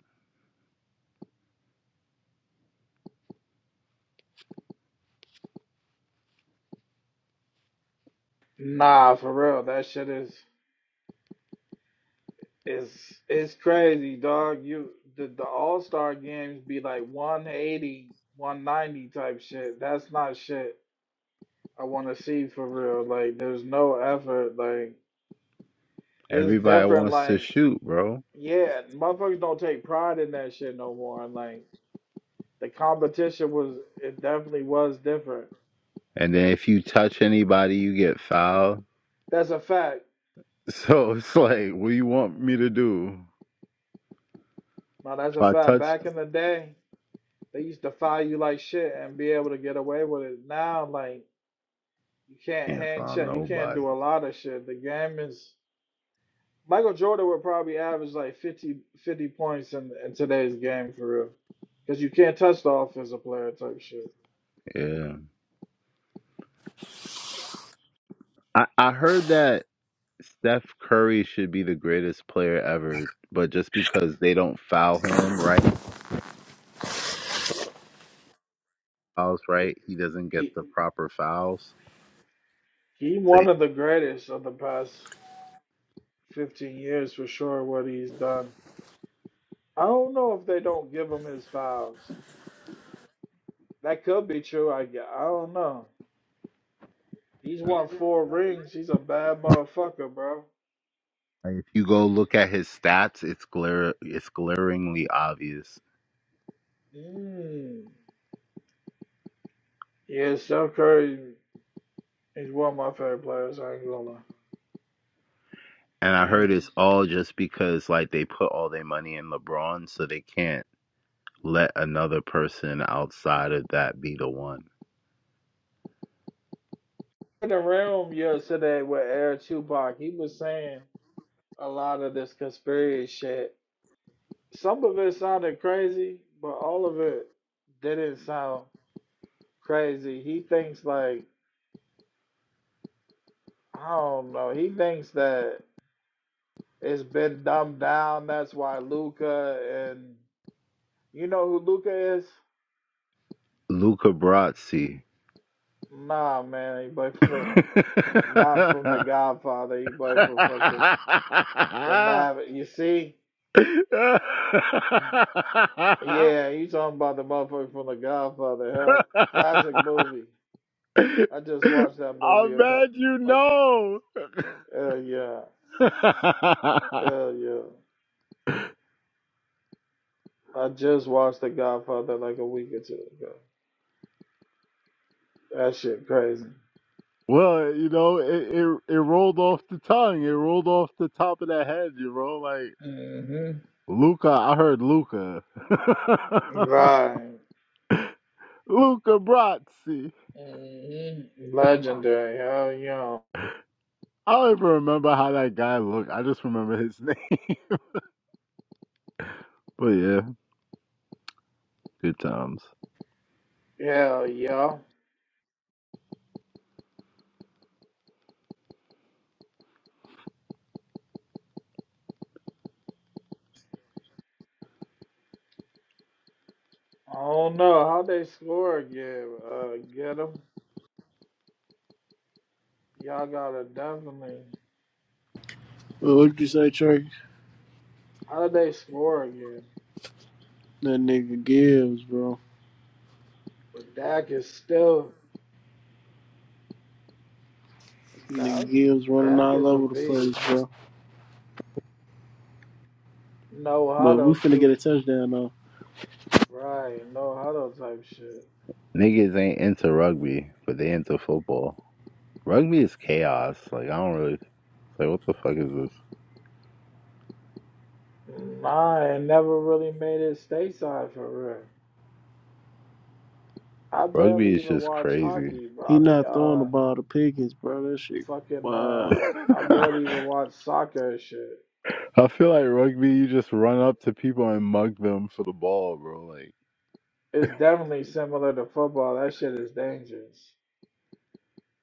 [SPEAKER 1] nah, for real, that shit is. It's it's crazy, dog. You the the All Star games be like one eighty, one ninety type shit. That's not shit I want to see for real. Like, there's no effort. Like, it's
[SPEAKER 8] Everybody
[SPEAKER 1] different.
[SPEAKER 8] wants to
[SPEAKER 1] Like,
[SPEAKER 8] shoot, bro.
[SPEAKER 1] yeah, motherfuckers don't take pride in that shit no more. And like, the competition was it definitely was different.
[SPEAKER 8] And then if you touch anybody, you get fouled.
[SPEAKER 1] That's a fact.
[SPEAKER 8] So it's like, what do you want me
[SPEAKER 1] hmm
[SPEAKER 8] to do?
[SPEAKER 1] Now that's
[SPEAKER 8] If
[SPEAKER 1] a
[SPEAKER 8] I
[SPEAKER 1] fact.
[SPEAKER 8] touch,
[SPEAKER 1] Back in the day, they used to fire you like shit and be able to get away with it. Now, like. You can't
[SPEAKER 8] can't
[SPEAKER 1] hand
[SPEAKER 8] foul
[SPEAKER 1] check. You can't
[SPEAKER 8] nobody.
[SPEAKER 1] do a lot of shit. The game is Michael Jordan would probably average like 50, 50 points in, in today's game for real, because you can't touch the offensive player type shit.
[SPEAKER 8] Yeah. I, I heard that Steph Curry should be the greatest player ever, but just because they don't foul him right, fouls
[SPEAKER 1] He,
[SPEAKER 8] right, he doesn't get
[SPEAKER 1] he
[SPEAKER 8] the proper fouls.
[SPEAKER 1] he one
[SPEAKER 8] They
[SPEAKER 1] of the greatest of the past fifteen years for sure. What he's done. I don't know if they don't give him his fouls. That could be true. I gue- I don't know. He's won four rings. He's a bad motherfucker, bro.
[SPEAKER 8] Like, If you go look at his stats, it's glar it's glaringly obvious.
[SPEAKER 1] Mm. Yeah, Steph Curry. He's one of my favorite players. I ain't gonna lie.
[SPEAKER 8] And I heard
[SPEAKER 1] Damn.
[SPEAKER 8] it's all just because like they put all their money in LeBron, so they can't let another person outside of that be the one.
[SPEAKER 1] In the realm yesterday with Air Tupac, he was saying a lot of this conspiracy shit. Some of it sounded crazy, but all of it didn't sound crazy. He thinks like I don't know. He thinks that it's been dumbed down. That's why Luca and you know who Luca is?
[SPEAKER 8] Luca Brasi.
[SPEAKER 1] Nah, man. He played
[SPEAKER 8] i
[SPEAKER 1] for the not from the Godfather. He played for fucking the Maverick. You see, Yeah, you talking about the motherfucker from The Godfather? Hell, classic movie. I just watched that
[SPEAKER 8] bet
[SPEAKER 1] movie. a cou-
[SPEAKER 8] you
[SPEAKER 1] Like,
[SPEAKER 8] know.
[SPEAKER 1] hell yeah, hell yeah. I just watched The Godfather like a week or two ago. That shit crazy.
[SPEAKER 8] Well, you know, it, it it rolled off the tongue. It rolled off the top of the head, you know, like
[SPEAKER 1] hmm
[SPEAKER 8] Luca. I heard Luca.
[SPEAKER 1] Right.
[SPEAKER 8] Luca Brasi.
[SPEAKER 1] hmm Legendary. Hell
[SPEAKER 8] I don't even remember how that guy looked. I just remember his name. But yeah, good times.
[SPEAKER 1] yeah. Hell yeah. I don't know how they score again. Uh, get them. Y'all gotta definitely.
[SPEAKER 6] Well, what'd you say, Trey?
[SPEAKER 1] How did they score again?
[SPEAKER 6] That nigga Gibbs, bro.
[SPEAKER 1] But Dak is still Dak,
[SPEAKER 6] Nigga Gibbs running
[SPEAKER 1] Dak
[SPEAKER 6] all
[SPEAKER 1] is a
[SPEAKER 6] over the place,
[SPEAKER 1] beast.
[SPEAKER 6] bro.
[SPEAKER 1] No
[SPEAKER 6] But we
[SPEAKER 1] huddle
[SPEAKER 6] finna get
[SPEAKER 1] too.
[SPEAKER 6] a touchdown though.
[SPEAKER 1] Right, no huddle type shit.
[SPEAKER 8] Niggas ain't into rugby, but they into football. Rugby is chaos. Like I don't really. It's like what the fuck is this?
[SPEAKER 1] Nah, it never really made it stateside for real. I barely
[SPEAKER 8] Rugby is
[SPEAKER 1] even
[SPEAKER 8] just
[SPEAKER 1] watch
[SPEAKER 8] crazy.
[SPEAKER 1] hockey, bro. I
[SPEAKER 6] He
[SPEAKER 1] mean,
[SPEAKER 6] not throwing the
[SPEAKER 1] uh,
[SPEAKER 6] ball to Pickens, bro. That shit.
[SPEAKER 1] fucking, uh,
[SPEAKER 6] Wow.
[SPEAKER 1] I barely even watch soccer and shit.
[SPEAKER 8] I feel like rugby, you just run up to people and mug them for the ball, bro. Like,
[SPEAKER 1] It's definitely similar to football. That shit is dangerous.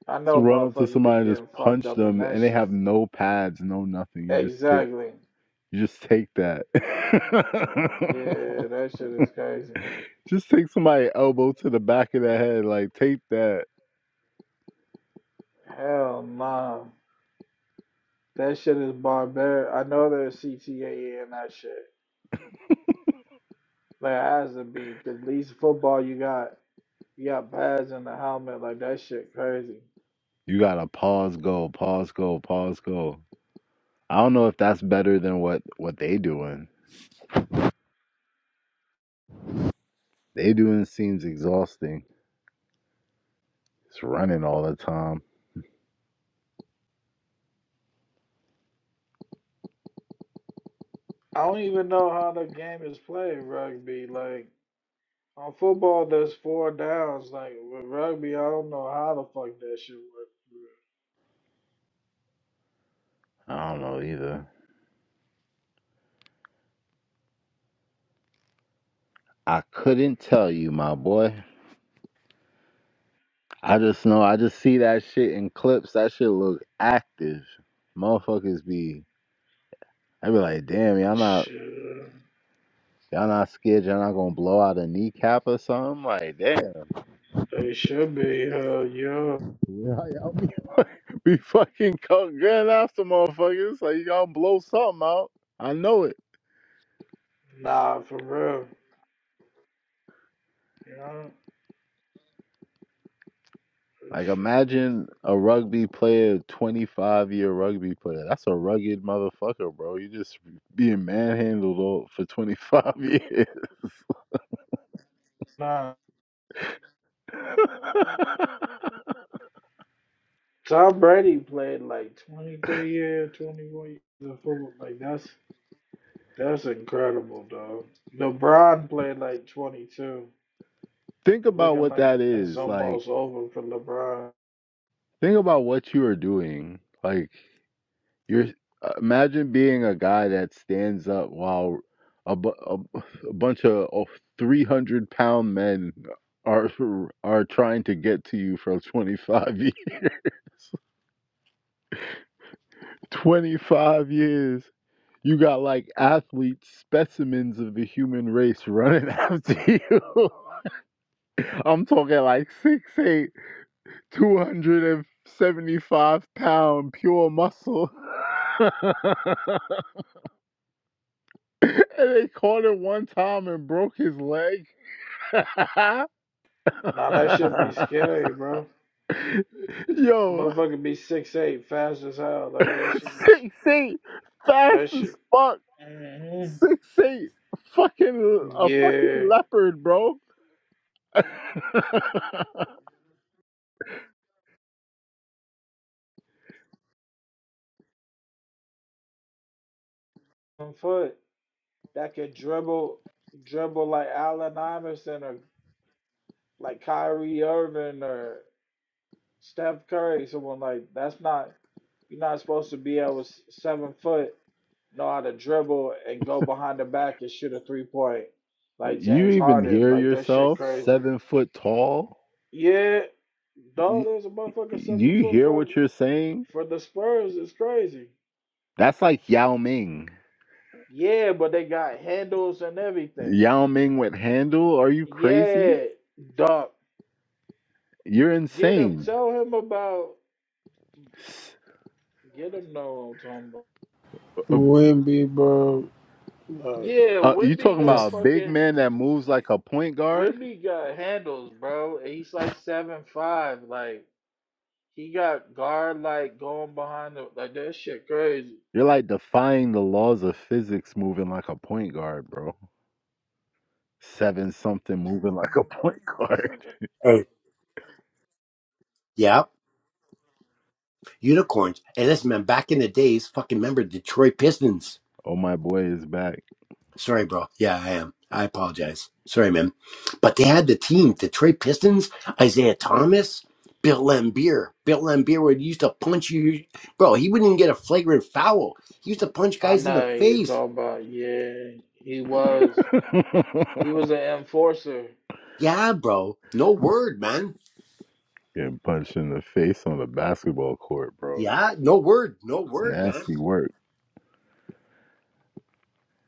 [SPEAKER 1] I
[SPEAKER 8] just
[SPEAKER 1] know
[SPEAKER 8] run up to
[SPEAKER 1] motherfuckers be
[SPEAKER 8] somebody and just
[SPEAKER 1] getting fucked
[SPEAKER 8] punch
[SPEAKER 1] up in
[SPEAKER 8] them,
[SPEAKER 1] that
[SPEAKER 8] and they have
[SPEAKER 1] shit.
[SPEAKER 8] no pads, no nothing. You just take,
[SPEAKER 1] Exactly.
[SPEAKER 8] you just take that.
[SPEAKER 1] Yeah, that shit is crazy.
[SPEAKER 8] just take somebody elbow to the back of the head, like take that.
[SPEAKER 1] Hell nah. That shit is barbaric. I know there's CTA in that shit. There has to be, 'cause at least football, you got you got pads and the helmet. Like that shit crazy.
[SPEAKER 8] You gotta pause, go, pause, go, pause, go. I don't know if that's better than what what they doing. They doing seems exhausting. It's running all the time.
[SPEAKER 1] I don't even know how the game is played rugby. Like on football, there's four downs. Like with rugby, I don't know how the fuck that shit works.
[SPEAKER 8] I don't know either. I couldn't tell you, my boy. I just know I just see that shit in clips. That shit look active. Motherfuckers be I be like, damn, y'all not
[SPEAKER 1] Shit,
[SPEAKER 8] y'all not scared y'all not gonna blow out a kneecap or something? Like, damn,
[SPEAKER 1] they should be. Hell yeah.
[SPEAKER 8] where are y'all be, be fucking co- going after motherfuckers. Like y'all blow something out. I know it.
[SPEAKER 1] Nah, for real. You know. For
[SPEAKER 8] Like
[SPEAKER 1] sure.
[SPEAKER 8] imagine a rugby player, twenty five year rugby player. That's a rugged motherfucker, bro. You just being manhandled all- for twenty five years.
[SPEAKER 1] nah. So Tom Brady played like 23 years, twenty four years of football. Like that's that's incredible, dog. LeBron played like 22.
[SPEAKER 8] think
[SPEAKER 1] It's
[SPEAKER 8] about
[SPEAKER 1] looking
[SPEAKER 8] what
[SPEAKER 1] like
[SPEAKER 8] that
[SPEAKER 1] it's
[SPEAKER 8] is like
[SPEAKER 1] almost over for LeBron.
[SPEAKER 8] think about what you are doing like you're uh, imagine being a guy that stands up while a, bu- a, a bunch of oh, 300 pound men are are trying to get to you for 25 years 25 years you got like athlete specimens of the human race running after you i'm talking like six eight. 275 pound pure muscle. and they caught it one time and broke his leg.
[SPEAKER 1] Nah, that should be scary, bro.
[SPEAKER 8] Yo,
[SPEAKER 1] Motherfucker be six eight, fast as hell. Like that shit is
[SPEAKER 8] six eight, fast
[SPEAKER 1] that
[SPEAKER 8] as
[SPEAKER 1] shit.
[SPEAKER 8] fuck.
[SPEAKER 1] hmm
[SPEAKER 8] Six eight, fucking a fucking
[SPEAKER 1] Yeah,
[SPEAKER 8] leopard, bro.
[SPEAKER 1] on foot that could dribble, dribble like Allen Iverson or like Kyrie Irving or. Steph Curry, someone like that's not you're not supposed to be able s- seven foot know how to dribble and go behind the back and shoot a three point like
[SPEAKER 8] you
[SPEAKER 1] James
[SPEAKER 8] even
[SPEAKER 1] Harden.
[SPEAKER 8] hear
[SPEAKER 1] Like that shit
[SPEAKER 8] yourself?
[SPEAKER 1] crazy.
[SPEAKER 8] Seven foot tall.
[SPEAKER 1] Yeah, dog there's a
[SPEAKER 8] Do
[SPEAKER 1] motherfucker seven
[SPEAKER 8] you
[SPEAKER 1] foot
[SPEAKER 8] hear
[SPEAKER 1] for
[SPEAKER 8] what you're saying?
[SPEAKER 1] for the Spurs It's crazy.
[SPEAKER 8] That's like Yao Ming.
[SPEAKER 1] Yeah, but they got handles and everything.
[SPEAKER 8] Yao Ming with handle? Are you crazy?
[SPEAKER 1] Yeah, dog.
[SPEAKER 8] You're
[SPEAKER 1] Get him.
[SPEAKER 8] insane.
[SPEAKER 1] Tell him about. Get him. Know what I'm talking about.
[SPEAKER 8] Uh,
[SPEAKER 6] Wimby, bro. Like.
[SPEAKER 1] Yeah,
[SPEAKER 8] uh, you
[SPEAKER 1] Wimby
[SPEAKER 8] talking about
[SPEAKER 1] got
[SPEAKER 6] it's.
[SPEAKER 8] a big
[SPEAKER 1] fucking.
[SPEAKER 8] man that moves like a point guard?
[SPEAKER 1] Wimby got handles, bro. and He's like seven five. Like he got guard like going behind the like that shit crazy.
[SPEAKER 8] You're like defying the laws of physics moving like a point guard, bro. Seven something moving like a point guard.
[SPEAKER 7] Yeah, unicorns. Hey, listen, man, back in the days, fucking remember Detroit Pistons.
[SPEAKER 8] Oh, my boy is back.
[SPEAKER 7] Sorry, bro. Yeah, I am. I apologize. Sorry, man. But they had the team, Detroit Pistons, Isaiah Thomas, Bill Laimbeer. Bill Laimbeer would used to punch you. Bro, he wouldn't even get a flagrant foul. He used to punch
[SPEAKER 1] I
[SPEAKER 7] guys in the
[SPEAKER 1] know who you're
[SPEAKER 7] face.
[SPEAKER 1] talking about. Yeah, he
[SPEAKER 8] Getting
[SPEAKER 1] was. He was an enforcer.
[SPEAKER 7] Yeah, bro. No word, man.
[SPEAKER 8] punched in the face on the basketball court, bro.
[SPEAKER 7] Yeah, no word. No
[SPEAKER 8] It's
[SPEAKER 7] word, man.
[SPEAKER 8] nasty work.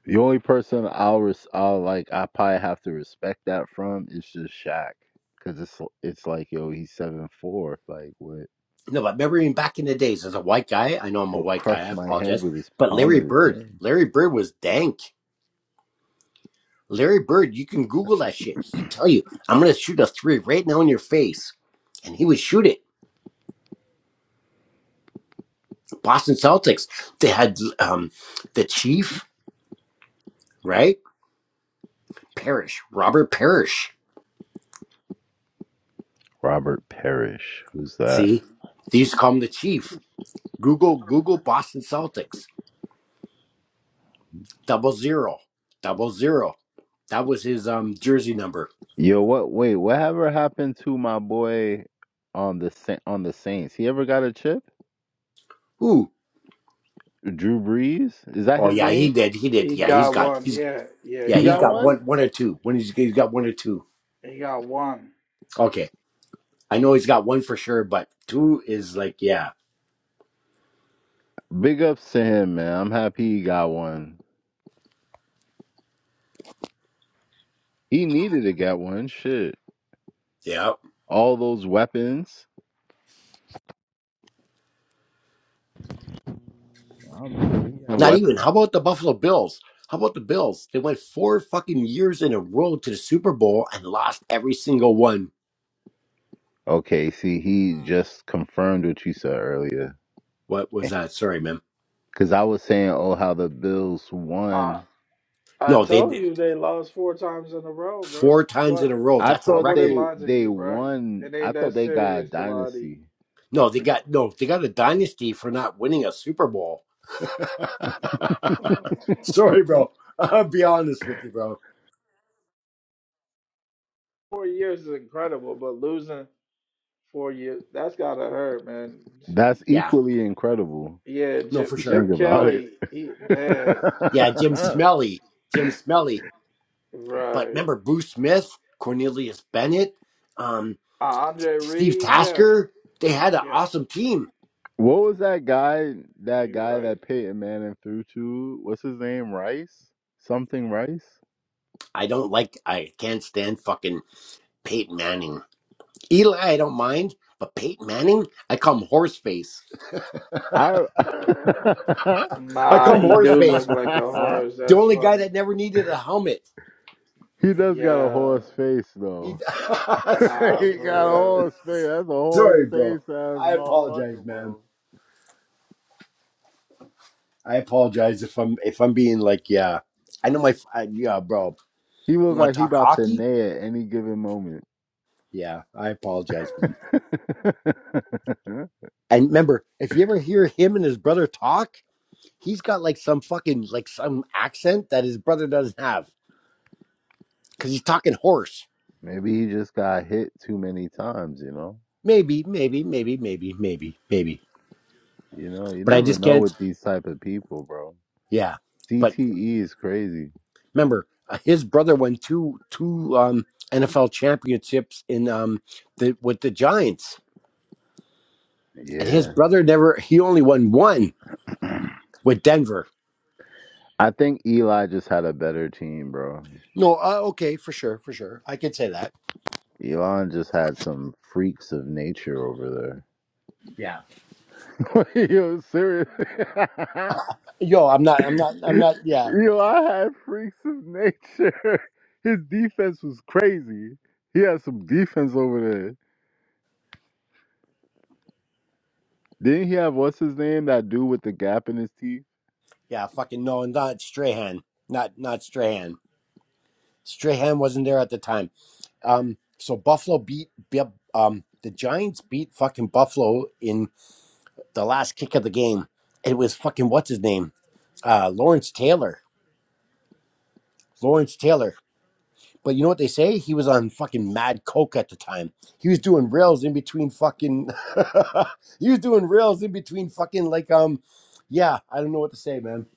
[SPEAKER 8] The only person I'll res- I'll like I probably have to respect that from is just Shaq, cause it's it's like yo he's seven four like what
[SPEAKER 7] No, but remember even back in the days as a white guy, I know I'm a
[SPEAKER 8] he'll
[SPEAKER 7] white guy, I
[SPEAKER 8] crush my head
[SPEAKER 7] apologize.
[SPEAKER 8] with his
[SPEAKER 7] But
[SPEAKER 8] palm
[SPEAKER 7] Larry
[SPEAKER 8] of his
[SPEAKER 7] Bird,
[SPEAKER 8] hand.
[SPEAKER 7] Larry Bird was dank. Larry Bird, you can Google that shit. He tell you, I'm gonna shoot a three right now in your face, and he would shoot it. Boston Celtics, they had um, the Chief, right? Parrish, Robert Parrish.
[SPEAKER 8] Robert Parrish, who's that?
[SPEAKER 7] See, they used to call him the Chief. Google, Google Boston Celtics, double zero, double zero. That was his um jersey number.
[SPEAKER 8] Yo, what? Wait, whatever happened to my boy on the Sa- on the Saints? He ever got a chip?
[SPEAKER 7] Ooh,
[SPEAKER 8] Drew Brees is that
[SPEAKER 7] oh
[SPEAKER 8] his
[SPEAKER 7] yeah, he
[SPEAKER 8] name?
[SPEAKER 7] did, he did.
[SPEAKER 1] He
[SPEAKER 7] Yeah, he's
[SPEAKER 1] got
[SPEAKER 7] got,
[SPEAKER 1] one.
[SPEAKER 7] he's
[SPEAKER 1] Yeah, yeah,
[SPEAKER 7] yeah,
[SPEAKER 8] He
[SPEAKER 1] he
[SPEAKER 7] he's
[SPEAKER 8] got
[SPEAKER 1] got
[SPEAKER 7] got
[SPEAKER 1] one.
[SPEAKER 8] one.
[SPEAKER 7] one, one or two. When he's, he's got one or two.
[SPEAKER 1] He got one.
[SPEAKER 7] Okay. I know he's got one for sure, but two is like, yeah,
[SPEAKER 8] Big ups to him, man. I'm happy he got one. He needed to get one. Shit,
[SPEAKER 7] yeah.
[SPEAKER 8] all those weapons. Um, yeah,
[SPEAKER 7] Not
[SPEAKER 8] wep-
[SPEAKER 7] even. How about the Buffalo Bills? How about the Bills? They went four fucking years in a row to the Super Bowl and lost every single one.
[SPEAKER 8] Okay, see, he just confirmed what you said earlier.
[SPEAKER 7] What was that? Sorry, man.
[SPEAKER 8] Because I was saying, oh, how the Bills
[SPEAKER 1] I
[SPEAKER 8] won.
[SPEAKER 1] I
[SPEAKER 7] No, they
[SPEAKER 1] told
[SPEAKER 7] did
[SPEAKER 1] you they lost four times in a row, bro.
[SPEAKER 7] four
[SPEAKER 1] I
[SPEAKER 7] times in
[SPEAKER 1] What?
[SPEAKER 7] a row.
[SPEAKER 8] I
[SPEAKER 7] That's a
[SPEAKER 1] I
[SPEAKER 8] thought
[SPEAKER 1] wouldn't
[SPEAKER 7] record.
[SPEAKER 8] they
[SPEAKER 1] lie to
[SPEAKER 8] they
[SPEAKER 1] you, bro.
[SPEAKER 8] won.
[SPEAKER 1] It
[SPEAKER 8] I
[SPEAKER 1] ain't
[SPEAKER 8] thought
[SPEAKER 1] that
[SPEAKER 8] they got a
[SPEAKER 1] serious to lie to you.
[SPEAKER 8] dynasty. I
[SPEAKER 7] No, they
[SPEAKER 8] forget.
[SPEAKER 7] got no, they got a dynasty for not winning a Super Bowl. Sorry, bro. I'll be honest with you, bro.
[SPEAKER 1] Four years is incredible, but losing. Four years. That's gotta hurt, man. J-
[SPEAKER 8] That's
[SPEAKER 7] Yeah,
[SPEAKER 8] equally incredible.
[SPEAKER 1] Yeah,
[SPEAKER 7] no,
[SPEAKER 8] If
[SPEAKER 1] Jim,
[SPEAKER 7] for
[SPEAKER 8] you
[SPEAKER 7] sure.
[SPEAKER 8] think
[SPEAKER 1] Jim
[SPEAKER 8] about it.
[SPEAKER 1] Kelly. He damn
[SPEAKER 7] Yeah, Jim Smelly. Jim Smelly. But
[SPEAKER 1] right.
[SPEAKER 7] remember Bruce Smith, Cornelius Bennett, um,
[SPEAKER 1] Uh, Andre
[SPEAKER 7] Steve
[SPEAKER 1] Reed. Yeah,
[SPEAKER 7] Tasker. They had an
[SPEAKER 1] yeah.
[SPEAKER 7] awesome team.
[SPEAKER 8] what was that guy? That
[SPEAKER 1] You
[SPEAKER 8] guy
[SPEAKER 1] right.
[SPEAKER 8] that Peyton Manning threw to? What's his name? Rice? Something Rice?
[SPEAKER 7] I don't like. I can't stand fucking Peyton Manning. Eli, I don't mind, but Peyton Manning, I call him horse face.
[SPEAKER 8] I.
[SPEAKER 7] I
[SPEAKER 1] Nah,
[SPEAKER 7] call him
[SPEAKER 1] he
[SPEAKER 7] horse
[SPEAKER 1] do look
[SPEAKER 7] face.
[SPEAKER 1] like a horse.
[SPEAKER 7] The
[SPEAKER 1] That's
[SPEAKER 7] only guy
[SPEAKER 1] funny.
[SPEAKER 7] that never needed a helmet.
[SPEAKER 8] He does got a
[SPEAKER 1] Yeah.
[SPEAKER 8] horse face
[SPEAKER 7] He,
[SPEAKER 8] though.
[SPEAKER 7] sorry.
[SPEAKER 1] Nah,
[SPEAKER 8] he got a
[SPEAKER 1] for
[SPEAKER 8] horse face. That's a horse
[SPEAKER 7] sorry, bro.
[SPEAKER 8] face ass
[SPEAKER 7] I apologize,
[SPEAKER 8] motherfucker,
[SPEAKER 7] man.
[SPEAKER 8] bro.
[SPEAKER 7] I apologize if I'm if I'm being like, yeah. I know my, I, yeah, bro.
[SPEAKER 8] He
[SPEAKER 7] You
[SPEAKER 8] look
[SPEAKER 7] want
[SPEAKER 8] like
[SPEAKER 7] to
[SPEAKER 8] he
[SPEAKER 7] talk
[SPEAKER 8] about to
[SPEAKER 7] hockey?
[SPEAKER 8] neigh at any given moment.
[SPEAKER 7] Yeah, I apologize, man. And remember, if you ever hear him and his brother talk, he's got like some fucking like some accent that his brother doesn't have because he's talking hoarse.
[SPEAKER 8] Maybe he just got hit too many times, you know?
[SPEAKER 7] Maybe, maybe, maybe, maybe, maybe, maybe.
[SPEAKER 8] You know, you
[SPEAKER 7] But I
[SPEAKER 8] never
[SPEAKER 7] just
[SPEAKER 8] know
[SPEAKER 7] can't.
[SPEAKER 8] with these type of people, bro.
[SPEAKER 7] Yeah. But
[SPEAKER 8] CTE is crazy.
[SPEAKER 7] remember, uh, his brother won two two um, NFL championships in um the with the Giants, and his
[SPEAKER 8] Yeah.
[SPEAKER 7] brother never. He only won one with Denver.
[SPEAKER 8] I think Eli just had a better team, bro.
[SPEAKER 7] No, uh, okay, for sure, for sure, I could say that.
[SPEAKER 8] Elon just had some freaks of nature over
[SPEAKER 7] Yeah.
[SPEAKER 8] there. Yo, seriously.
[SPEAKER 7] Yo, I'm not, I'm not, I'm not. Yeah,
[SPEAKER 8] Yo, I had freaks of nature. His defense was crazy. He had some defense over there. Didn't he have what's his name? That dude with the gap in his teeth.
[SPEAKER 7] Yeah, fucking no, not Strahan. Not not Strahan. Strahan wasn't there at the time. Um, so Buffalo beat yep, um the Giants beat fucking Buffalo in the last kick of the game. It was fucking what's his name? Uh, Lawrence Taylor. Lawrence Taylor. But you know what they say? He was on fucking mad coke at the time. He was doing rails in between fucking. he was doing rails in between fucking like um, yeah. I don't know what to say, man.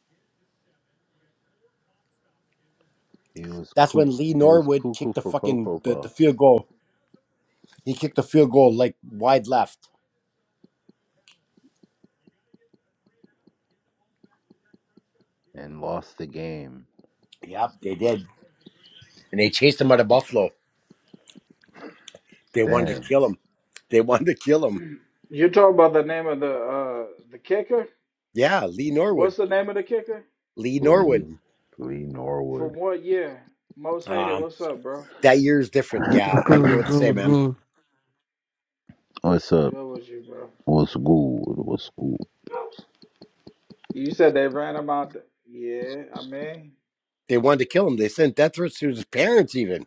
[SPEAKER 8] He was
[SPEAKER 7] That's
[SPEAKER 8] cuckoo.
[SPEAKER 7] when Lee
[SPEAKER 8] He was
[SPEAKER 7] Norwood
[SPEAKER 8] cuckoo
[SPEAKER 7] kicked the
[SPEAKER 8] for
[SPEAKER 7] fucking
[SPEAKER 8] cocoa
[SPEAKER 7] the, the field
[SPEAKER 8] puffs
[SPEAKER 7] goal He kicked a field goal like wide left.
[SPEAKER 8] and lost the game.
[SPEAKER 7] Yep, they did. And they chased him out of Buffalo. They wanted to
[SPEAKER 8] Damn,
[SPEAKER 7] kill him. They wanted to kill him.
[SPEAKER 1] real. You're talking about the name of the uh the kicker?
[SPEAKER 7] Yeah, Lee Norwood.
[SPEAKER 1] What's the name of the kicker?
[SPEAKER 7] Lee Norwood.
[SPEAKER 8] Lee, Lee
[SPEAKER 1] From
[SPEAKER 8] Norwood.
[SPEAKER 1] what year? Most hated.
[SPEAKER 7] Um,
[SPEAKER 1] What's up, bro?
[SPEAKER 7] that year is different.
[SPEAKER 10] What's
[SPEAKER 7] Yeah, I
[SPEAKER 10] good?
[SPEAKER 7] don't know what
[SPEAKER 10] What's
[SPEAKER 7] to
[SPEAKER 10] good?
[SPEAKER 7] say,
[SPEAKER 10] What's
[SPEAKER 7] man.
[SPEAKER 10] good?
[SPEAKER 8] What's
[SPEAKER 1] What's
[SPEAKER 8] up?
[SPEAKER 1] good with you, bro?
[SPEAKER 8] What's good? What's good?
[SPEAKER 1] You said they ran him out. The... Yeah, I mean.
[SPEAKER 7] They wanted to kill him. They sent death threats to his parents, even.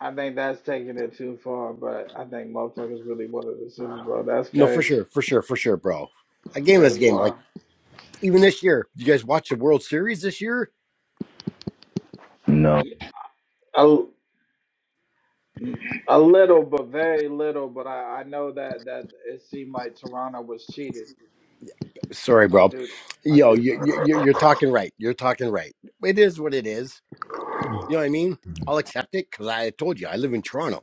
[SPEAKER 1] I think that's taking it too far, but I think motherfuckers really wanted the Super Bowl. That's
[SPEAKER 7] No, for
[SPEAKER 1] crazy.
[SPEAKER 7] sure, for sure, for sure, bro. A game is a
[SPEAKER 1] That's
[SPEAKER 7] game. Like,
[SPEAKER 1] why.
[SPEAKER 7] even this year, you guys watch the World Series this year?
[SPEAKER 8] No.
[SPEAKER 1] Yeah, A, mm, a little, but very little. But I, I know that that it seemed like Toronto was cheated.
[SPEAKER 7] Sorry,
[SPEAKER 1] I
[SPEAKER 7] bro.
[SPEAKER 1] do, I
[SPEAKER 7] Yo,
[SPEAKER 1] do
[SPEAKER 7] you,
[SPEAKER 1] know
[SPEAKER 7] you,
[SPEAKER 1] that.
[SPEAKER 7] you- you're talking right. You're talking right. It is what it is. You know what I mean? I'll accept it because I told you I live in Toronto.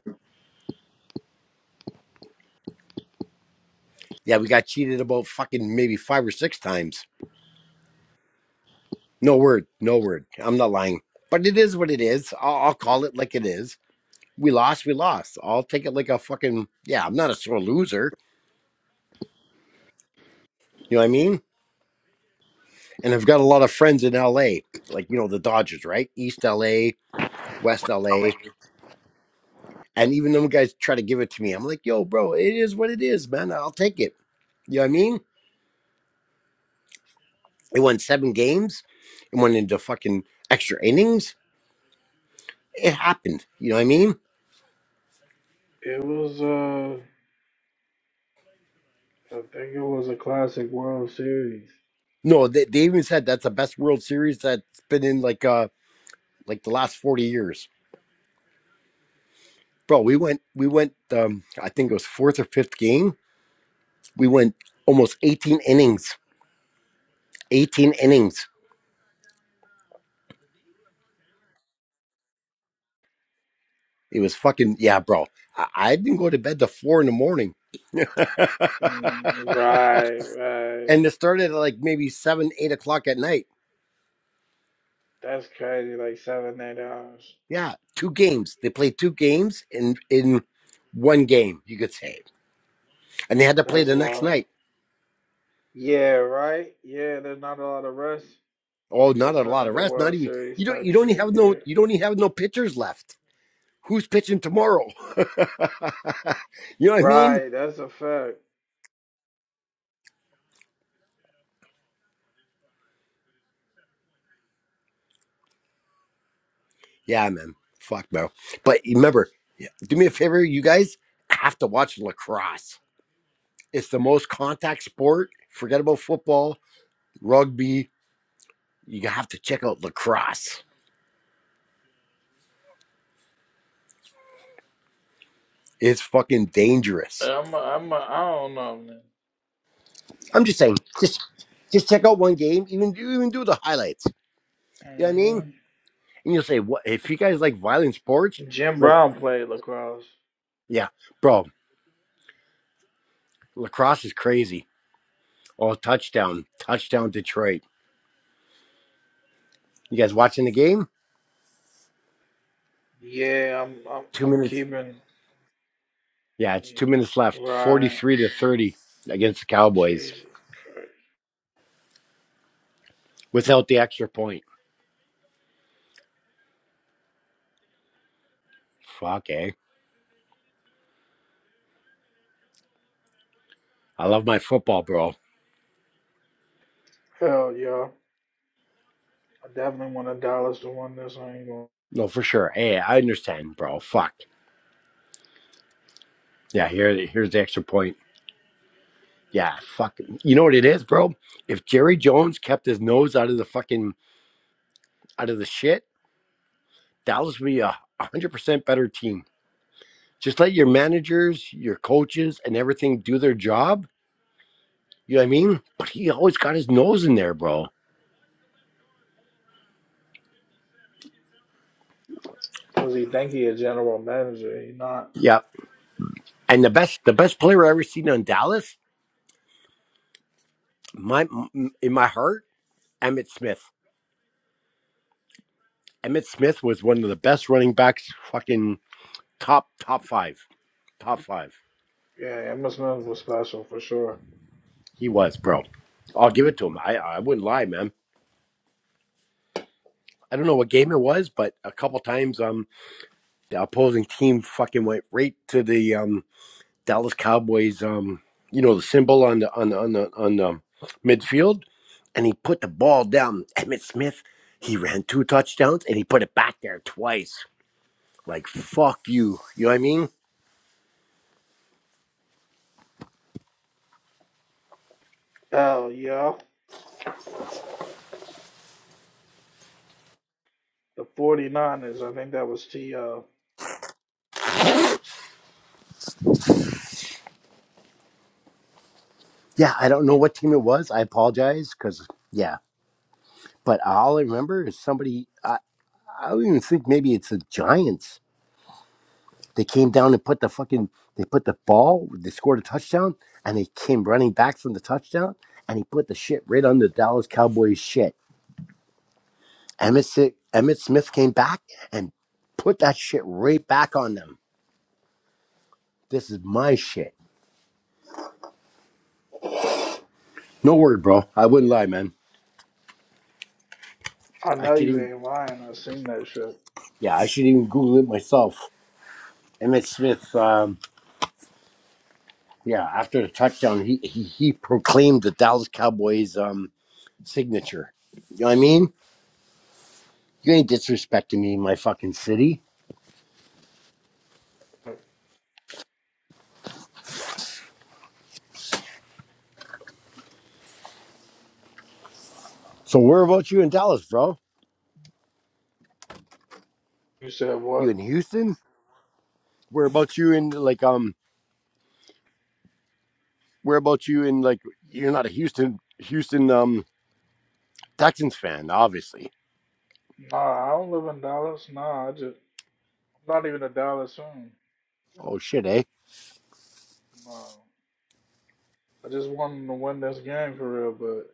[SPEAKER 7] Yeah, we got cheated about fucking maybe five or six times. No word, no word. I'm not lying. But it is what it is. I'll, I'll call it like it is. We lost, we lost. I'll take it like a fucking, yeah, I'm not a sore loser. You know what I mean? And I've got a lot of friends in LA, like, you know, the Dodgers, right? East LA, West LA. And even them guys try to give it to me. I'm like, yo, bro, it is what it is, man. I'll take it. You know what I mean? It won seven games. It went into fucking extra innings. It happened. You know what I mean?
[SPEAKER 1] It was, uh, I think it was a classic World Series.
[SPEAKER 7] No, they, they even said that's the best World Series that's been in like uh like the last forty years. Bro, we went we went um I think it was fourth or fifth game. We went almost eighteen innings. Eighteen innings. It was fucking yeah, bro. I, I didn't go to bed till four in the morning.
[SPEAKER 1] Mm, right, right.
[SPEAKER 7] and it started at like maybe seven, eight o'clock at night.
[SPEAKER 1] That's crazy. Like seven, eight hours.
[SPEAKER 7] Yeah, two games. They played two games in in one game, you could say. And they had to play
[SPEAKER 1] That's
[SPEAKER 7] the next
[SPEAKER 1] wild.
[SPEAKER 7] night.
[SPEAKER 1] Yeah, right. Yeah, there's not a lot of rest.
[SPEAKER 7] Oh, not a lot
[SPEAKER 1] concerning
[SPEAKER 7] of
[SPEAKER 1] the
[SPEAKER 7] rest. Not
[SPEAKER 1] World
[SPEAKER 7] even
[SPEAKER 1] Series
[SPEAKER 7] you don't
[SPEAKER 1] type
[SPEAKER 7] you don't even
[SPEAKER 1] shit.
[SPEAKER 7] have no
[SPEAKER 1] Yeah,
[SPEAKER 7] you don't even have no pitchers left. Who's pitching tomorrow? you know what I mean?
[SPEAKER 1] right. That's a fact.
[SPEAKER 7] Yeah, man. Fuck no. But remember, yeah, do me a favor, you guys have to watch lacrosse. It's the most contact sport. Forget about football, rugby. You have to check out lacrosse. It's fucking dangerous.
[SPEAKER 1] I'm a, I'm a, I don't know, man.
[SPEAKER 7] I'm just saying, just just check out one game, even do even do the highlights. You know what I mean?
[SPEAKER 1] Mm-hmm.
[SPEAKER 7] And you'll say, what if you guys like violent sports?
[SPEAKER 1] Jim
[SPEAKER 7] like
[SPEAKER 1] Brown played lacrosse.
[SPEAKER 7] Yeah, bro, lacrosse is crazy. Oh, touchdown, touchdown, Detroit! You guys watching the game?
[SPEAKER 1] Yeah, I'm I'm
[SPEAKER 7] Two
[SPEAKER 1] I'm
[SPEAKER 7] minutes.
[SPEAKER 1] keeping.
[SPEAKER 7] Yeah, it's
[SPEAKER 1] Yeah.
[SPEAKER 7] two minutes left.
[SPEAKER 1] Right.
[SPEAKER 7] Forty-three to thirty against the Cowboys
[SPEAKER 1] Jesus Christ.
[SPEAKER 7] without the extra point. Fuck, eh? I love my football, bro.
[SPEAKER 1] Hell yeah. I definitely want a Dallas to win this. I ain't gonna.
[SPEAKER 7] No, for sure. Hey, I understand, bro. Fuck. Yeah, here, here's the extra point. Yeah, fuck. You know what it is, bro? If Jerry Jones kept his nose out of the fucking out of the shit, Dallas would be a hundred percent better team. Just let your managers, your coaches, and everything do their job. You know what I mean? But he always got his nose in there, bro.
[SPEAKER 1] Cause he think he a general manager. He not.
[SPEAKER 7] Yeah. And the best, the best player I ever seen on Dallas, my in my heart, Emmitt Smith. Emmitt Smith was one of the best running backs. Fucking top, top five, top five.
[SPEAKER 1] Yeah, Emmitt Smith was special for sure.
[SPEAKER 7] He was, bro. I'll give it to him. I, I wouldn't lie, man. I don't know what game it was, but a couple times, um, the opposing team fucking went right to the um Dallas Cowboys um you know the symbol on the on the on the on the midfield and he put the ball down Emmitt Smith he ran two touchdowns and he put it back there twice like fuck you you know what I mean
[SPEAKER 1] Hell yeah. The 49ers. I think that was T. Uh,
[SPEAKER 7] yeah I don't know what team it was I apologize cuz yeah but all I remember is somebody I, I don't even think maybe it's the Giants they came down and put the fucking they put the ball they scored a touchdown and they came running back from the touchdown and he put the shit right on the Dallas Cowboys shit Emmett, Si- Emmett Smith came back and put that shit right back on them. This is my shit. No word, bro. I wouldn't lie, man.
[SPEAKER 1] I
[SPEAKER 7] I
[SPEAKER 1] know
[SPEAKER 7] should
[SPEAKER 1] you
[SPEAKER 7] even,
[SPEAKER 1] ain't lying. I seen that shit.
[SPEAKER 7] yeah, I should even Google it myself. Emmett Smith, um, yeah, after the touchdown, he, he he proclaimed the Dallas Cowboys um signature. You know what I mean? You ain't disrespecting me, in my fucking city. So where about you in Dallas, bro?
[SPEAKER 1] You said
[SPEAKER 7] You
[SPEAKER 1] what?
[SPEAKER 7] in Houston? Where about you in like um? Where about you in like? You're not a Houston Houston um Texans fan, obviously.
[SPEAKER 1] Nah, I don't live in Dallas. Nah, I just I'm not even a Dallas fan.
[SPEAKER 7] Oh shit, eh?
[SPEAKER 1] Nah, I just wanted to win this game for real, but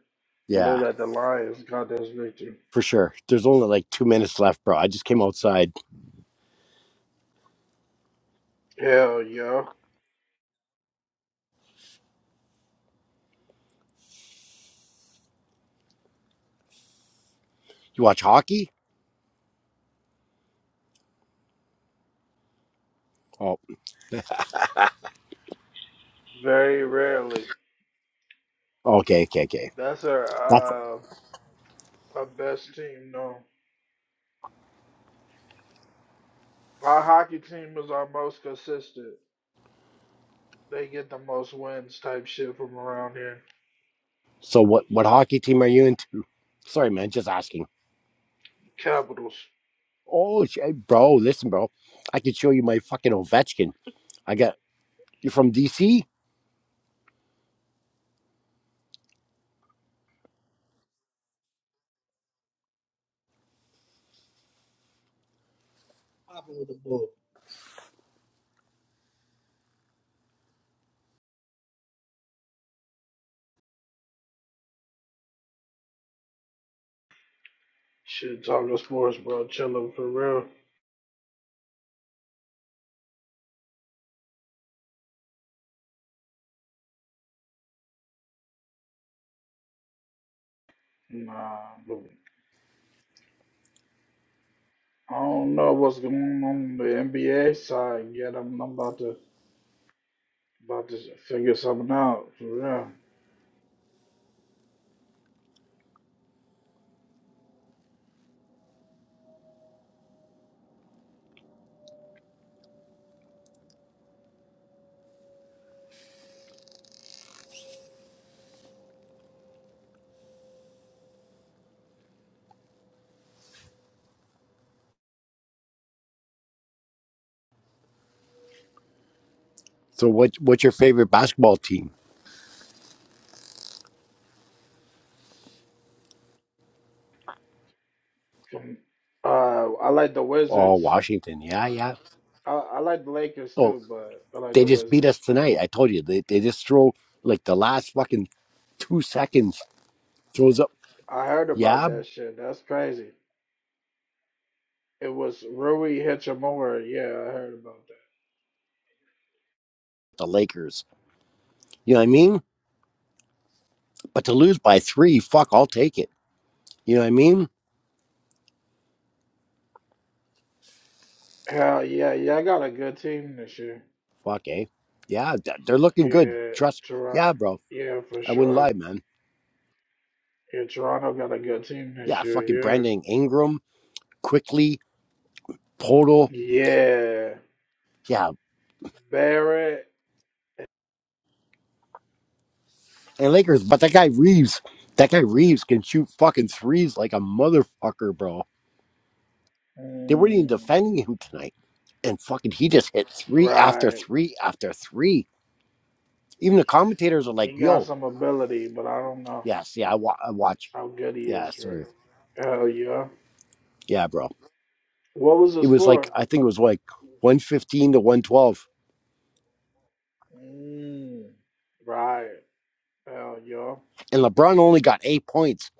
[SPEAKER 1] it looked
[SPEAKER 7] Yeah,
[SPEAKER 1] like the Lions got this victory.
[SPEAKER 7] for sure. There's only like two minutes left, bro. I just came outside.
[SPEAKER 1] Hell yeah,
[SPEAKER 7] You watch hockey? Oh,
[SPEAKER 1] very rarely.
[SPEAKER 7] okay, okay, okay.
[SPEAKER 1] That's
[SPEAKER 7] That's
[SPEAKER 1] our uh our best team though. Our hockey team is our most consistent. They get the most wins type shit from around here.
[SPEAKER 7] so. What what hockey team are you into? Sorry, man. Just asking.
[SPEAKER 1] Capitals.
[SPEAKER 7] Oh, shit, bro. Listen, bro. I could show you my fucking Ovechkin. I got you from DC.
[SPEAKER 11] problem with the book.
[SPEAKER 1] Shit, talking sports, bro. Chillin' for real. Nah, but I don't know what's going on the NBA side yet. I'm, I'm about to about to figure something out for real.
[SPEAKER 7] So what? What's your favorite basketball team?
[SPEAKER 1] From- Uh, I like the
[SPEAKER 7] Oh,
[SPEAKER 1] Wizards.
[SPEAKER 7] Washington. Yeah, yeah.
[SPEAKER 1] I, I like the Lakers
[SPEAKER 7] Oh,
[SPEAKER 1] too, but I like
[SPEAKER 7] they
[SPEAKER 1] the
[SPEAKER 7] just beat us
[SPEAKER 1] Wizards.
[SPEAKER 7] tonight. I told you. They they just throw like the last fucking two seconds. Throws up.
[SPEAKER 1] I heard
[SPEAKER 7] Yeah,
[SPEAKER 1] about that shit. That's crazy. It was Rui Hachimura. Yeah, I heard about that.
[SPEAKER 7] the Lakers. You know what I mean? But to lose by three, fuck, I'll take it. You know what I mean?
[SPEAKER 1] Hell yeah, yeah. I got a good team this year.
[SPEAKER 7] Fuck, eh? Yeah, th- they're looking good.
[SPEAKER 1] Yeah,
[SPEAKER 7] Trust.
[SPEAKER 1] Toronto.
[SPEAKER 7] Yeah, bro.
[SPEAKER 1] Yeah, for
[SPEAKER 7] I wouldn't
[SPEAKER 1] sure.
[SPEAKER 7] lie, man.
[SPEAKER 1] Yeah, Toronto got a good team
[SPEAKER 7] Yeah,
[SPEAKER 1] this year.
[SPEAKER 7] fucking
[SPEAKER 1] Yeah.
[SPEAKER 7] Brandon Ingram, quickly, Portal.
[SPEAKER 1] Yeah.
[SPEAKER 7] Yeah,
[SPEAKER 1] Barrett,
[SPEAKER 7] and Lakers. But that guy Reeves, that guy Reeves can shoot fucking threes like a motherfucker, bro. They weren't even
[SPEAKER 1] mm,
[SPEAKER 7] defending him tonight. And fucking, he just hit three after
[SPEAKER 1] right?
[SPEAKER 7] three after three. Even the commentators are like,
[SPEAKER 1] He got
[SPEAKER 7] yo,
[SPEAKER 1] some ability, but I don't know
[SPEAKER 7] yes, yeah, I, wa- I watch.
[SPEAKER 1] how good he
[SPEAKER 7] Yeah,
[SPEAKER 1] is. For
[SPEAKER 7] sorry.
[SPEAKER 1] hell yeah!
[SPEAKER 7] Yeah, bro.
[SPEAKER 1] What was the
[SPEAKER 7] It was like
[SPEAKER 1] score?
[SPEAKER 7] I think it was like 115 to 112,
[SPEAKER 1] Mm, right. Hell yeah!
[SPEAKER 7] and LeBron only got eight points.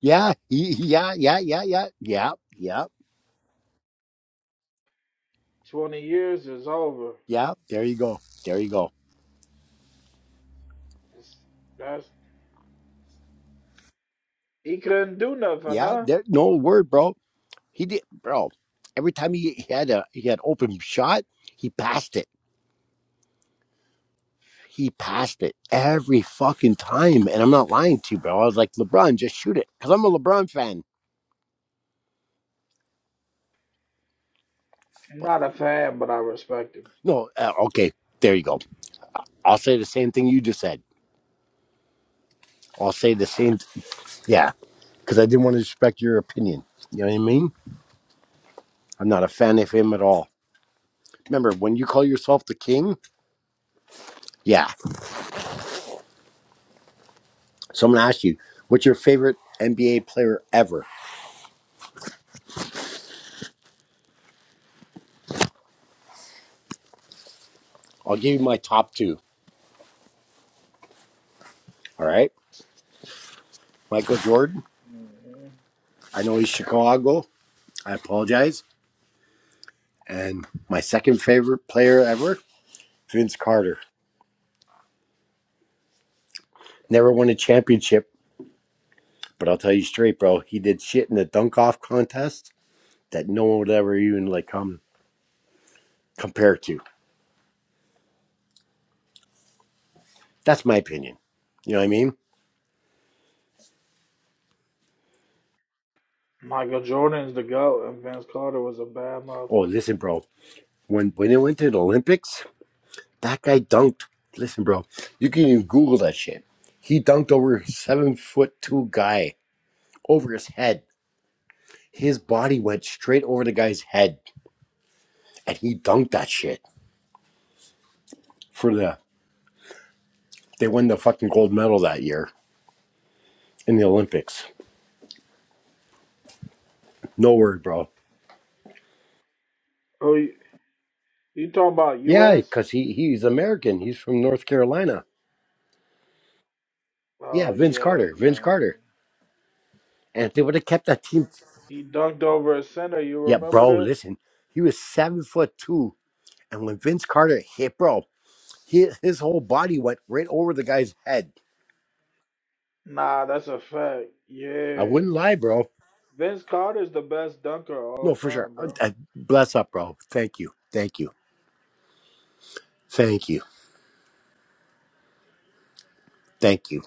[SPEAKER 7] Yeah, yeah, yeah, yeah, yeah, yeah, yeah,
[SPEAKER 1] Twenty years is over.
[SPEAKER 7] yeah. There you go. There you go.
[SPEAKER 1] It's, that's he couldn't do nothing,
[SPEAKER 7] Yeah,
[SPEAKER 1] huh?
[SPEAKER 7] there. No word, bro. He did, bro. Every time he, he had a he had open shot, he passed it. He passed it every fucking time, and I'm not lying to you, bro. I was like, LeBron, just shoot it, because I'm a LeBron fan.
[SPEAKER 1] I'm
[SPEAKER 7] But
[SPEAKER 1] not a fan, but I respect him.
[SPEAKER 7] no, uh, okay, there you go. I'll say the same thing you just said. I'll say the same. Th- Yeah, because I didn't want to respect your opinion. You know what I mean? I'm not a fan of him at all. Remember, when you call yourself the king, yeah, someone asked you, what's your favorite NBA player ever? I'll give you my top two. All right. Michael Jordan.
[SPEAKER 1] Mhm.
[SPEAKER 7] I know he's Chicago. I apologize. And my second favorite player ever, Vince Carter. Never won a championship, but I'll tell you straight, bro, he did shit in the dunk off contest that no one would ever even like come compare to. That's my opinion. You know what I mean?
[SPEAKER 1] Michael Jordan's the GOAT, and Vince Carter was a bad
[SPEAKER 7] Oh,
[SPEAKER 1] motherfucker.
[SPEAKER 7] listen, bro. When when it went to the Olympics, that guy dunked. Listen, bro, you can even Google that shit. He dunked over a seven foot two guy over his head. His body went straight over the guy's head, and he dunked that shit for the. They won the fucking gold medal that year in the Olympics. No word, bro.
[SPEAKER 1] Oh, you, you talking about
[SPEAKER 7] Yeah,
[SPEAKER 1] U.S.?
[SPEAKER 7] because he he's American. He's from North Carolina. Yeah,
[SPEAKER 1] Oh,
[SPEAKER 7] Vince
[SPEAKER 1] yeah,
[SPEAKER 7] Carter. Vince
[SPEAKER 1] yeah, yeah.
[SPEAKER 7] Carter. And if they would have kept that team,
[SPEAKER 1] He dunked over a center. You
[SPEAKER 7] yeah,
[SPEAKER 1] remember
[SPEAKER 7] bro.
[SPEAKER 1] that?
[SPEAKER 7] Listen, he was seven foot two, and when Vince Carter hit, bro, He, his whole body went right over the guy's head.
[SPEAKER 1] Nah, that's a fact.
[SPEAKER 7] I
[SPEAKER 1] Yeah.
[SPEAKER 7] wouldn't lie, bro.
[SPEAKER 1] Vince Carter's the best dunker of all
[SPEAKER 7] No, for sure.
[SPEAKER 1] time,
[SPEAKER 7] Uh,
[SPEAKER 1] bro.
[SPEAKER 7] uh, bless up, bro. Thank you. Thank you. Thank you. Thank you.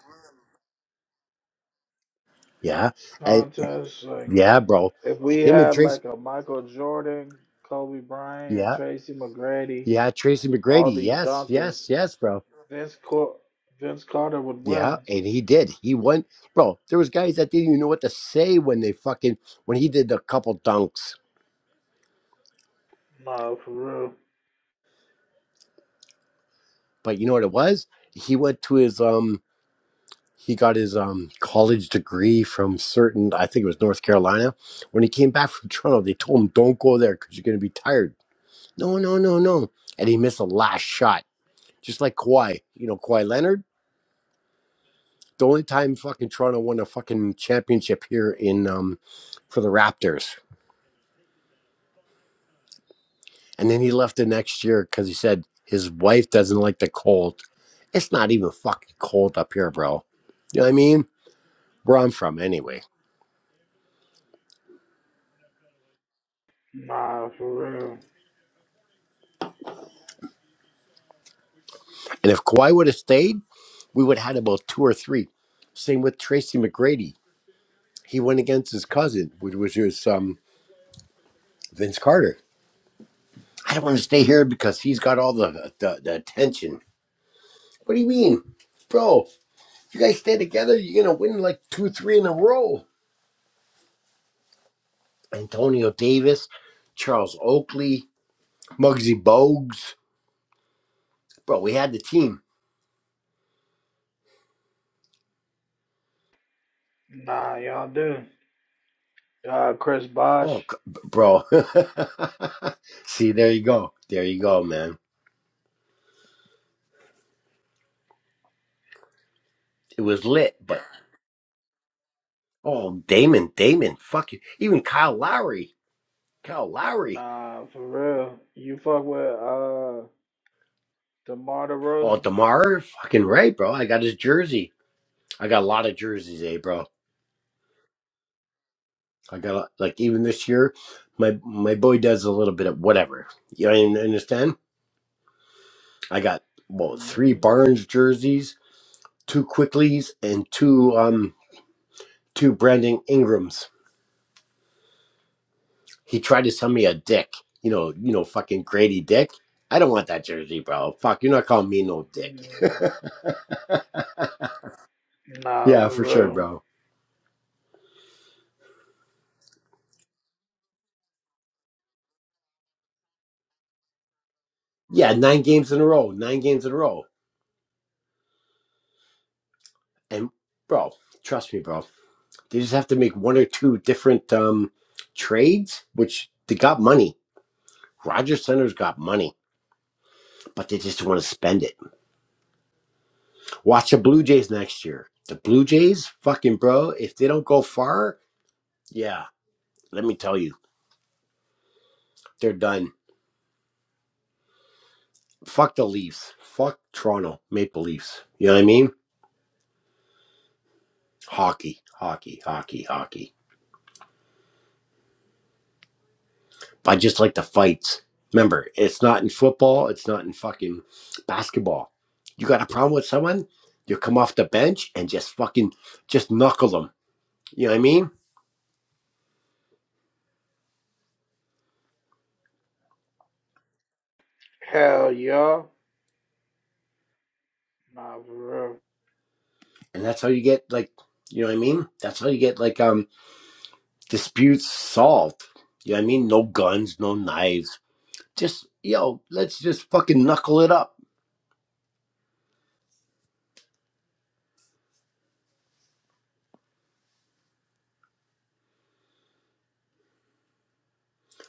[SPEAKER 7] Yeah. And
[SPEAKER 1] Contest like
[SPEAKER 7] yeah, bro.
[SPEAKER 1] if we
[SPEAKER 7] Him and
[SPEAKER 1] had
[SPEAKER 7] Tracy.
[SPEAKER 1] like a Michael Jordan, Kobe Bryant,
[SPEAKER 7] Yeah.
[SPEAKER 1] Tracy McGrady,
[SPEAKER 7] Yeah. Tracy
[SPEAKER 1] all
[SPEAKER 7] McGrady.
[SPEAKER 1] these
[SPEAKER 7] Yes.
[SPEAKER 1] dunkers,
[SPEAKER 7] Yes. Yes, bro.
[SPEAKER 1] Vince Cor- Vince Carter would win.
[SPEAKER 7] Yeah. And he did. He went, bro. There was guys that didn't even know what to say when they fucking, when he did a couple dunks.
[SPEAKER 1] Nah, for real.
[SPEAKER 7] But you know what it was? He went to his, um, he got his um, college degree from certain, I think it was North Carolina. When he came back from Toronto, they told him, don't go there because you're going to be tired. No, no, no, no. And he missed the last shot, just like Kawhi. You know, Kawhi Leonard, the only time fucking Toronto won a fucking championship here in um, for the Raptors. And then he left the next year because he said his wife doesn't like the cold. It's not even fucking cold up here, bro. You know what I mean? Where I'm from, anyway.
[SPEAKER 1] Nah, for real.
[SPEAKER 7] And if Kawhi would have stayed, we would have had about two or three. Same with Tracy McGrady. He went against his cousin, which was his um, Vince Carter. I don't want to stay here because he's got all the, the the attention. What do you mean, bro? You guys stay together, you're gonna win like two, three in a row. Antonio Davis, Charles Oakley, Muggsy Bogues, bro. We had the team.
[SPEAKER 1] Nah, y'all do. Uh, Chris Bosh.
[SPEAKER 7] Oh, bro. See, there you go. There you go, man. It was lit, but Oh, Damon, Damon, fuck you. Even Kyle Lowry, Kyle Lowry.
[SPEAKER 1] Nah, for real. You fuck with uh DeMar
[SPEAKER 7] Oh,
[SPEAKER 1] DeRozan?
[SPEAKER 7] Demar, fucking right, bro. I got his jersey. I got a lot of jerseys, eh, bro. I got a- like even this year, my my boy does a little bit of whatever. You know, you understand? I got well three
[SPEAKER 1] Mm-hmm.
[SPEAKER 7] Barnes jerseys, two Quicklies, and two um two Brandon Ingrams. He tried to sell me a dick. You know, you know, fucking Grady Dick. I don't want that jersey, bro. Fuck, you're not calling me no dick.
[SPEAKER 1] Nah,
[SPEAKER 7] yeah,
[SPEAKER 1] for
[SPEAKER 7] for sure,
[SPEAKER 1] real.
[SPEAKER 7] bro. Yeah, nine games in a row, nine games in a row. And bro, trust me, bro. They just have to make one or two different um trades, which they got money. Roger Center's got money, but they just want to spend it. Watch the Blue Jays next year. The Blue Jays, fucking bro, if they don't go far, yeah, let me tell you, they're done. Fuck the Leafs. Fuck Toronto Maple Leafs. You know what I mean? Hockey, hockey, hockey, hockey. I just like the fights. Remember, it's not in football, it's not in fucking basketball. You got a problem with someone, you come off the bench and just fucking just knuckle them. You know what I mean?
[SPEAKER 1] Hell yeah. Nah, for real.
[SPEAKER 7] And that's how you get like, you know what I mean? That's how you get like um disputes solved. You know what I mean? No guns, no knives. Just yo, let's just fucking knuckle it up.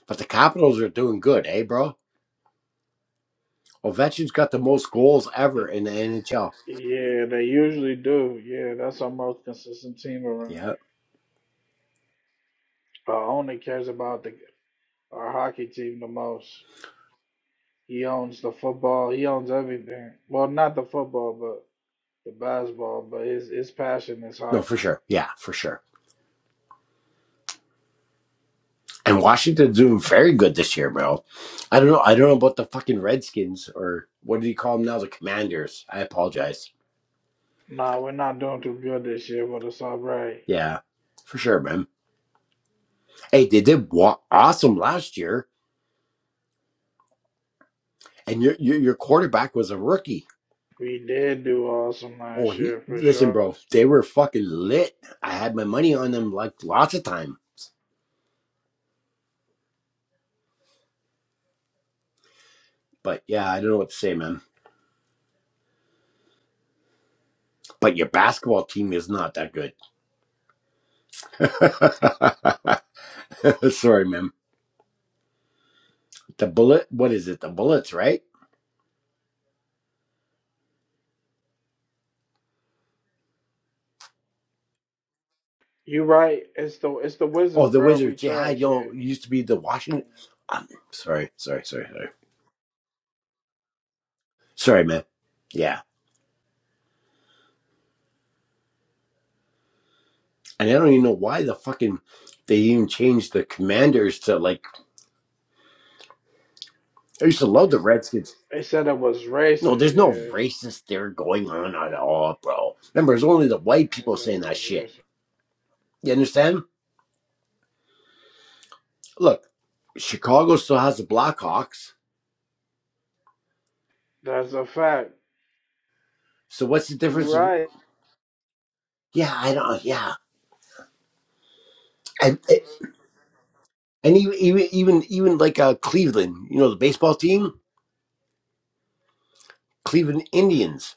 [SPEAKER 7] But the Capitals are doing good, eh, bro? Ovechkin's got the most goals ever
[SPEAKER 1] Th-
[SPEAKER 7] in the NHL.
[SPEAKER 1] Yeah, they usually do. Yeah, that's our most consistent team around. here.
[SPEAKER 7] Yeah.
[SPEAKER 1] Uh, only cares about the our hockey team the most. He owns the football. He owns everything. Well, not the football, but the basketball. But his his passion is
[SPEAKER 7] No, for
[SPEAKER 1] hockey.
[SPEAKER 7] sure. Yeah, for sure. And Washington's doing very good this year, bro. I don't know. I don't know about the fucking Redskins or what do you call them now? The Commanders. I apologize.
[SPEAKER 1] Nah, we're not doing too good this year, but it's all right.
[SPEAKER 7] Yeah, for sure, man. Hey, they did wa- awesome last year, and your, your your quarterback was a rookie.
[SPEAKER 1] We did do awesome
[SPEAKER 7] Oh,
[SPEAKER 1] last
[SPEAKER 7] he,
[SPEAKER 1] year for
[SPEAKER 7] listen,
[SPEAKER 1] sure.
[SPEAKER 7] bro. They were fucking lit. I had my money on them like lots of time. But yeah, I don't know what to say, man. But your basketball team is not that good. Sorry, man. The bullet. What is it? The bullets, right?
[SPEAKER 1] You right. It's the it's the
[SPEAKER 7] Oh,
[SPEAKER 1] Wizards,
[SPEAKER 7] the
[SPEAKER 1] bro. We
[SPEAKER 7] Wizards. Yeah, I
[SPEAKER 1] trash. Yeah.
[SPEAKER 7] know. It used to be the Washington. i sorry, sorry, sorry, sorry. Sorry, man. Yeah. And I don't even know why the fucking they even changed the commanders to like I used to love the Redskins.
[SPEAKER 1] They said it was
[SPEAKER 7] No,
[SPEAKER 1] racist.
[SPEAKER 7] there's no
[SPEAKER 1] Yeah.
[SPEAKER 7] racist there going on at all, bro. Remember, it's only the white
[SPEAKER 1] They
[SPEAKER 7] people
[SPEAKER 1] said it
[SPEAKER 7] saying that
[SPEAKER 1] was
[SPEAKER 7] shit.
[SPEAKER 1] racist.
[SPEAKER 7] You understand? Look, Chicago still has the Blackhawks.
[SPEAKER 1] That's a fact.
[SPEAKER 7] So what's the
[SPEAKER 1] You
[SPEAKER 7] difference? If,
[SPEAKER 1] right.
[SPEAKER 7] yeah, I don't. Yeah, and, and even even even even like uh, Cleveland, you know, the baseball team, Cleveland Indians.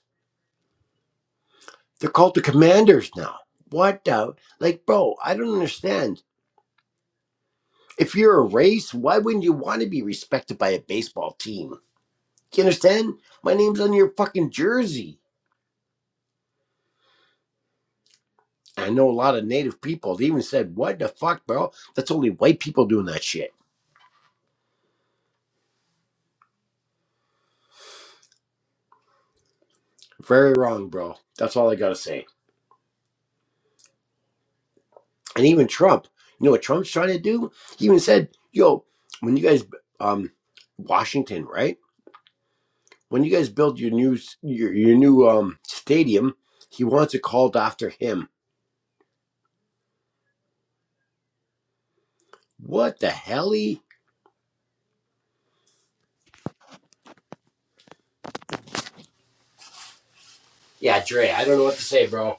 [SPEAKER 7] They're called the commanders now. What the? Like, bro, I don't understand. If you're a race, why wouldn't you want to be respected by a baseball team? Do You understand? My name's on your fucking jersey. I know a lot of native people. They even said, what the fuck, bro? That's only white people doing that shit. Very wrong, bro. That's all I gotta say. And even Trump, you know what Trump's trying to do? He even said, yo, when you guys, um, Washington, right? when you guys build your new your, your new um stadium, he wants it called after him. What the hell? He? Yeah, Dre. I don't know what to say, bro.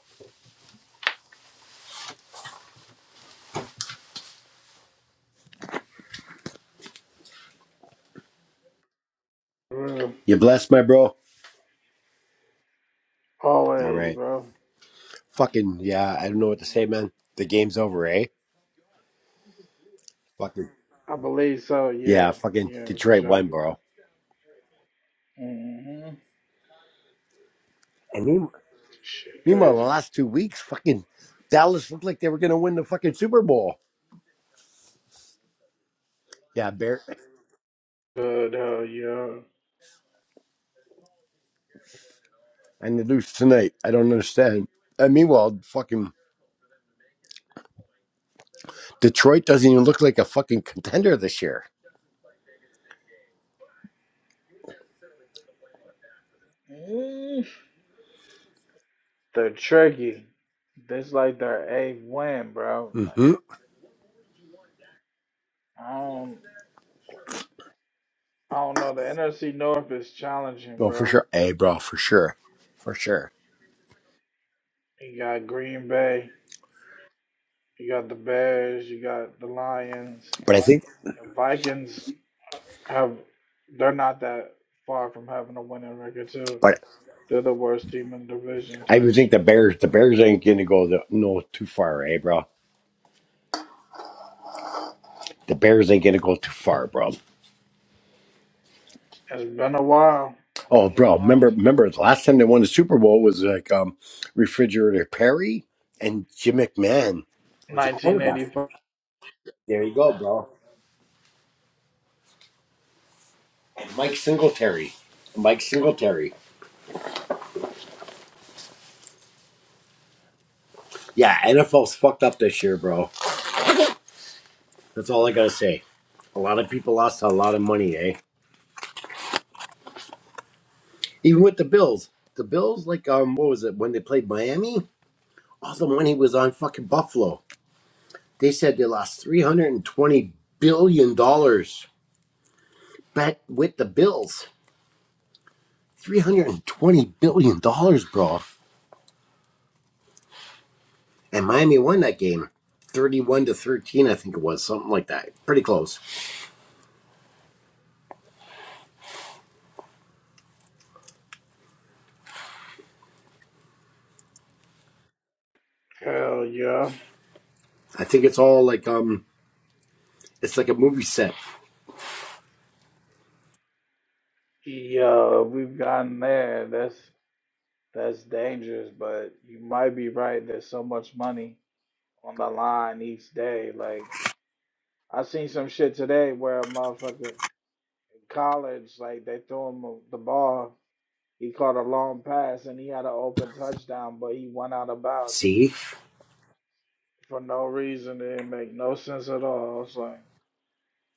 [SPEAKER 1] Bro.
[SPEAKER 7] You blessed, my bro. All
[SPEAKER 1] Always,
[SPEAKER 7] right.
[SPEAKER 1] bro.
[SPEAKER 7] Fucking yeah. I don't know what to
[SPEAKER 1] Mm.
[SPEAKER 7] say, man. The game's over, eh? Fucking
[SPEAKER 1] I believe so. Yeah.
[SPEAKER 7] yeah. Fucking
[SPEAKER 1] Yeah, for
[SPEAKER 7] Detroit
[SPEAKER 1] sure.
[SPEAKER 7] won, bro.
[SPEAKER 1] Mm-hmm.
[SPEAKER 7] And mean-
[SPEAKER 1] Shit,
[SPEAKER 7] meanwhile, the
[SPEAKER 1] crazy.
[SPEAKER 7] last two weeks, fucking Dallas looked like they were gonna win the fucking Super Bowl. Yeah, Bear.
[SPEAKER 1] Good hell, yeah.
[SPEAKER 7] And they lose tonight. I don't understand. And meanwhile, fucking Detroit doesn't even look like a fucking contender this year.
[SPEAKER 1] Mm. They're tricky. This like their eighth win, bro. Like
[SPEAKER 7] Mm-hmm.
[SPEAKER 1] I don't, I don't know. The NFC North is challenging,
[SPEAKER 7] Well, for
[SPEAKER 1] bro.
[SPEAKER 7] sure, hey, bro,
[SPEAKER 1] Like
[SPEAKER 7] for sure, for sure.
[SPEAKER 1] you got Green Bay. You got the Bears, you got the Lions.
[SPEAKER 7] But I think,
[SPEAKER 1] Vikings have they're not that far from having a winning record too.
[SPEAKER 7] but
[SPEAKER 1] They're the worst team in the division
[SPEAKER 7] I
[SPEAKER 1] type
[SPEAKER 7] would think the
[SPEAKER 1] shit.
[SPEAKER 7] Bears, the Bears ain't gonna go the, no too far, eh, bro. The Bears ain't gonna go too far, bro.
[SPEAKER 1] It's been a while. It's
[SPEAKER 7] Oh,
[SPEAKER 1] been a
[SPEAKER 7] bro,
[SPEAKER 1] while.
[SPEAKER 7] remember, remember the last time they won the Super Bowl was like um, refrigerator Perry and Jim McMahon was the quarterback.
[SPEAKER 1] 1985.
[SPEAKER 7] There you go, bro. And Mike Singletary, Mike Singletary. Yeah, NFL's fucked up this year, bro. That's all I gotta say. A lot of people lost a lot of money, eh? Even with the Bills, the Bills, like um, what was it when they played Miami? All the money was on fucking Buffalo. They said they lost three hundred and twenty billion dollars bet with the Bills. Three hundred and twenty billion dollars, bro. And Miami won that game, thirty-one to thirteen, I think it was, something like that. Pretty close.
[SPEAKER 1] Hell yeah.
[SPEAKER 7] I think it's all like um, it's like a movie set.
[SPEAKER 1] Yeah, we've gotten there. That's that's dangerous, but you might be right. There's so much money on the line each day. Like I seen some shit today where a motherfucker in college, like they threw him the ball He caught a long pass and he had an open touchdown, but he went out of bounds
[SPEAKER 7] See,
[SPEAKER 1] for no reason. It didn't make no sense at all. I was like,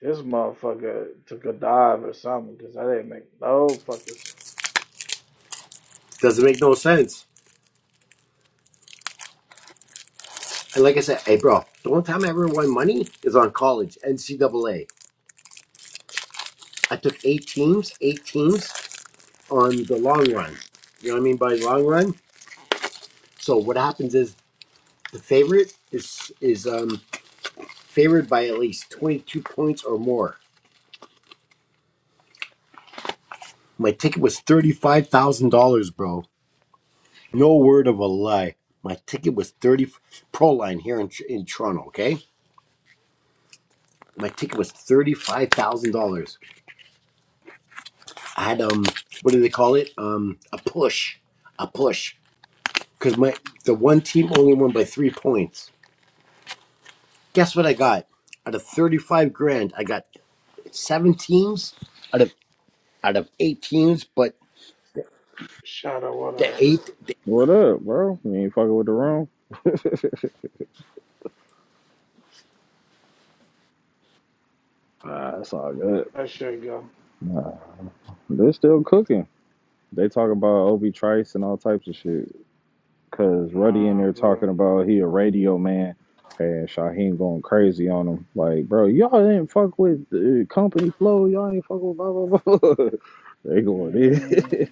[SPEAKER 1] this motherfucker took a dive or something because that didn't make no fucking sense.
[SPEAKER 7] doesn't make no sense. And like I said, hey, bro, the only time I ever won money is on college, NCAA. I took eight teams, eight teams on the long run. You know what I mean by long run? So what happens is the favorite is is um favored by at least twenty two points or more. My ticket was thirty five thousand dollars, bro. No word of a lie. My ticket was thirty pro line here in in Toronto. Okay, my ticket was thirty five thousand dollars. I had um what do they call it? Um a push, a push. Because my the one team only won by three points. Guess what I got? Out of 35 grand, I got seven teams out of out of eight teams, but
[SPEAKER 1] Shadow, what
[SPEAKER 7] the
[SPEAKER 1] up?
[SPEAKER 7] eighth
[SPEAKER 12] What up, bro? You ain't fucking with the room? Ah, it's all good.
[SPEAKER 1] That shit go.
[SPEAKER 12] Nah, they're still cooking. They talk about Obi Trice and all types of shit. Cause Ruddy in
[SPEAKER 1] Nah,
[SPEAKER 12] there
[SPEAKER 1] for real.
[SPEAKER 12] talking about he a radio man, and Shaheen going crazy on him. Like, bro, y'all didn't fuck with the company flow. Y'all ain't fuck with blah blah blah. they going in.
[SPEAKER 1] Mm,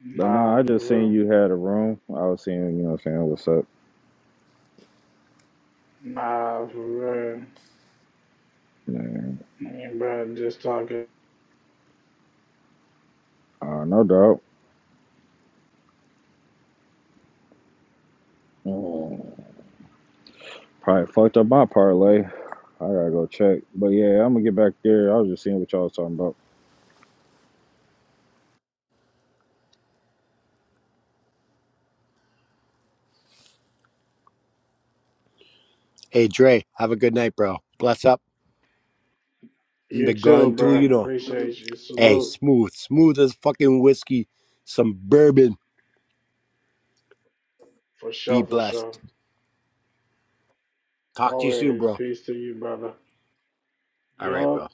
[SPEAKER 12] but nah, I
[SPEAKER 1] nah,
[SPEAKER 12] just
[SPEAKER 1] for
[SPEAKER 12] seen
[SPEAKER 1] real.
[SPEAKER 12] you had a room. I was seeing, you know, what I'm saying what's up.
[SPEAKER 1] Nah, for real.
[SPEAKER 12] Man,
[SPEAKER 1] I mean, bro, just talking.
[SPEAKER 12] uh, no doubt. Probably fucked up my parlay. I gotta go check. But yeah, I'm gonna get back there. I was just seeing what y'all was talking about.
[SPEAKER 7] Hey, Dre, have a good night, bro. Bless up. The
[SPEAKER 1] You too,
[SPEAKER 7] gun, too,
[SPEAKER 1] bro.
[SPEAKER 7] you know.
[SPEAKER 1] Appreciate you.
[SPEAKER 7] Hey,
[SPEAKER 1] Salute.
[SPEAKER 7] smooth, smooth as fucking whiskey. Some bourbon.
[SPEAKER 1] For
[SPEAKER 7] Be
[SPEAKER 1] sure, for sure.
[SPEAKER 7] blessed. Talk to you soon,
[SPEAKER 1] Always
[SPEAKER 7] bro.
[SPEAKER 1] peace to you, brother.
[SPEAKER 7] All right,
[SPEAKER 1] Yup.
[SPEAKER 7] bro.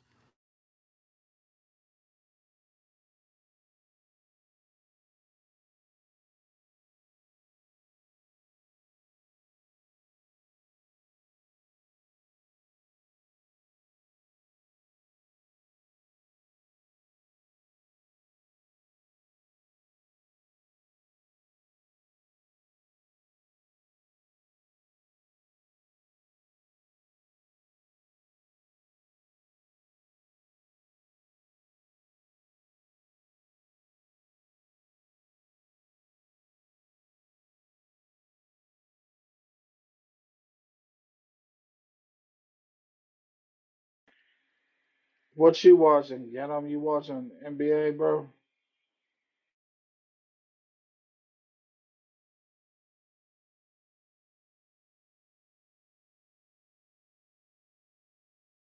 [SPEAKER 1] What you watching? Yadam, you watching NBA, bro?